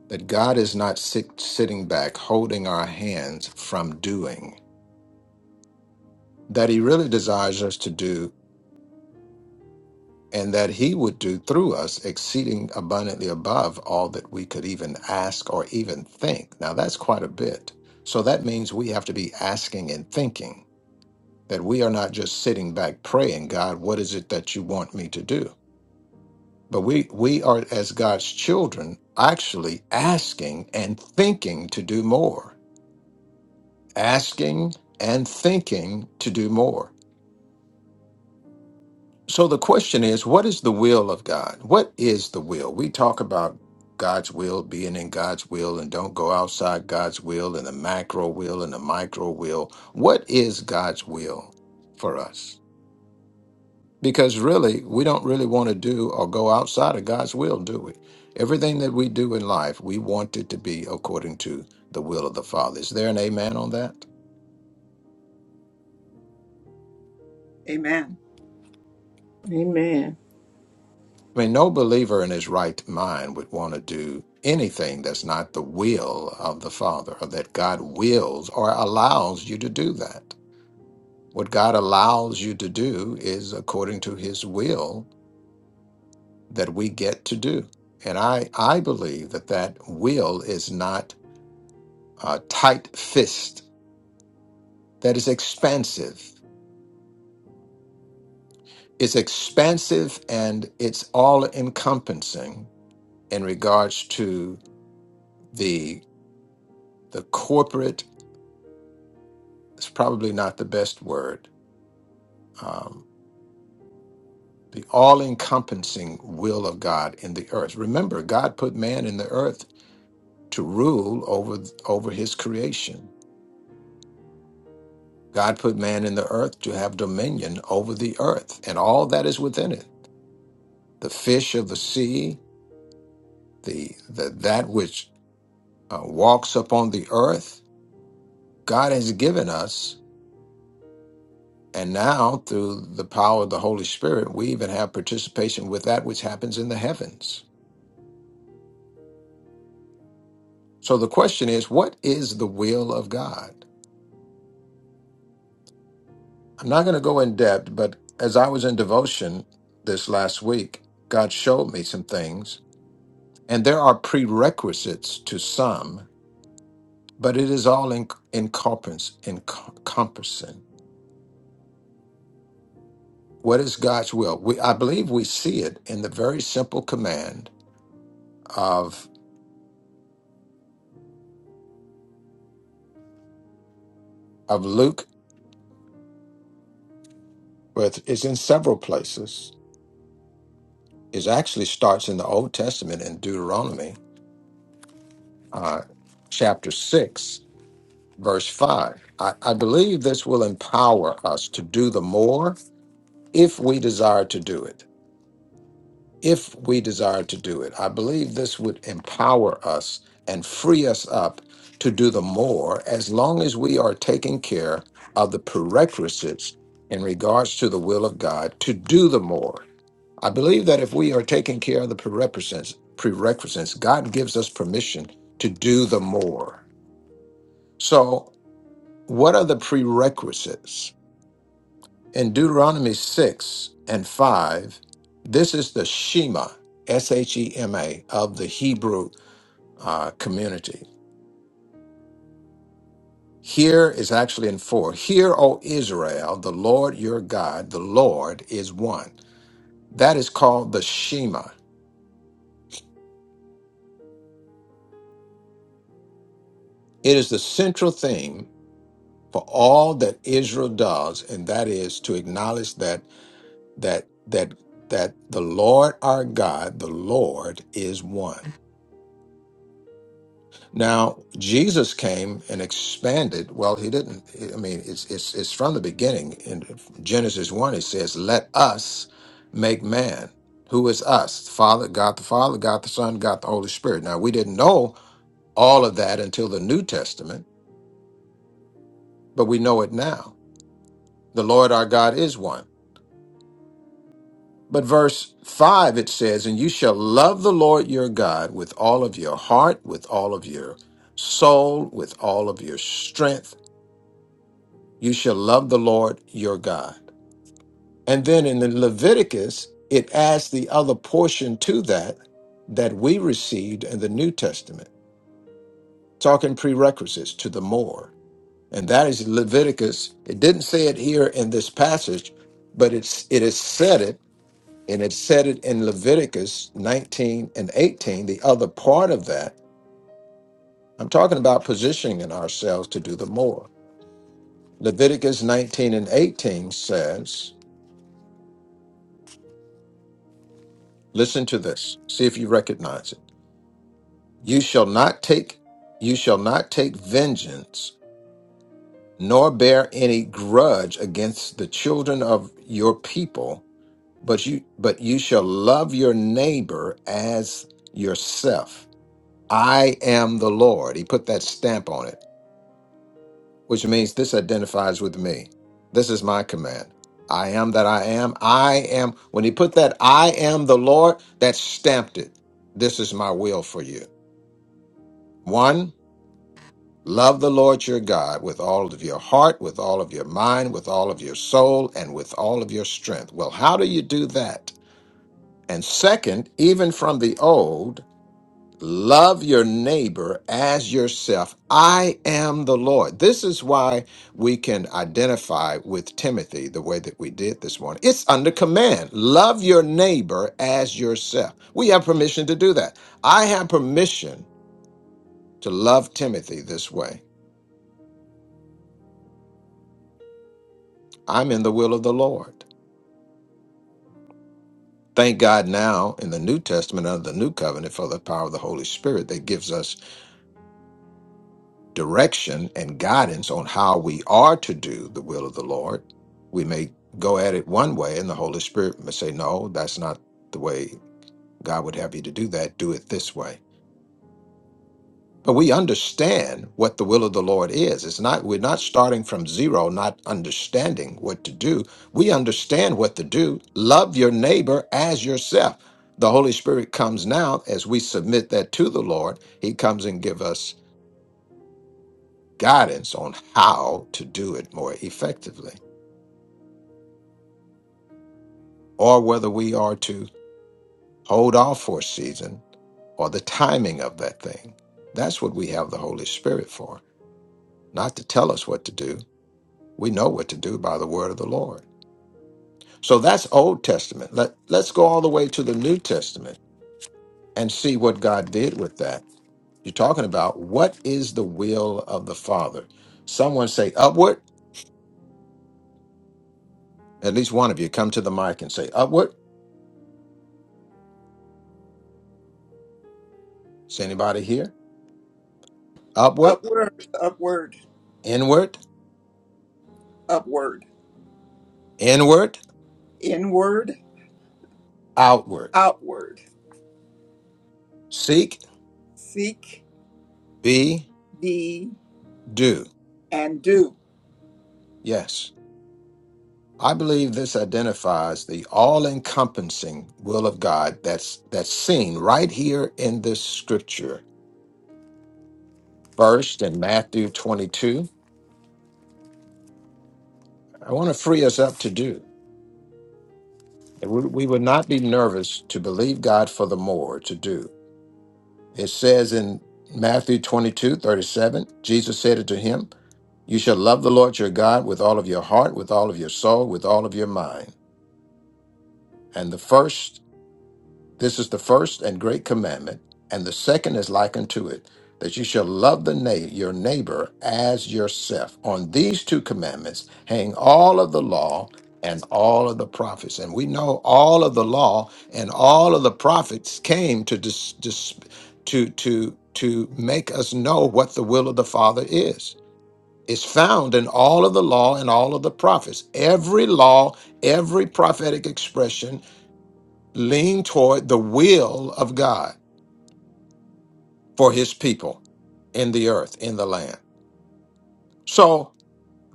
J: that God is not sit, sitting back holding our hands from doing, that He really desires us to do, and that He would do through us exceeding abundantly above all that we could even ask or even think. Now, that's quite a bit. So that means we have to be asking and thinking, that we are not just sitting back praying, God, what is it that you want me to do? But we, we are, as God's children, actually asking and thinking to do more asking and thinking to do more. So the question is, what is the will of God? What is the will? We talk about God's will, being in God's will, and don't go outside God's will, and the macro will, and the micro will. What is God's will for us? Because really, we don't really want to do or go outside of God's will, do we? Everything that we do in life, we want it to be according to the will of the Father. Is there an amen on that?
F: Amen.
I: Amen.
J: I mean, no believer in his right mind would want to do anything that's not the will of the Father, or that God wills or allows you to do that. What God allows you to do is according to his will that we get to do. And I, I believe that that will is not a tight fist, that is expansive. It's expansive and it's all encompassing in regards to the the corporate it's probably not the best word. Um, the all encompassing will of God in the earth. Remember, God put man in the earth to rule over, over his creation. God put man in the earth to have dominion over the earth and all that is within it the fish of the sea, the, the, that which uh, walks upon the earth. God has given us, and now through the power of the Holy Spirit, we even have participation with that which happens in the heavens. So the question is, what is the will of God? I'm not going to go in depth, but as I was in devotion this last week, God showed me some things, and there are prerequisites to some, but it is all in, encompass, encompassing. What is God's will? We, I believe we see it in the very simple command of of Luke, but it's in several places. It actually starts in the Old Testament in Deuteronomy uh, chapter six, verse 5. I, I believe this will empower us to do the more if we desire to do it. If we desire to do it, I believe this would empower us and free us up to do the more as long as we are taking care of the prerequisites in regards to the will of God to do the more. I believe that if we are taking care of the prerequisites, prerequisites, God gives us permission to do the more. So, what are the prerequisites? In Deuteronomy 6 and 5, this is the Shema, S H E M A, of the Hebrew uh, community. Here is actually in 4. Hear, O Israel, the Lord your God, the Lord is one. That is called the Shema. It is the central theme for all that Israel does, and that is to acknowledge that that that that the Lord our God, the Lord is one. Now, Jesus came and expanded. Well, he didn't. I mean, it's it's it's from the beginning. In Genesis one, it says, "Let us make man." Who is us? Father, God the Father, God the Son, God the Holy Spirit. Now, we didn't know all of that until the New Testament, but we know it now. The Lord our God is one. But verse 5, it says, And you shall love the Lord your God with all of your heart, with all of your soul, with all of your strength, You shall love the Lord your God. And then in the Leviticus, it adds the other portion to that that we received in the New Testament, talking prerequisites to the more. And that is Leviticus. It didn't say it here in this passage, but it's it is said it, and it said it in Leviticus 19 and 18, the other part of that. I'm talking about positioning ourselves to do the more. Leviticus 19 and 18 says, Listen to this. See if you recognize it. You shall not take you shall not take vengeance nor bear any grudge against the children of your people, but you but you shall love your neighbor as yourself. I am the Lord. He put that stamp on it, which means this identifies with me. This is my command. I am that I am. I am when he put that I am the Lord, that stamped it. This is my will for you. One, love the Lord your God with all of your heart, with all of your mind, with all of your soul, and with all of your strength. Well, how do you do that? And second, even from the old, love your neighbor as yourself. I am the Lord. This is why we can identify with Timothy the way that we did this morning. It's under command. Love your neighbor as yourself. We have permission to do that. I have permission to love Timothy this way. I'm in the will of the Lord. Thank God now in the New Testament under the New Covenant for the power of the Holy Spirit that gives us direction and guidance on how we are to do the will of the Lord. We may go at it one way, and the Holy Spirit may say, No, that's not the way God would have you to do that. Do it this way But we understand what the will of the Lord is. It's not we're not starting from zero, not understanding what to do. We understand what to do. Love your neighbor as yourself. The Holy Spirit comes now as we submit that to the Lord. He comes and give us guidance on how to do it more effectively, or whether we are to hold off for a season or the timing of that thing. That's what we have the Holy Spirit for, not to tell us what to do, We know what to do by the word of the Lord. So that's Old Testament. Let, let's go all the way to the New Testament and see what God did with that. You're talking about what is the will of the Father? Someone say upward. At least one of you come to the mic and say upward. Is anybody here? Upward,
F: Upward, upward,
J: inward,
F: upward,
J: inward,
F: inward,
J: outward.
F: outward.
J: Seek,
F: Seek,
J: be,
F: be,
J: do.
F: and do.
J: Yes. I believe this identifies the all-encompassing will of God that's that's seen right here in this scripture. First in Matthew 22, I want to free us up to do. We we would not be nervous to believe God for the more to do. It says in Matthew 22:37, Jesus said unto him, You shall love the Lord your God with all of your heart, with all of your soul, with all of your mind. And the first This is the first and great commandment, and the second is like unto it, that you shall love the na- your neighbor as yourself. On these two commandments hang all of the law and all of the prophets. And we know all of the law and all of the prophets came to dis- dis- to to to make us know what the will of the Father is. It's found in all of the law and all of the prophets. Every law, every prophetic expression lean toward the will of God for his people in the earth, in the land. So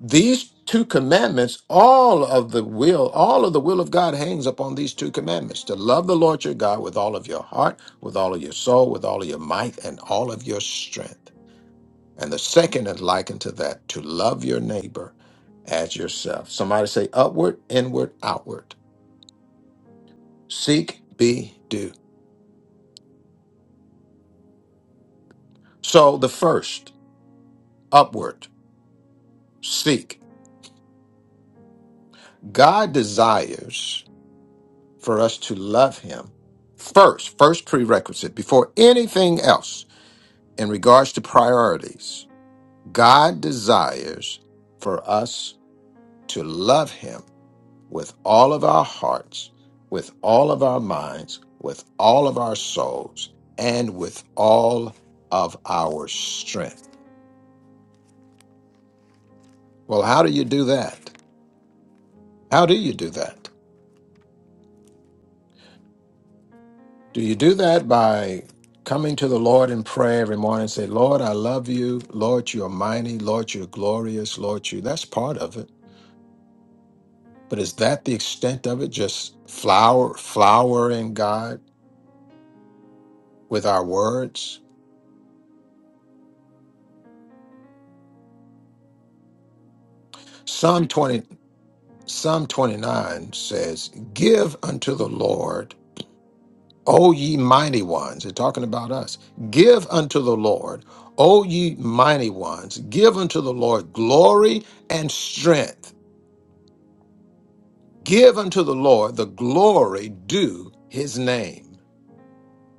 J: these two commandments, all of the will, all of the will of God hangs upon these two commandments to love the Lord your God with all of your heart, with all of your soul, with all of your might, and all of your strength. And the second is likened to that to love your neighbor as yourself. Somebody say upward, inward, outward. Seek, be, do. So the first, upward, seek. God desires for us to love him first, first prerequisite before anything else in regards to priorities. God desires for us to love him with all of our hearts, with all of our minds, with all of our souls, and with all of our strength. Well, how do you do that? How do you do that? Do you do that by coming to the Lord in prayer every morning and say, Lord, I love you. Lord, you're mighty. Lord, you're glorious. Lord, you. That's part of it. But is that the extent of it? Just flower, flowering God with our words? Psalm 20, Psalm 29 says, Give unto the Lord, O ye mighty ones. They're talking about us. Give unto the Lord, O ye mighty ones. Give unto the Lord glory and strength. Give unto the Lord the glory due his name.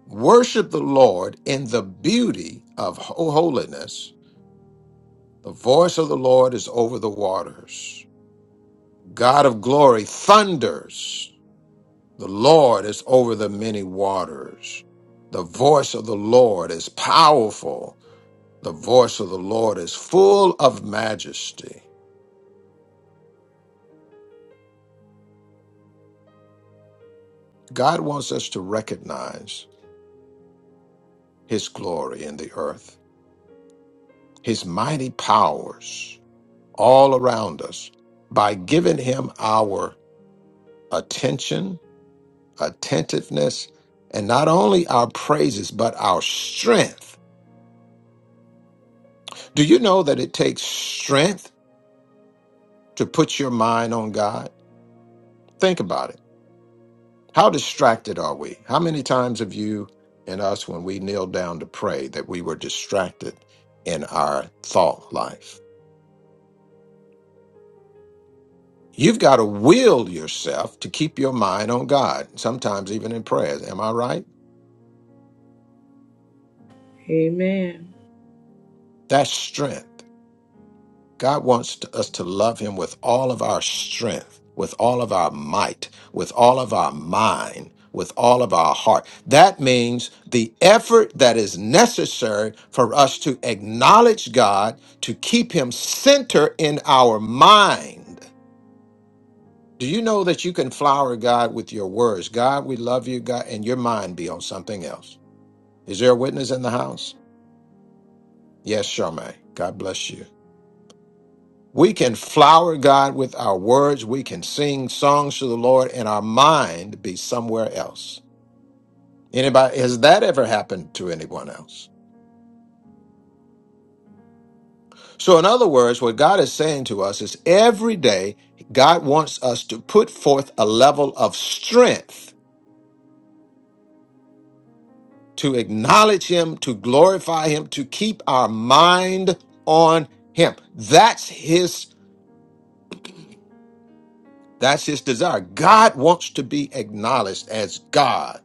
J: Worship the Lord in the beauty of ho- holiness. The voice of the Lord is over the waters. God of glory thunders. The Lord is over the many waters. The voice of the Lord is powerful. The voice of the Lord is full of majesty. God wants us to recognize his glory in the earth, his mighty powers all around us by giving him our attention, attentiveness, and not only our praises, but our strength. Do you know that it takes strength to put your mind on God? Think about it. How distracted are we? How many times have you and us, when we kneel down to pray, that we were distracted in our thought life? You've got to will yourself to keep your mind on God, sometimes even in prayers. Am I right?
I: Amen.
J: That's strength. God wants to- us to love Him with all of our strength, with all of our might, with all of our mind, with all of our heart. That means the effort that is necessary for us to acknowledge God, to keep Him center in our mind. Do you know that you can flower God with your words? God, we love you, God, and your mind be on something else. Is there a witness in the house? Yes, Charmaine. God bless you. We can flower God with our words. We can sing songs to the Lord and our mind be somewhere else. Anybody, has that ever happened to anyone else? So, in other words, what God is saying to us is every day, God wants us to put forth a level of strength to acknowledge Him, to glorify Him, to keep our mind on Him. That's His, that's His desire. God wants to be acknowledged as God.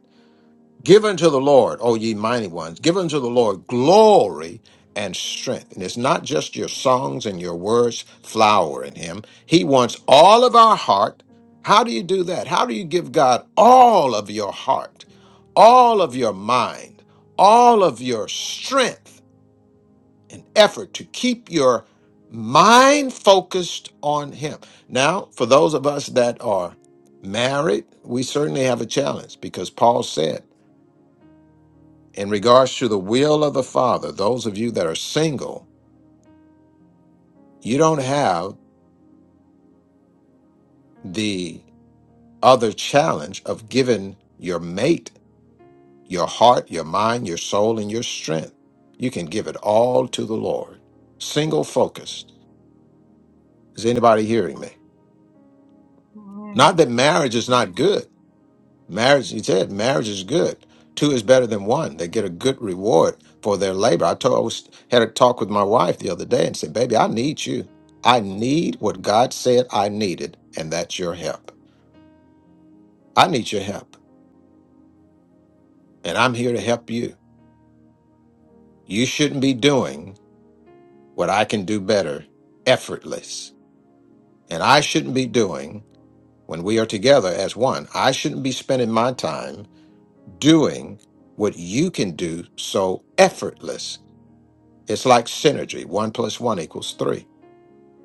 J: Give unto the Lord, O ye mighty ones, give unto the Lord glory and strength. And it's not just your songs and your words flowering him. He wants all of our heart. How do you do that? How do you give God all of your heart, all of your mind, all of your strength and effort to keep your mind focused on him? Now, for those of us that are married, we certainly have a challenge because Paul said, in regards to the will of the Father, those of you that are single, you don't have the other challenge of giving your mate your heart, your mind, your soul, and your strength. You can give it all to the Lord. Single focused. Is anybody hearing me? Not that marriage is not good. Marriage, he said, marriage is good. Two is better than one. They get a good reward for their labor. I told, I was, had a talk with my wife the other day and said, "Baby, I need you. I need what God said I needed, and that's your help. I need your help, and I'm here to help you. You shouldn't be doing what I can do better, effortless, and I shouldn't be doing." When we are together as one, I shouldn't be spending my time doing what you can do so effortless It's like synergy. One plus one equals three.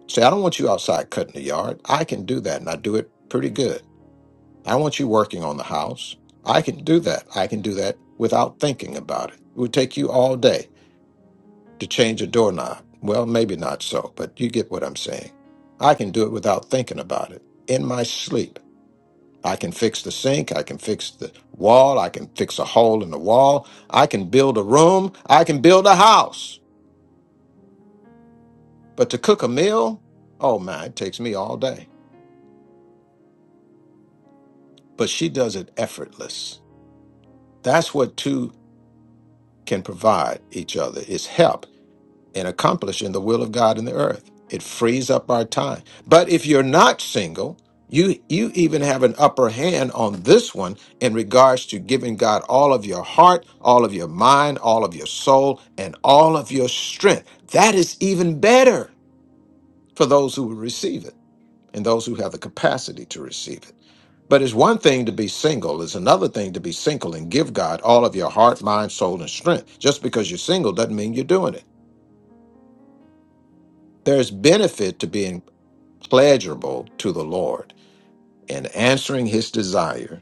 J: Say, I don't want you outside cutting the yard. I can do that, and I do it pretty good. I don't want you working on the house. I can do that. I can do that without thinking about it. It would take you all day to change a doorknob. Well, maybe not so, but you get what I'm saying. I can do it without thinking about it in my sleep. I can fix the sink. I can fix the wall. I can fix a hole in the wall. I can build a room. I can build a house. But to cook a meal, oh man, it takes me all day. But she does it effortless. That's what two can provide each other is help in accomplishing the will of God in the earth. It frees up our time. But if you're not single, you you even have an upper hand on this one in regards to giving God all of your heart, all of your mind, all of your soul, and all of your strength. That is even better for those who will receive it and those who have the capacity to receive it. But it's one thing to be single, it's another thing to be single and give God all of your heart, mind, soul, and strength. Just because you're single doesn't mean you're doing it. There's benefit to being pleasurable to the Lord and answering his desire.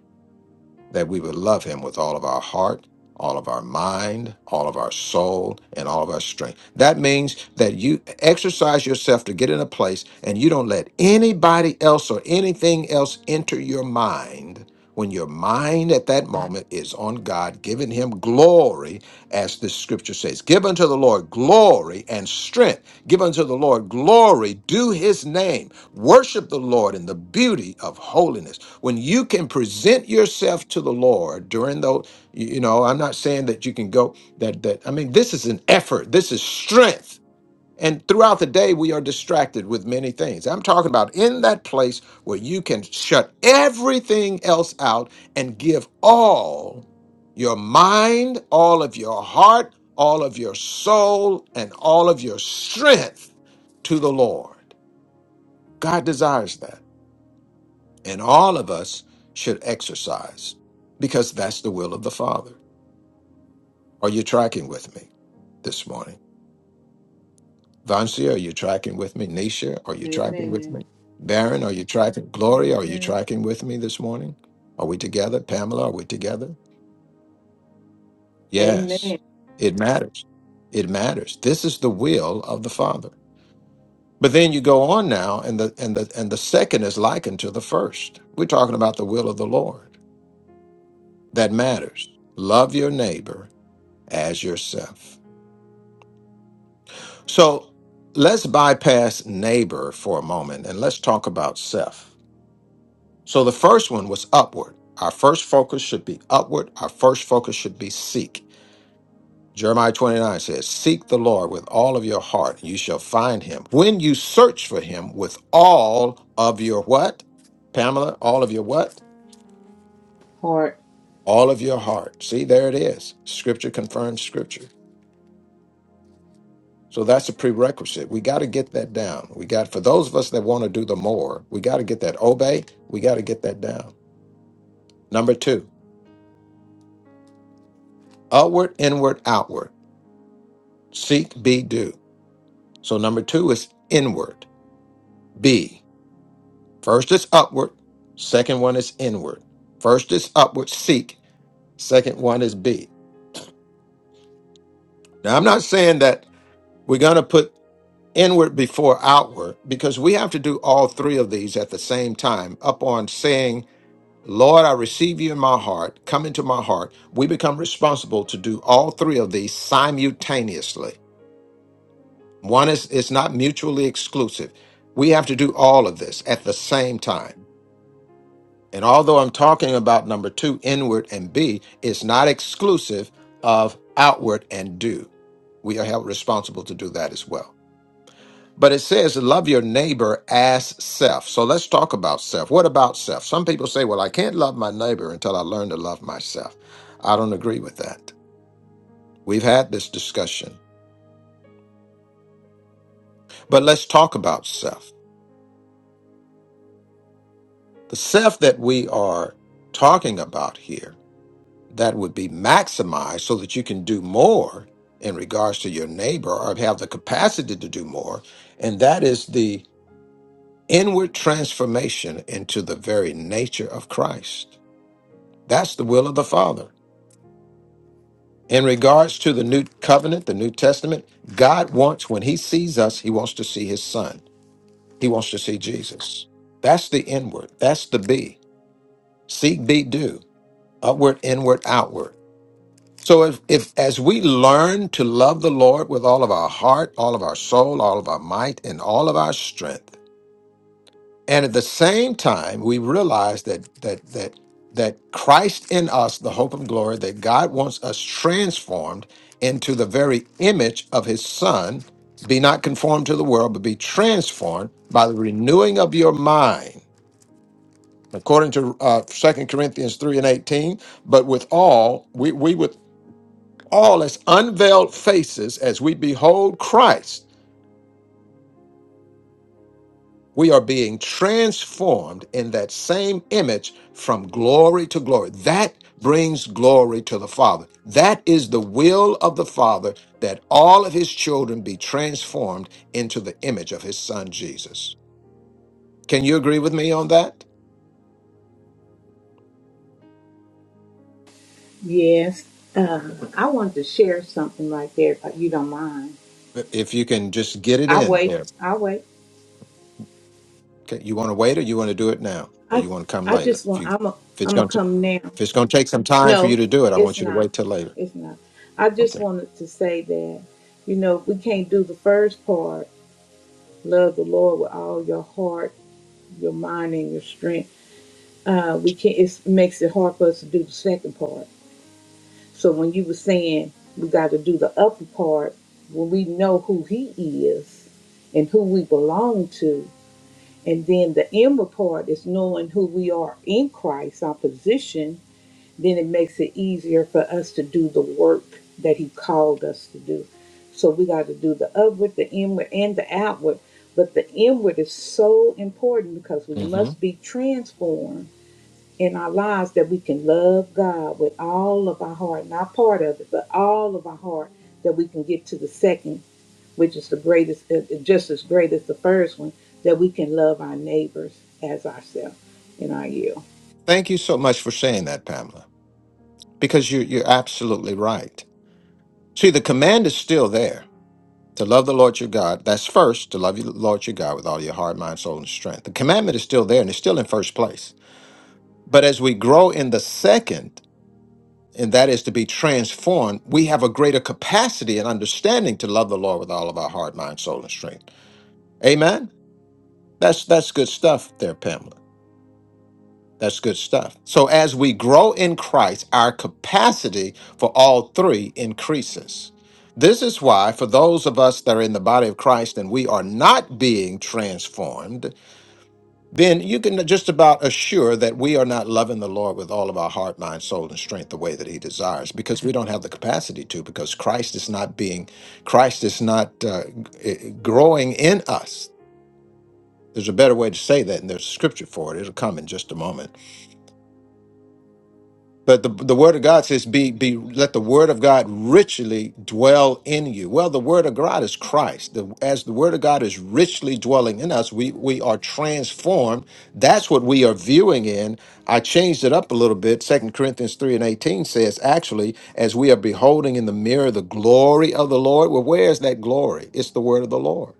J: that we would love him with all of our heart, all of our mind, all of our soul, and all of our strength. That means that you exercise yourself to get in a place and you don't let anybody else or anything else enter your mind. When your mind at that moment is on God, giving him glory, as the scripture says, give unto the Lord glory and strength. Give unto the Lord glory, do his name. Worship the Lord in the beauty of holiness when you can present yourself to the lord during those you you know i'm not saying that you can go that that i mean this is an effort this is strength and throughout the day we are distracted with many things i'm talking about in that place where you can shut everything else out and give all your mind all of your heart all of your soul and all of your strength to the lord god desires that and all of us should exercise because that's the will of the Father. Are you tracking with me this morning? Vansia, are you tracking with me? Nisha, are you tracking with
I: Amen.
J: me? Baron, are you tracking? Gloria, are
A: Amen.
J: you tracking with me this morning? Are we together? Pamela, are we together? Yes,
I: Amen.
J: it matters. It matters. This is the will of the Father. But then you go on now, and the and the and the second is likened to the first. We're talking about the will of the Lord. That matters. Love your neighbor as yourself. So let's bypass neighbor for a moment and let's talk about self. So the first one was upward. Our first focus should be upward. Our first focus should be seek. Jeremiah 29 says, Seek the Lord with all of your heart, and you shall find him. When you search for him with all of your what? Pamela, all of your what?
I: Heart.
J: All of your heart. See, there it is. Scripture confirms scripture. So that's a prerequisite. We got to get that down. We got for those of us that want to do the more, we got to get that obey. We got to get that down. Number two, upward, inward, outward. Seek, be, do. So number two is inward. Be. First is upward. Second one is inward. First is upward, seek. Second one is be. Now I'm not saying that we're gonna put inward before outward because we have to do all three of these at the same time. Up on saying Lord, I receive you in my heart. Come into my heart. We become responsible to do all three of these simultaneously. One is it's not mutually exclusive. We have to do all of this at the same time. And although I'm talking about number two, inward and be, it's not exclusive of outward and do. We are held responsible to do that as well. But it says, love your neighbor as self. So let's talk about self. What about self? Some people say, well, I can't love my neighbor until I learn to love myself. I don't agree with that. We've had this discussion, but let's talk about self. The self that we are talking about here that would be maximized so that you can do more in regards to your neighbor or have the capacity to do more. And that is the inward transformation into the very nature of Christ. That's the will of the Father. In regards to the new covenant, the New Testament, God wants, when He sees us, He wants to see His Son. He wants to see Jesus. That's the inward. That's the be. Seek, be, do. Upward, inward, outward. So if, if as we learn to love the Lord with all of our heart, all of our soul, all of our might, and all of our strength, And at the same time, we realize that that that that Christ in us, the hope of glory, that God wants us transformed into the very image of his son, be not conformed to the world, but be transformed by the renewing of your mind. According to uh, 2 Corinthians 3 and 18, but with all, we, we with all as unveiled faces as we behold Christ We are being transformed in that same image from glory to glory. That brings glory to the Father. That is the will of the Father that all of his children be transformed into the image of his son Jesus. Can you agree with me on that?
I: Yes. Uh, I wanted to share something right there, if you don't mind.
J: If you can just get it
I: I
J: in
I: wait.
J: there.
I: I wait.
J: Okay, You want to wait or you want to do it now or
I: I
J: you want to come
I: I
J: later?
I: just
J: If
I: want.
J: you
I: I'm a.
J: if it's
I: I'm gonna
J: going to
I: come now.
J: if it's going to take some time for you
I: No,
J: to do it, I
I: it's
J: want you to
I: not.
J: wait till later.
I: It's not. I just wanted to say that you know we can't do the first part. Love the Lord with all your heart, your mind, and your strength uh, we can't. It makes it hard for us to do the second part. So when you were saying we got to do the upper part, when we know who He is and who we belong to, and then the inner part is knowing who we are in Christ, our position. Then it makes it easier for us to do the work that He called us to do. So we got to do the upward, the inward, and the outward. But the inward is so important because we
J: Mhm.
I: must be transformed in our lives that we can love God with all of our heart, not part of it, but all of our heart, that we can get to the second, which is the greatest, uh, uh, just as great as the first one, that we can love our neighbors as ourselves in our yield.
J: Thank you so much for saying that, Pamela. because you, you're absolutely right. See, the command is still there to love the Lord your God. That's first, to love the Lord your God with all your heart, mind, soul, and strength. The commandment is still there and it's still in first place. But as we grow in the second, and that is to be transformed, we have a greater capacity and understanding to love the Lord with all of our heart, mind, soul, and strength. Amen. That's that's good stuff there, Pamela. That's good stuff. So as we grow in Christ, our capacity for all three increases. This is why, for those of us that are in the body of Christ and we are not being transformed, then you can just about assure that we are not loving the Lord with all of our heart, mind, soul, and strength the way that He desires, because we don't have the capacity to, because Christ is not being, Christ is not uh, g- eh, growing in us. There's a better way to say that, and there's scripture for it. It'll come in just a moment. But the, the word of God says, be, be, let the word of God richly dwell in you. Well, the word of God is Christ. The, as the word of God is richly dwelling in us, we, we are transformed. That's what we are viewing in. I changed it up a little bit. Second Corinthians 3 and 18 says, actually, as we are beholding in the mirror the glory of the Lord, well, where is that glory? It's the word of the Lord,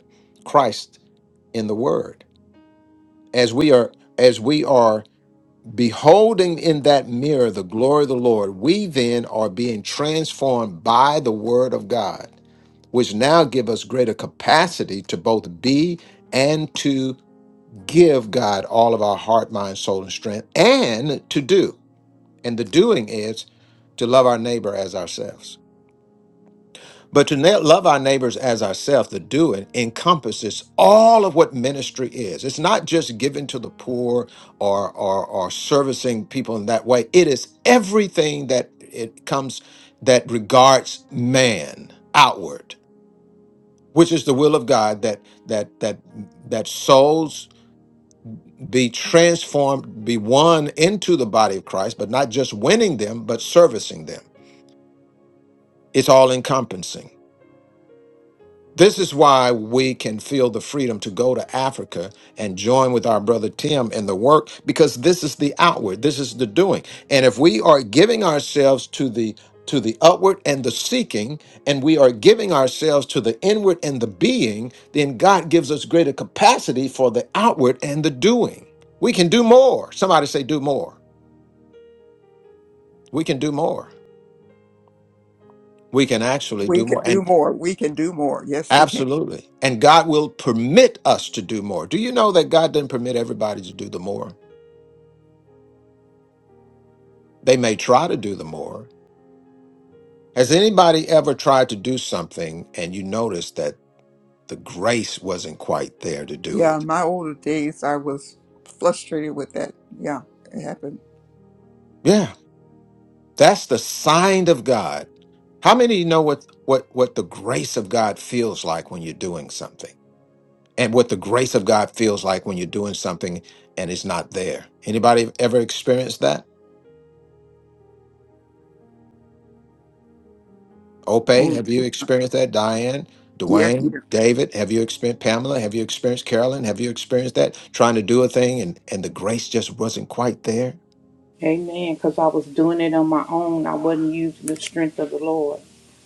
J: Christ in the word. As we are, as we are Beholding in that mirror the glory of the Lord, we then are being transformed by the word of God, which now give us greater capacity to both be and to give God all of our heart, mind, soul, and strength, and to do. And the doing is to love our neighbor as ourselves. But to na- love our neighbors as ourselves, the doing encompasses all of what ministry is. It's not just giving to the poor or, or or servicing people in that way. It is everything that it comes that regards man outward, which is the will of God that that that that souls be transformed, be won into the body of Christ, but not just winning them, but servicing them. It's all encompassing. This is why we can feel the freedom to go to Africa and join with our brother Tim in the work because this is the outward, this is the doing. And if we are giving ourselves to the to the upward and the seeking and we are giving ourselves to the inward and the being, then God gives us greater capacity for the outward and the doing. We can do more. Somebody say do more. We can do more. We can actually
F: We
J: do more.
F: can do more. We can do more. Yes, we can.
J: Absolutely. And God will permit us to do more. Do you know that God didn't permit everybody to do the more? They may try to do the more. Has anybody ever tried to do something and you noticed that the grace wasn't quite there to do
F: Yeah,
J: it?
F: in my older days, I was frustrated with that. Yeah, it happened.
J: Yeah, that's the sign of God. How many of you know what, what, what the grace of God feels like when you're doing something? And what the grace of God feels like when you're doing something and it's not there? Anybody ever experienced that? Ope,
F: Oh,
J: have you experienced that? Diane,
F: yeah, yeah.
J: Dwayne, David, have you experienced Pamela? Have you experienced Carolyn? Have you experienced that? Trying to do a thing and, and the grace just wasn't quite there.
I: Amen. Because I was doing it on my own, I wasn't using the strength of the Lord,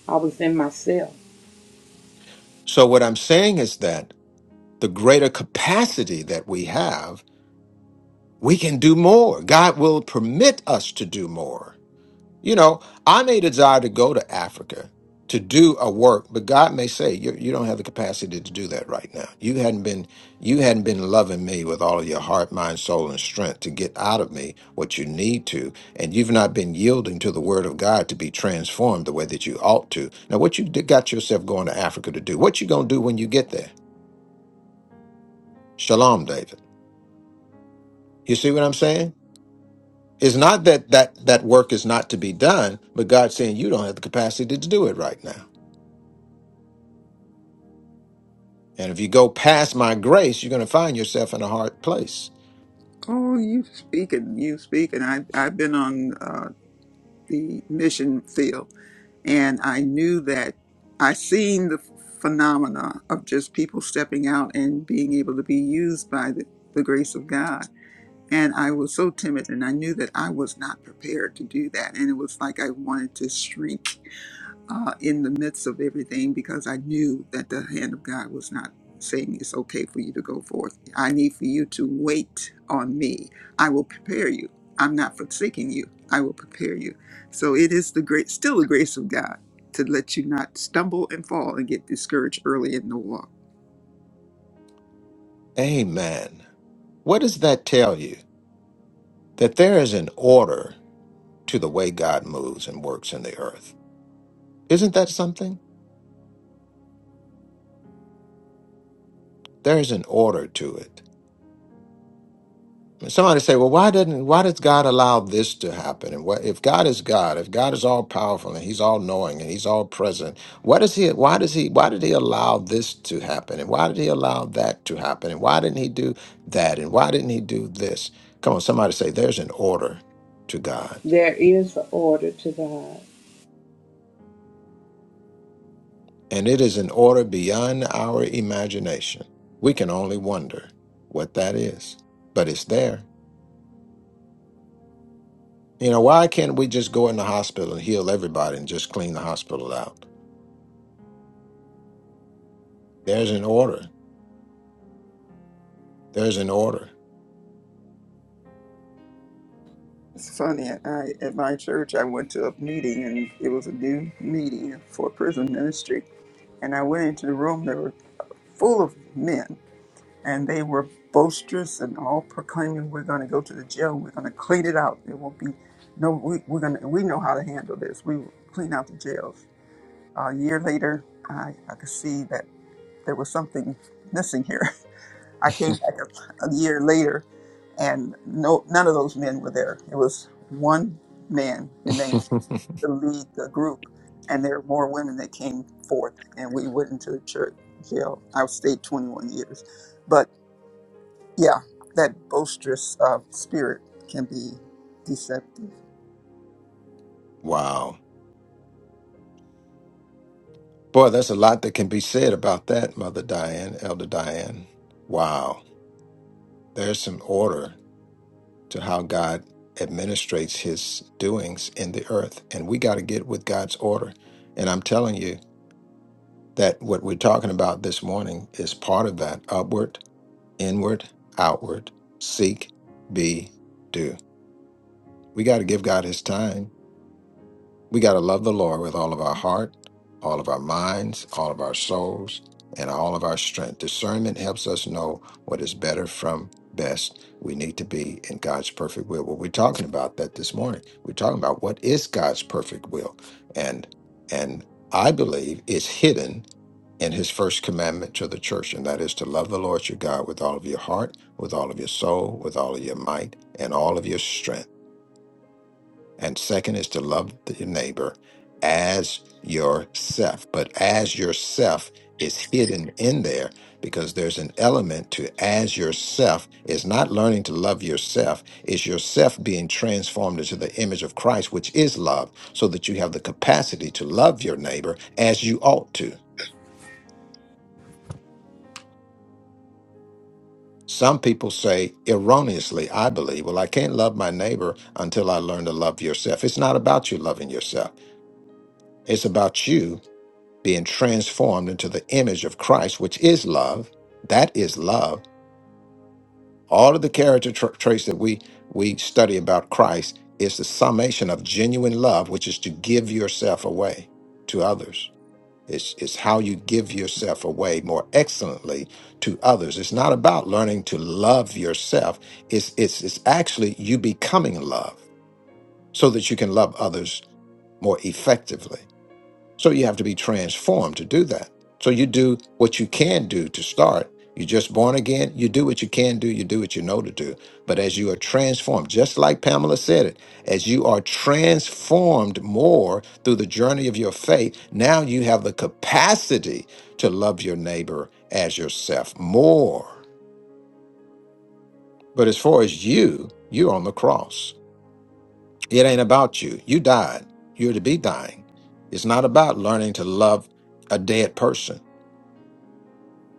I: I was in myself.
J: So, what I'm saying is that the greater capacity that we have, we can do more. God will permit us to do more. You know, I may desire to go to Africa to do a work, but God may say, you, you don't have the capacity to do that right now. You hadn't been you hadn't been loving me with all of your heart, mind, soul, and strength to get out of me what you need to, and you've not been yielding to the word of God to be transformed the way that you ought to. Now, what you d- got yourself going to Africa to do? What you gonna do when you get there? Shalom, David. You see what I'm saying? It's not that that that work is not to be done, but God's saying you don't have the capacity to do it right now. And if you go past my grace, you're going to find yourself in a hard place.
F: Oh, you speaking, you speaking. I I've been on uh, the mission field, and I knew that I seen the phenomena of just people stepping out and being able to be used by the, the grace of God. And I was so timid, and I knew that I was not prepared to do that, and it was like I wanted to shrink uh, in the midst of everything because I knew that the hand of God was not saying it's okay for you to go forth. I need for you to wait on me. I will prepare you. I'm not forsaking you. I will prepare you. So it is the great, still the grace of God to let you not stumble and fall and get discouraged early in the walk.
J: Amen. What does that tell you? That there is an order to the way God moves and works in the earth. Isn't that something? There is an order to it. Somebody say, "Well, why didn't why does God allow this to happen?" And what if God is God? If God is all powerful and He's all knowing and He's all present, what does He? Why does He? Why did He allow this to happen? And why did He allow that to happen? And why didn't He do that? And why didn't He do this? Come on, somebody say, "There's an order to God,
I: There is an order to God.
J: and it is an order beyond our imagination. We can only wonder what that is, but it's there." You know, why can't we just go in the hospital and heal everybody and just clean the hospital out? There's an order. There's an order.
F: It's funny. At, I, at my church, I went to a meeting and it was a new meeting for prison ministry. And I went into the room. There were full of men and they were boisterous and all proclaiming, "We're going to go to the jail. We're going to clean it out. There won't be no. We, we're going to. We know how to handle this. We will clean out the jails." A year later, I, I could see that there was something missing here. I came back a, a year later, and no, none of those men were there. It was one man remained to lead the group, and there were more women that came forth, and we went into the church jail. I stayed 21 years, but yeah, that boisterous uh, spirit can be deceptive.
J: Wow. Boy, that's a lot that can be said about that, Mother Diane, Elder Diane. Wow. There's some order to how God administrates his doings in the earth. And we got to get with God's order. And I'm telling you that what we're talking about this morning is part of that upward, inward, outward, seek, be, do. We got to give God his time We got to love the Lord with all of our heart, all of our minds, all of our souls, and all of our strength. Discernment helps us know what is better from best. We need to be in God's perfect will. Well, we're talking about that this morning. We're talking about what is God's perfect will, and and I believe it's hidden in His first commandment to the church, and that is to love the Lord your God with all of your heart, with all of your soul, with all of your might, and all of your strength. And second is to love your neighbor as yourself. But as yourself is hidden in there because there's an element to as yourself is not learning to love yourself, is yourself being transformed into the image of Christ, which is love, so that you have the capacity to love your neighbor as you ought to. Some people say erroneously, I believe, well, I can't love my neighbor until I learn to love yourself. It's not about you loving yourself. It's about you being transformed into the image of Christ, which is love. That is love. All of the character tra- traits that we we study about Christ is the summation of genuine love, which is to give yourself away to others. It's, it's how you give yourself away more excellently to others. It's not about learning to love yourself. It's, it's, it's actually you becoming love so that you can love others more effectively so you have to be transformed to do that. So you do what you can do to start. You're just born again. You do what you can do. You do what you know to do. But as you are transformed, just like Pamela said it, as you are transformed more through the journey of your faith, now you have the capacity to love your neighbor as yourself more. But as far as you, you're on the cross. It ain't about you. You died. You're to be dying. It's not about learning to love a dead person.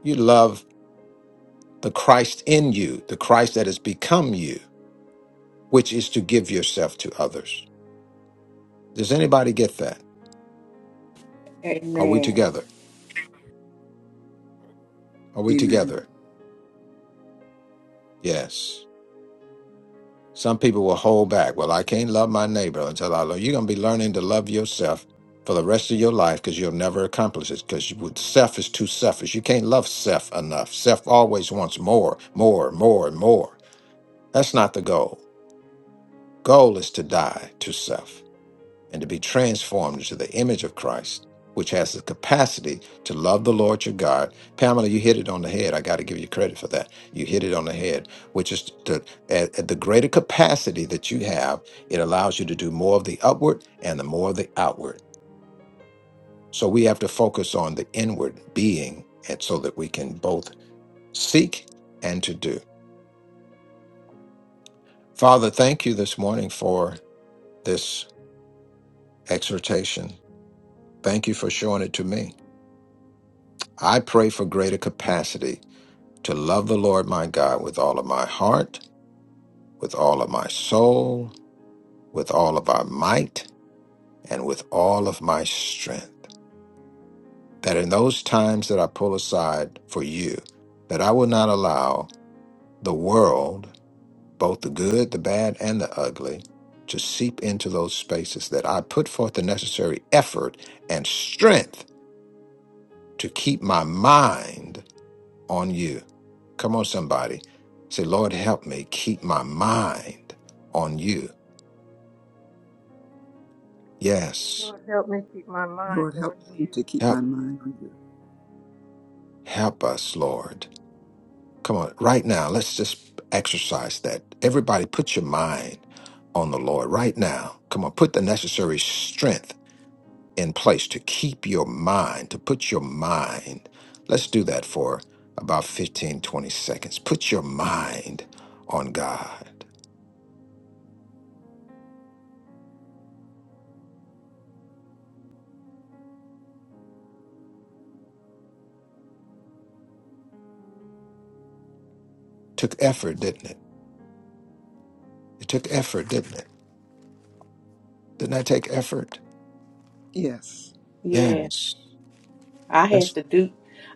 J: You love the Christ in you, the Christ that has become you, which is to give yourself to others. Does anybody get that? Are we
I: Amen.
J: together? Are we
F: Amen.
J: together? Yes. Some people will hold back. Well, I can't love my neighbor until I love. You're going to be learning to love yourself for the rest of your life because you'll never accomplish it because with self is too selfish. You can't love self enough. Self always wants more, more, more, and more. That's not the goal. Goal is to die to self. and to be transformed into the image of Christ, which has the capacity to love the Lord your God. Pamela, you hit it on the head. I got to give you credit for that. You hit it on the head, which is to, at, at the greater capacity that you have, it allows you to do more of the upward and the more of the outward. So we have to focus on the inward being, and so that we can both seek and to do. Father, thank you this morning for this exhortation. Thank you for showing it to me. I pray for greater capacity to love the Lord my God with all of my heart, with all of my soul, with all of our might, and with all of my strength. That in those times that I pull aside for you, that I will not allow the world, both the good, the bad, and the ugly, to seep into those spaces that I put forth the necessary effort and strength to keep my mind on you. Come on, somebody. Say, Lord, help me keep my mind on you. Yes.
A: Lord, help me keep my
F: Lord,
A: mind
F: help
A: on
F: me
A: you.
F: to keep
J: Help
F: my mind on you.
J: help us, Lord. Come on. Right now, let's just exercise that. Everybody put your mind on the Lord right now. Come on, put the necessary strength in place to keep your mind, to put your mind. Let's do that for about 15, 20 seconds. Put your mind on God. Took effort, didn't it? It took effort, didn't it? Didn't that take effort?
F: Yes,
I: Yes.
J: Yes.
I: I had
J: That's
I: to do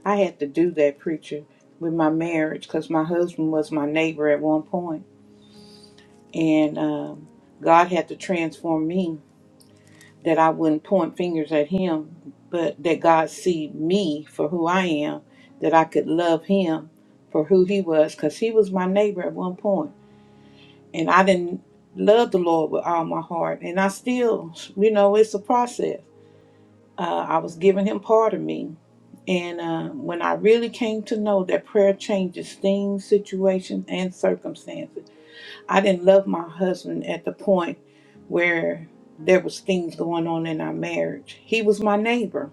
I: I had to do that preacher with my marriage because my husband was my neighbor at one point, and um, God had to transform me that I wouldn't point fingers at him, but that God see me for who I am, that I could love him for who he was, because he was my neighbor at one point, and I didn't love the Lord with all my heart, and I still, you know, it's a process. Uh, I was giving him part of me, And uh, when I really came to know that prayer changes things, situations, and circumstances, I didn't love my husband at the point where there was things going on in our marriage. He was my neighbor,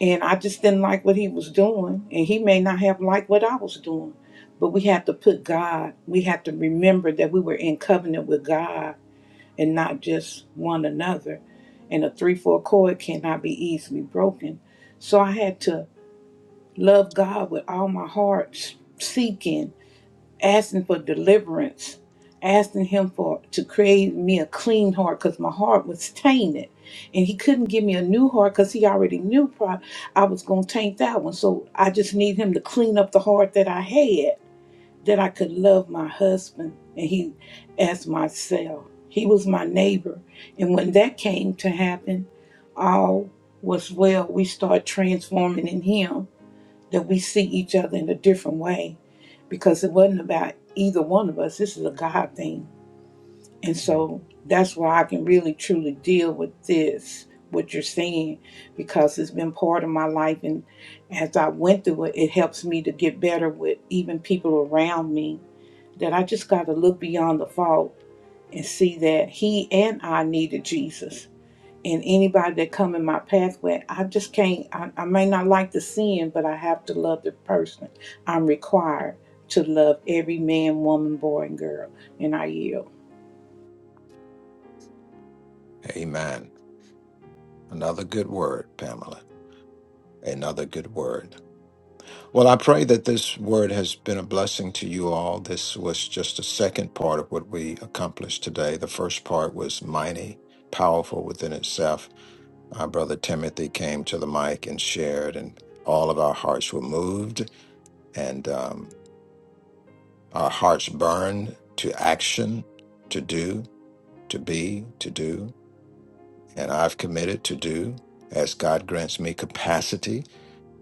I: and I just didn't like what he was doing, and he may not have liked what I was doing. But we had to put God, we had to remember that we were in covenant with God and not just one another. And a three-four chord cannot be easily broken. So I had to love God with all my heart, seeking, asking for deliverance, asking Him for to create me a clean heart because my heart was tainted, and He couldn't give me a new heart because He already knew pro- I was going to taint that one. So I just need Him to clean up the heart that I had, that I could love my husband and He as myself. He was my neighbor, and when that came to happen, all was well. We start transforming in Him that we see each other in a different way because it wasn't about either one of us. This is a God thing. And so that's why I can really truly deal with this, what you're saying, because it's been part of my life. And as I went through it, it helps me to get better with even people around me that I just got to look beyond the fault and see that he and I needed Jesus and anybody that come in my pathway i just can't I, I may not like the sin but i have to love the person i'm required to love every man woman boy and girl and i yield
J: Amen. Another good word, Pamela. Another good word. Well, I pray that this word has been a blessing to you all. This was just the second part of what we accomplished today. The first part was mighty, powerful within itself. Our brother Timothy came to the mic and shared, and all of our hearts were moved, and um, our hearts burned to action, to do, to be, to do. and I've committed to do as God grants me capacity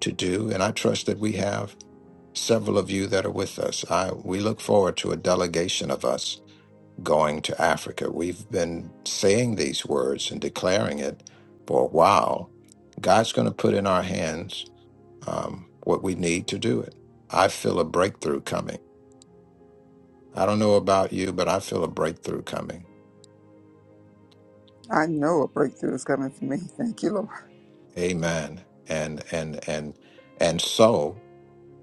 J: to do. And I trust that we have several of you that are with us. I, we look forward to a delegation of us going to Africa. We've been saying these words and declaring it for a while. God's going to put in our hands um, what we need to do it. I feel a breakthrough coming. I don't know about you, but I feel a breakthrough coming.
F: I know a breakthrough is coming for me. Thank you,
J: Amen. And and and and so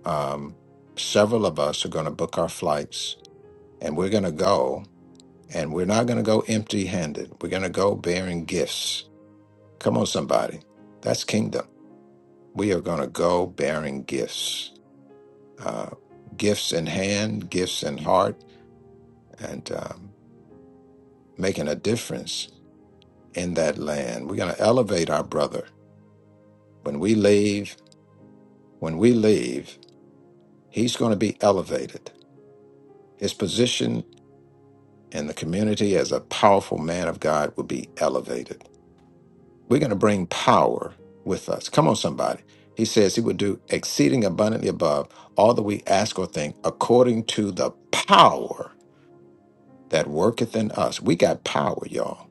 J: um, several of us are going to book our flights and we're going to go and we're not going to go empty handed. We're going to go bearing gifts. Come on, somebody. That's kingdom. We are going to go bearing gifts, uh, gifts in hand, gifts in heart, and um, making a difference in that land. We're going to elevate our brother. When we leave, when we leave, he's going to be elevated. His position and the community as a powerful man of God will be elevated. We're going to bring power with us. Come on, somebody. He says he will do exceeding abundantly above all that we ask or think according to the power that worketh in us. We got power, y'all.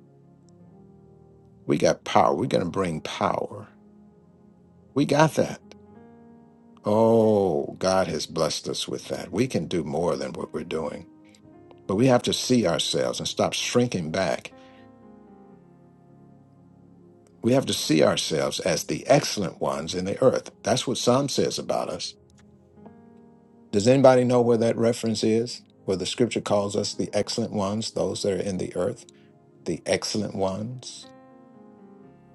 J: We got power. We're going to bring power. We got that. Oh, God has blessed us with that. We can do more than what we're doing. But we have to see ourselves and stop shrinking back We have to see ourselves as the excellent ones in the earth. That's what Psalm says about us. Does anybody know where that reference is? Where the scripture calls us the excellent ones, those that are in the earth, the excellent ones?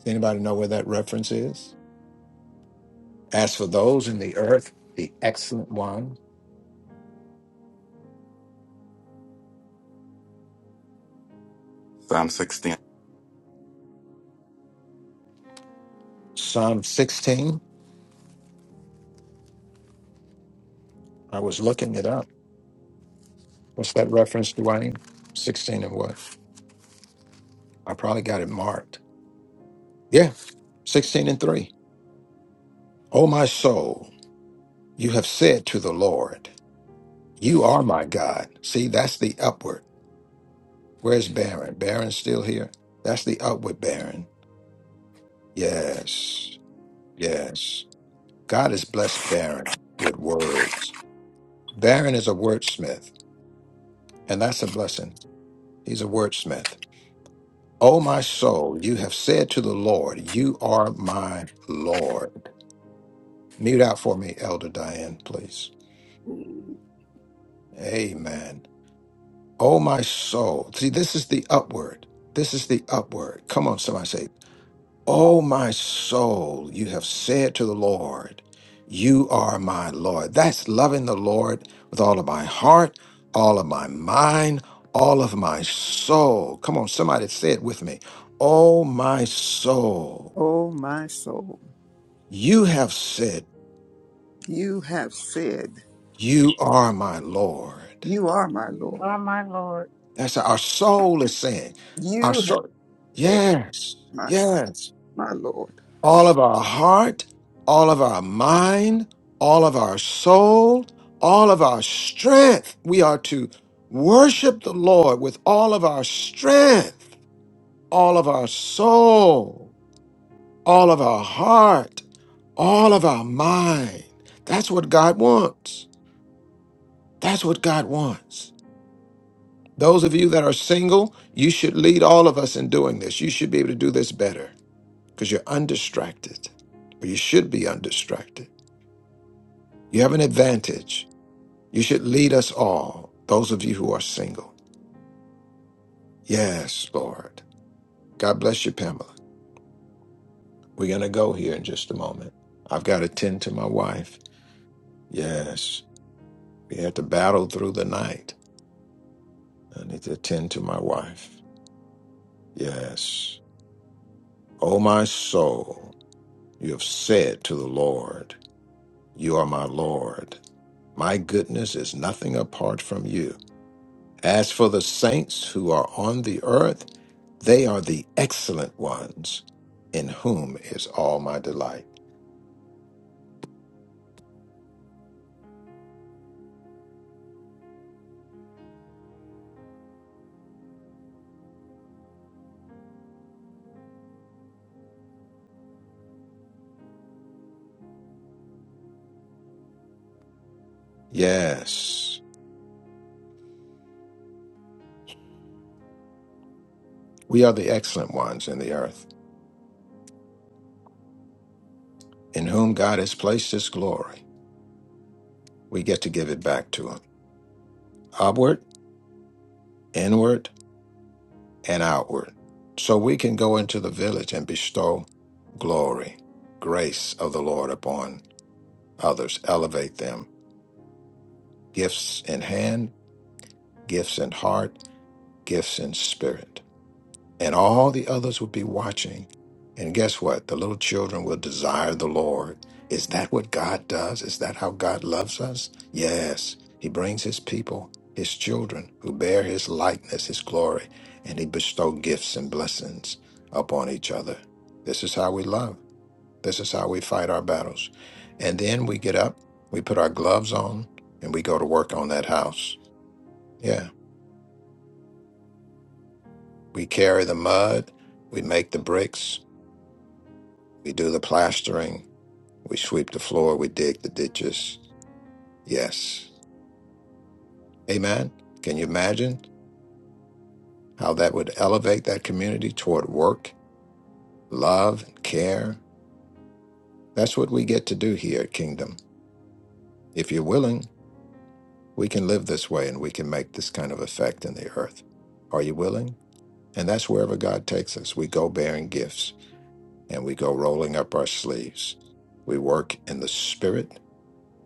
J: Does anybody know where that reference is? As for those in the earth, the excellent one,
K: Psalm 16.
J: Psalm 16, I was looking it up. What's that reference, Dwayne? 16 and what? I probably got it marked. Yeah, 16 and 3. Oh, my soul, you have said to the Lord. You are my God. See, that's the upward. Where's Baron? Baron's still here. That's the upward Baron. Yes, yes. God has blessed Baron with words. Baron is a wordsmith, and that's a blessing. He's a wordsmith. O my soul, you have said to the Lord, You are my Lord. Mute out for me, Elder Diane, please.
F: Lord.
J: Amen. O my soul. See, this is the upward. This is the upward. Come on, somebody say, O my soul, you have said to the Lord, You are my Lord. That's loving the Lord with all of my heart, all of my mind, all of my soul. Come on, somebody say it with me. O my soul,
F: Oh, my soul,
J: you have said,
F: you have said,
J: You are my Lord.
F: You are my
A: You
F: Lord.
A: are my Lord.
J: That's what our soul is saying, Our
F: You have
J: soul.
F: said,
J: Yes,
F: My,
J: yes.
F: my Lord.
J: all of our heart, all of our mind, all of our soul, all of our strength. We are to worship the Lord with all of our strength, all of our soul, all of our heart, all of our mind. That's what God wants. That's what God wants. Those of you that are single, you should lead all of us in doing this. You should be able to do this better because you're undistracted, or you should be undistracted. You have an advantage. You should lead us all, those of you who are single. Yes, Lord. God bless you, Pamela. We're going to go here in just a moment. I've got to tend to my wife. Yes. We had to battle through the night. I need to attend to my wife. Yes. Oh, my soul, you have said to the Lord, You are my Lord. My goodness is nothing apart from you. As for the saints who are on the earth, they are the excellent ones in whom is all my delight. Yes, we are the excellent ones in the earth in whom God has placed his glory. We get to give it back to him upward, inward, and outward. So we can go into the village and bestow glory, grace of the Lord upon others, elevate them, gifts in hand, gifts in heart, gifts in spirit. and all the others will be watching. And guess what? The little children will desire the Lord. Is that what God does? Is that how God loves us? Yes. He brings his people, his children, who bear his likeness, his glory, and he bestow gifts and blessings upon each other. This is how we love. This is how we fight our battles. And then we get up, we put our gloves on, and we go to work on that house. Yeah. We carry the mud, we make the bricks, We do the plastering. We sweep the floor. We dig the ditches. Yes. Amen. Can you imagine how that would elevate that community toward work, love, care? That's what we get to do here at Kingdom. If you're willing, we can live this way and we can make this kind of effect in the earth. Are you willing? And that's wherever God takes us. We go bearing gifts and we go rolling up our sleeves. We work in the spirit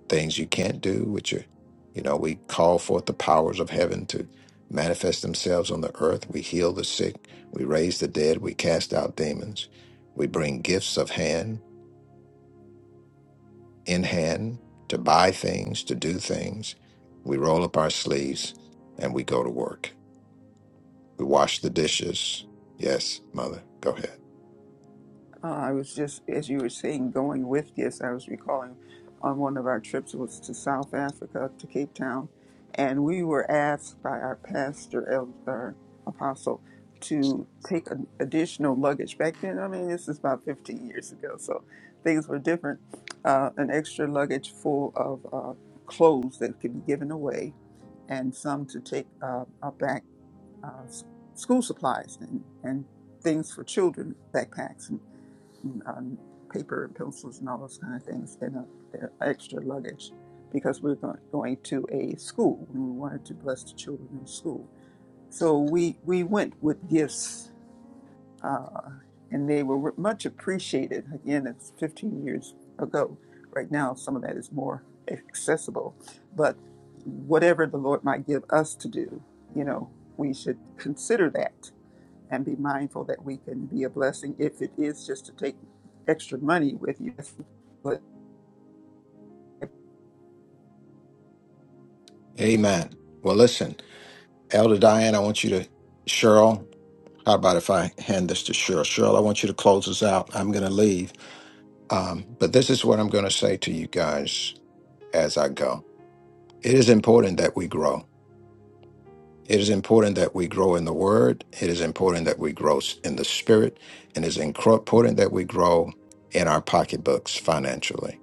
J: things you can't do with your you know we call forth the powers of heaven to manifest themselves on the earth we heal the sick we raise the dead we cast out demons we bring gifts of hand in hand to buy things to do things we roll up our sleeves and we go to work we wash the dishes yes mother go ahead
F: Uh, I was just, as you were saying, going with gifts. I was recalling on one of our trips was to South Africa to Cape Town, and we were asked by our pastor, elder, apostle, to take an additional luggage. Back then, I mean, this is about 15 years ago, so things were different. Uh, an extra luggage full of uh, clothes that could be given away, and some to take uh, uh, back uh, s- school supplies and, and things for children, backpacks and um, paper pencils and all those kind of things and uh, extra luggage because we were going, going to a school and we wanted to bless the children in school. So we, we went with gifts uh, and they were much appreciated. Again, it's 15 years ago. Right now, some of that is more accessible. But whatever the Lord might give us to do, you know, we should consider that and be mindful that we can be a blessing if it is just to take extra money with you. But
J: amen well listen elder diane i want you to cheryl how about if i hand this to cheryl cheryl i want you to close us out i'm going to leave Um, but this is what I'm going to say to you guys as I go. It is important that we grow. It is important that we grow in the word. It is important that we grow s- in the spirit. And it is incro- important that we grow in our pocketbooks financially.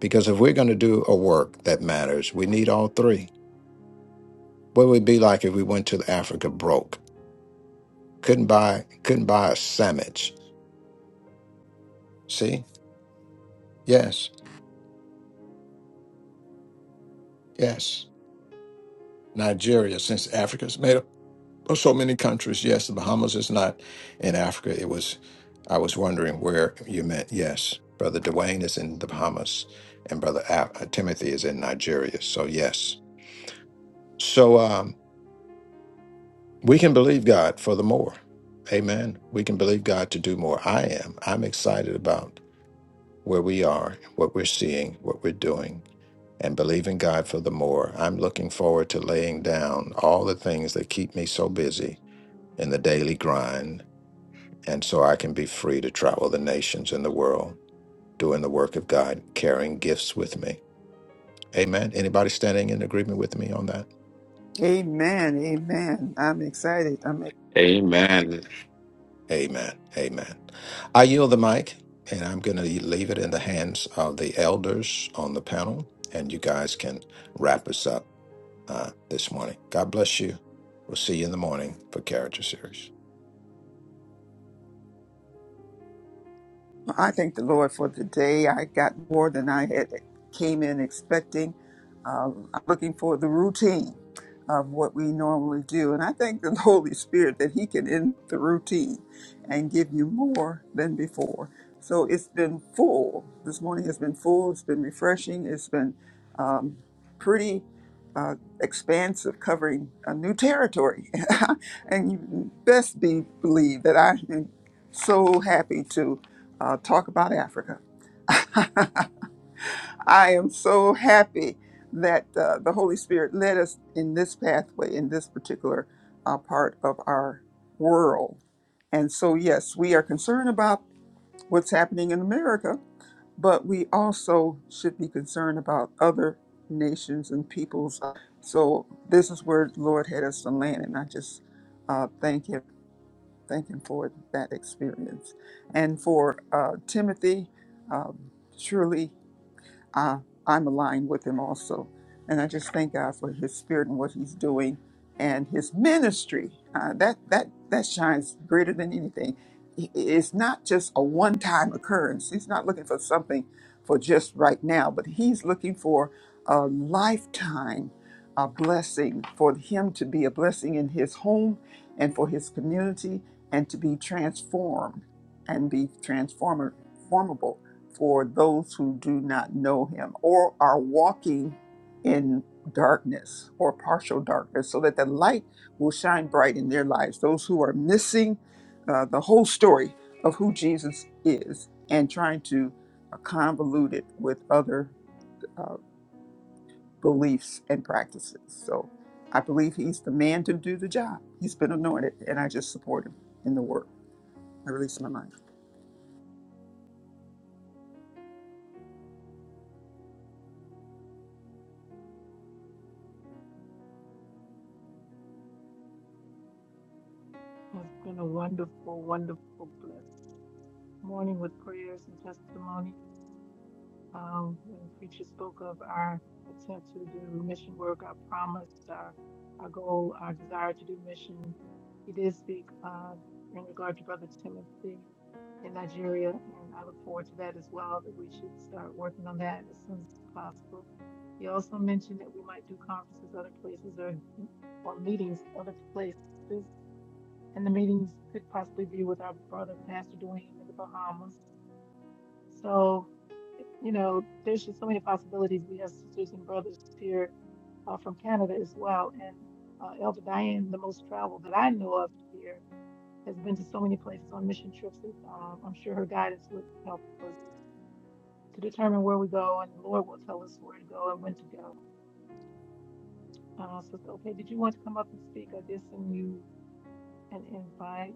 J: Because if we're going to do a work that matters, we need all three. What would it be like if we went to Africa broke? Couldn't buy, couldn't buy a sandwich. See? Yes, yes. Nigeria, since Africa's made Well, so many countries. Yes, the Bahamas is not in Africa. It was, I was wondering where you meant. Yes, Brother Dwayne is in the Bahamas and Brother A- uh, Timothy is in Nigeria. So, yes. So, um, we can believe God for the more. Amen. We can believe God to do more. I am. I'm excited about where we are, what we're seeing, what we're doing, and believing God for the more. I'm looking forward to laying down all the things that keep me so busy in the daily grind And so I can be free to travel the nations and the world, doing the work of God, carrying gifts with me. Amen. Anybody standing in agreement with me on that?
F: amen, amen. I'm excited. I'm,
K: Amen.
J: Amen. Amen. I yield the mic, and I'm going to leave it in the hands of the elders on the panel, and you guys can wrap us up uh, this morning. God bless you. We'll see you in the morning for Character Series.
F: I thank the Lord for today. I got more than I had came in expecting. Um, I'm looking for the routine of what we normally do. And I thank the Holy Spirit that He can end the routine and give you more than before. So it's been full. This morning has been full. It's been refreshing. It's been um, pretty uh, expansive, covering a new territory. and you best be believe that I am so happy to uh, talk about Africa. I am so happy that uh, the Holy Spirit led us in this pathway, in this particular uh, part of our world. And so, yes, we are concerned about what's happening in America, but we also should be concerned about other nations and peoples. So this is where the Lord had us to land, and I just uh, thank Him, thank Him for that experience, and for uh, Timothy. Um, surely uh, I'm aligned with him also. And I just thank God for his spirit and what he's doing and his ministry. Uh, that, that, that shines greater than anything. I- It's not just a one time occurrence. He's not looking for something for just right now, but he's looking for a lifetime a blessing for him to be a blessing in his home and for his community and to be transformed and be transformer- transformable for those who do not know him or are walking in darkness or partial darkness, so that the light will shine bright in their lives. Those who are missing uh, the whole story of who Jesus is and trying to uh, convolute it with other uh, beliefs and practices. So I believe he's the man to do the job. He's been anointed, and I just support him in the work. I release my mind.
A: It's been a wonderful, wonderful, blessed morning with prayers and testimonies. Um, when preacher spoke of our attempt to do mission work, our promise, our, our goal, our desire to do mission, he did speak uh, in regard to Brother Timothy in Nigeria, and I look forward to that as well. That we should start working on that as soon as possible. You also mentioned that we might do conferences other places or, or meetings other places. And the meetings could possibly be with our brother Pastor Dwayne in the Bahamas. So, you know, there's just so many possibilities. We have sisters and brothers here uh, from Canada as well. And uh, Elder Diane, the most travel that I know of here, has been to so many places on mission trips. That, um, I'm sure her guidance would help us to determine where we go, and the Lord will tell us where to go and when to go. Uh, Sister Opay, did you want to come up and speak? I did send you an invite.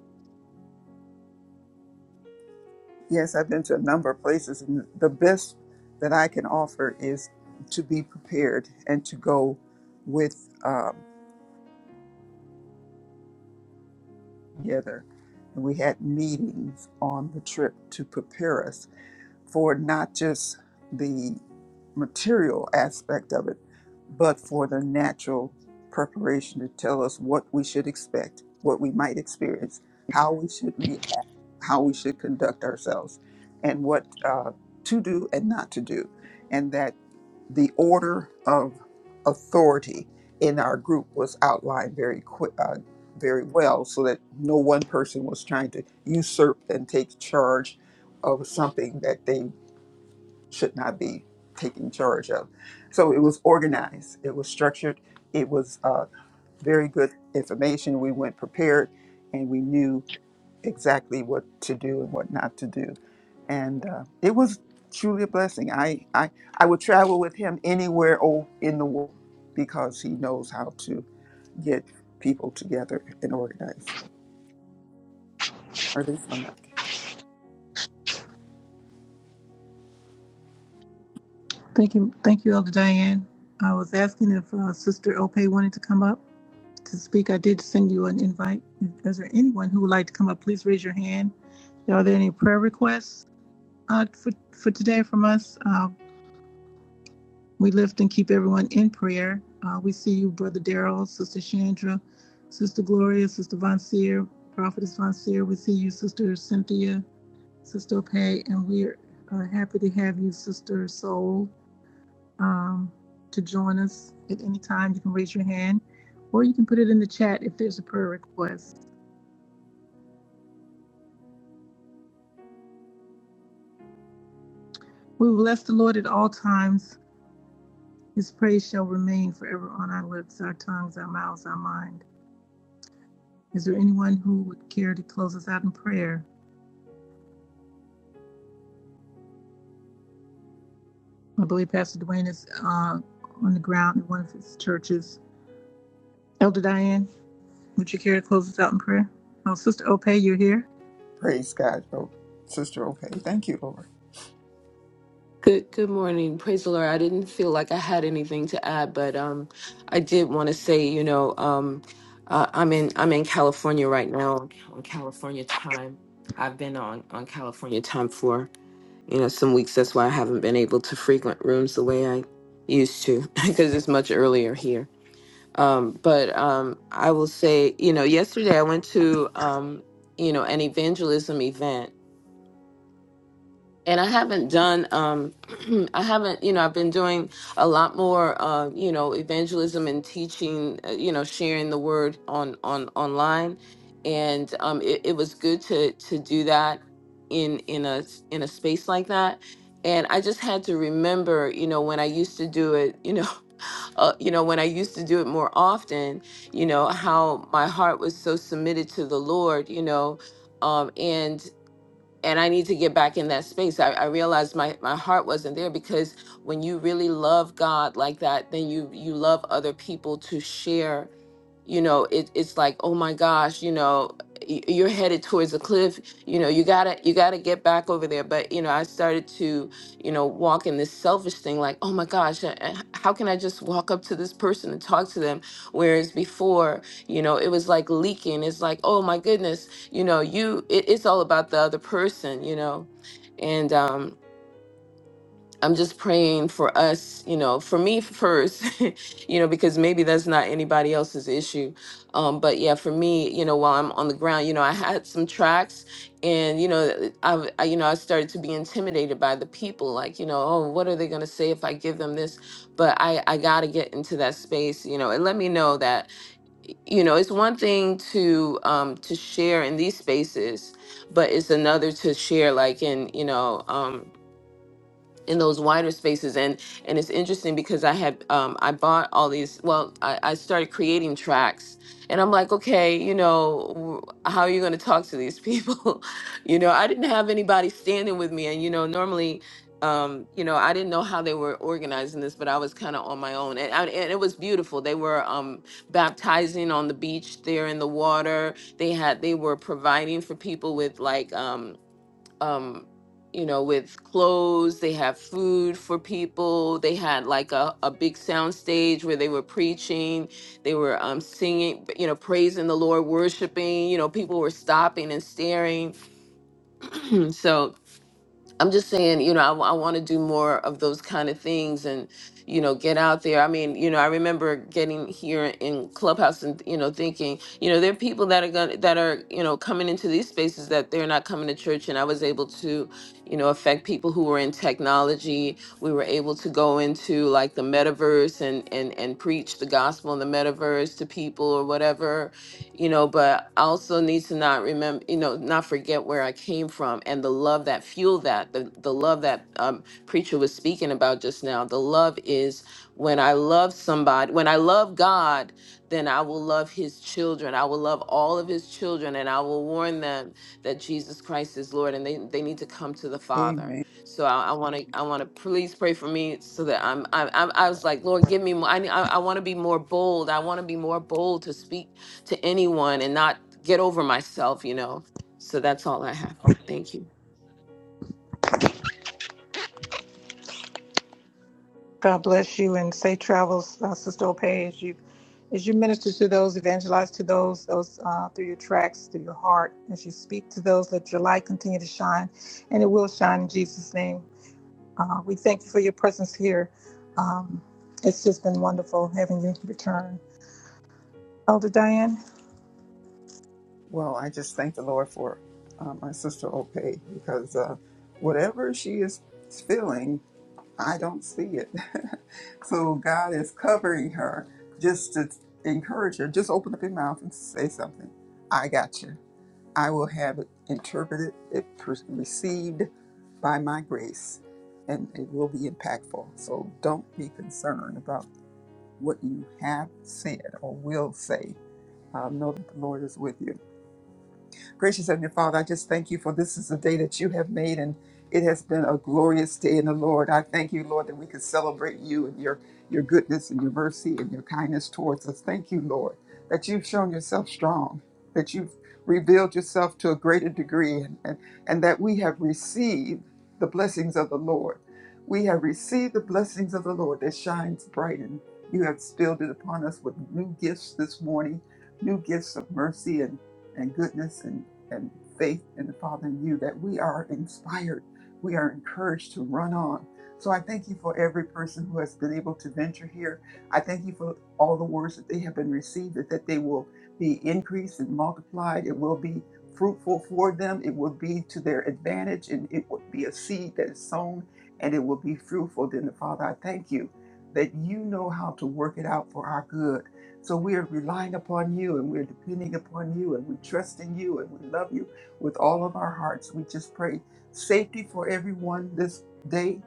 F: Yes, I've been to a number of places, and the best that I can offer is to be prepared and to go with um, together. And we had meetings on the trip to prepare us for not just the material aspect of it, but for the natural preparation to tell us what we should expect, what we might experience, how we should react, how we should conduct ourselves, and what uh, to do and not to do. And that the order of authority in our group was outlined very quick. Uh, very well, so that no one person was trying to usurp and take charge of something that they should not be taken charge of. So it was organized, it was structured, it was uh, very good information. We went prepared and we knew exactly what to do and what not to do. And uh, it was truly a blessing. I, I, I would travel with him anywhere o- in the world because he knows how to get people together and organize. Or at least my mic.
A: Thank you, thank you, Elder Diane. I was asking if uh, Sister Opay wanted to come up to speak. I did send you an invite. Is there anyone who would like to come up? Please raise your hand. Are there any prayer requests uh, for for today from us? Uh, we lift and keep everyone in prayer. Uh, we see you, Brother Daryl, Sister Chandra, Sister Gloria, Sister Von Seer, Prophetess Von Seer. We see you, Sister Cynthia, Sister Pay, and we're uh, happy to have you, Sister Soul, um, to join us at any time. You can raise your hand or you can put it in the chat if there's a prayer request. We will bless the Lord at all times. His praise shall remain forever on our lips, our tongues, our mouths, our mind. Is there anyone who would care to close us out in prayer? I believe Pastor Dwayne is uh, on the ground in one of his churches. Elder Diane, would you care to close us out in prayer? Oh, Sister Opay, you're here?
F: Praise God. Oh, Sister Okay. Thank you, Lord.
L: Good good morning. Praise the Lord. I didn't feel like I had anything to add, but um I did want to say, you know, um uh, I'm in I'm in California right now on on California time. I've been on on California time for, you know, some weeks. That's why I haven't been able to frequent rooms the way I used to because it's much earlier here. Um but um I will say, you know, yesterday I went to um you know, an evangelism event and I haven't done um I haven't you know I've been doing a lot more uh you know evangelism and teaching uh, you know sharing the word on on online and um it, it was good to to do that in in a s- in a space like that and I just had to remember you know when I used to do it you know uh, you know when I used to do it more often you know how my heart was so submitted to the Lord you know um, and and I need to get back in that space. I, I realized my my heart wasn't there because when you really love God like that, then you you love other people to share you know it, it's like oh my gosh you know y- you're headed towards a cliff you know you gotta you gotta get back over there but you know i started to you know walk in this selfish thing like oh my gosh uh, uh, how can i just walk up to this person and talk to them whereas before you know it was like leaking it's like oh my goodness you know you it, it's all about the other person you know and um I'm just praying for us, you know, for me first, you know, because maybe that's not anybody else's issue. Um, but yeah, for me, you know, while I'm on the ground, you know, I had some tracks and, you know, I, I you know, I started to be intimidated by the people like, you know, oh, what are they going to say if I give them this? But I, I got to get into that space, you know, and let me know that, y- you know, it's one thing to, um, to share in these spaces, but it's another to share like in, you know, um, in those wider spaces and and it's interesting because i had um i bought all these well i, I started creating tracks and i'm like okay you know w- how are you going to talk to these people you know i didn't have anybody standing with me and you know normally um you know i didn't know how they were organizing this but i was kind of on my own and, I, and it was beautiful they were um baptizing on the beach there in the water they had they were providing for people with like um um you know with clothes they have food for people they had like a, a big sound stage where they were preaching they were um singing you know praising the lord worshiping you know people were stopping and staring so I'm just saying, you know, I, want to do more of those kind of things and, you know, get out there. I mean, you know, I remember getting here in Clubhouse and, you know, thinking, you know, there are people that are going to that are, you know, coming into these spaces that they're not coming to church. And I was able to, you know, affect people who were in technology. We were able to go into like the metaverse and, and, and preach the gospel in the metaverse to people or whatever you know, but I also need to not remember, you know, not forget where I came from and the love that fueled that, the, the love that um, preacher was speaking about just now. The love is when I love somebody, when I love God, then I will love his children. I will love all of his children and I will warn them that Jesus Christ is Lord and they, they need to come to the
F: Amen.
L: Father. So I want to, I want to please pray for me so that I'm, I, I, I was like, Lord, give me more. I, I, I want to be more bold. I want to be more bold to speak to anyone and not get over myself, you know. So that's all I have. Thank you.
A: God bless you and safe travels, uh, Sister Opay, as you as you minister to those, evangelize to those, those uh, through your tracks, through your heart, as you speak to those, let your light continue to shine, and it will shine in Jesus' name. Uh, we thank you for your presence here. Um, it's just been wonderful having you return, Elder Diane.
F: Well, I just thank the Lord for uh, my sister Ope because uh, whatever she is feeling, I don't see it. so God is covering her just to encourage her. Just open up your mouth and say something. I got you. I will have it interpreted, it per- received by my grace, and it will be impactful. So don't be concerned about what you have said or will say. Uh, know that the Lord is with you. Gracious Heavenly Father, I just thank you for this is the day that you have made, and it has been a glorious day in the Lord. I thank you, Lord, that we could celebrate you and your, your goodness and your mercy and your kindness towards us. Thank you, Lord, that you've shown yourself strong, that you've revealed yourself to a greater degree, and, and, and that we have received the blessings of the Lord. We have received the blessings of the Lord that shines bright, and you have spilled it upon us with new gifts this morning, new gifts of mercy and and goodness and, and faith in the Father in you that we are inspired, we are encouraged to run on. So I thank you for every person who has been able to venture here. I thank you for all the words that they have been received, that, that they will be increased and multiplied. It will be fruitful for them. It will be to their advantage, and it will be a seed that is sown, and it will be fruitful. Then the Father, I thank you that you know how to work it out for our good so we are relying upon you and we're depending upon you and we trust in you and we love you with all of our hearts. We just pray safety for everyone this day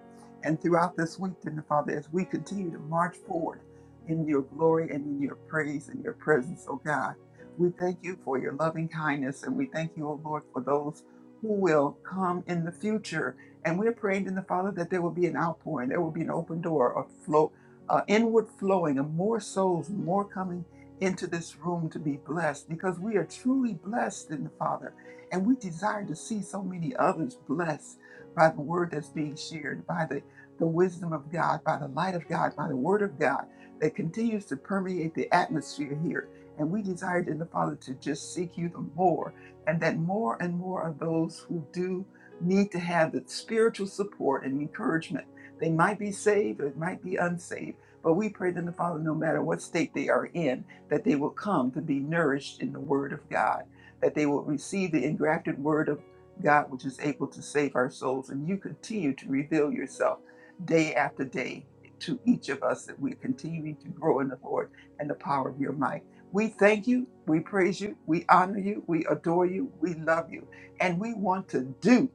F: and throughout this week, then Father, as we continue to march forward in your glory and in your praise and your presence, oh God. We thank you for your loving kindness and we thank you, oh Lord, for those who will come in the future. And we're praying in the Father that there will be an outpouring, there will be an open door, a flow uh, inward flowing and more souls, more coming into this room to be blessed because we are truly blessed in the Father. And we desire to see so many others blessed by the word that's being shared, by the, the wisdom of God, by the light of God, by the word of God that continues to permeate the atmosphere here. And we desire, in the Father to just seek you the more, and that more and more of those who do need to have the spiritual support and encouragement. They might be saved or it might be unsaved but we pray that the Father, no matter what state they are in, that they will come to be nourished in the Word of God, that they will receive the engrafted Word of God, which is able to save our souls. And you continue to reveal yourself day after day to each of us that we continue to grow in the Lord and the power of your might. We thank you, we praise you, we honor you, we adore you, we love you, and we want to do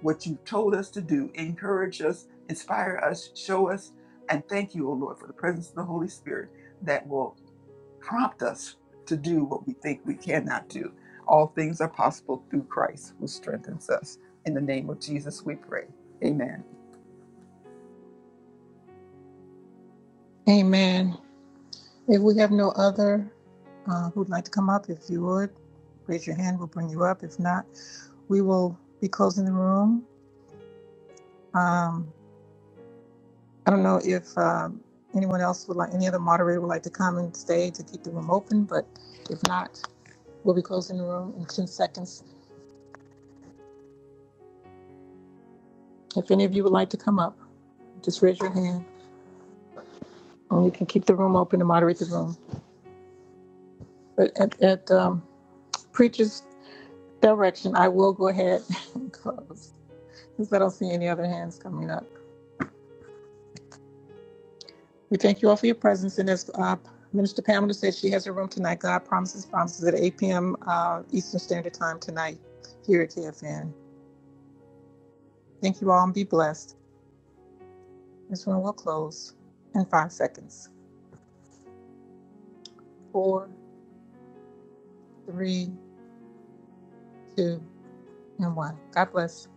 F: what you've told us to do. Encourage us, inspire us, show us and thank you, O Lord, for the presence of the Holy Spirit that will prompt us to do what we think we cannot do. All things are possible through Christ who strengthens us. In the name of Jesus, we pray. Amen.
A: Amen. If we have no other uh, who'd like to come up, if you would raise your hand, we'll bring you up. If not, we will be closing the room. Um, I don't know if um, anyone else would like, any other moderator would like to come and stay to keep the room open, but if not, we'll be closing the room in 10 seconds. If any of you would like to come up, just raise your hand and we can keep the room open and moderate the room. But at, at um, preacher's direction, I will go ahead and close since I don't see any other hands coming up. We thank you all for your presence. And as uh, Minister Pamela said, she has a room tonight. God promises, promises at 8 p.m. Uh, Eastern Standard Time tonight here at KFN. Thank you all and be blessed. This one will close in five seconds. Four, three, two, and one. God bless.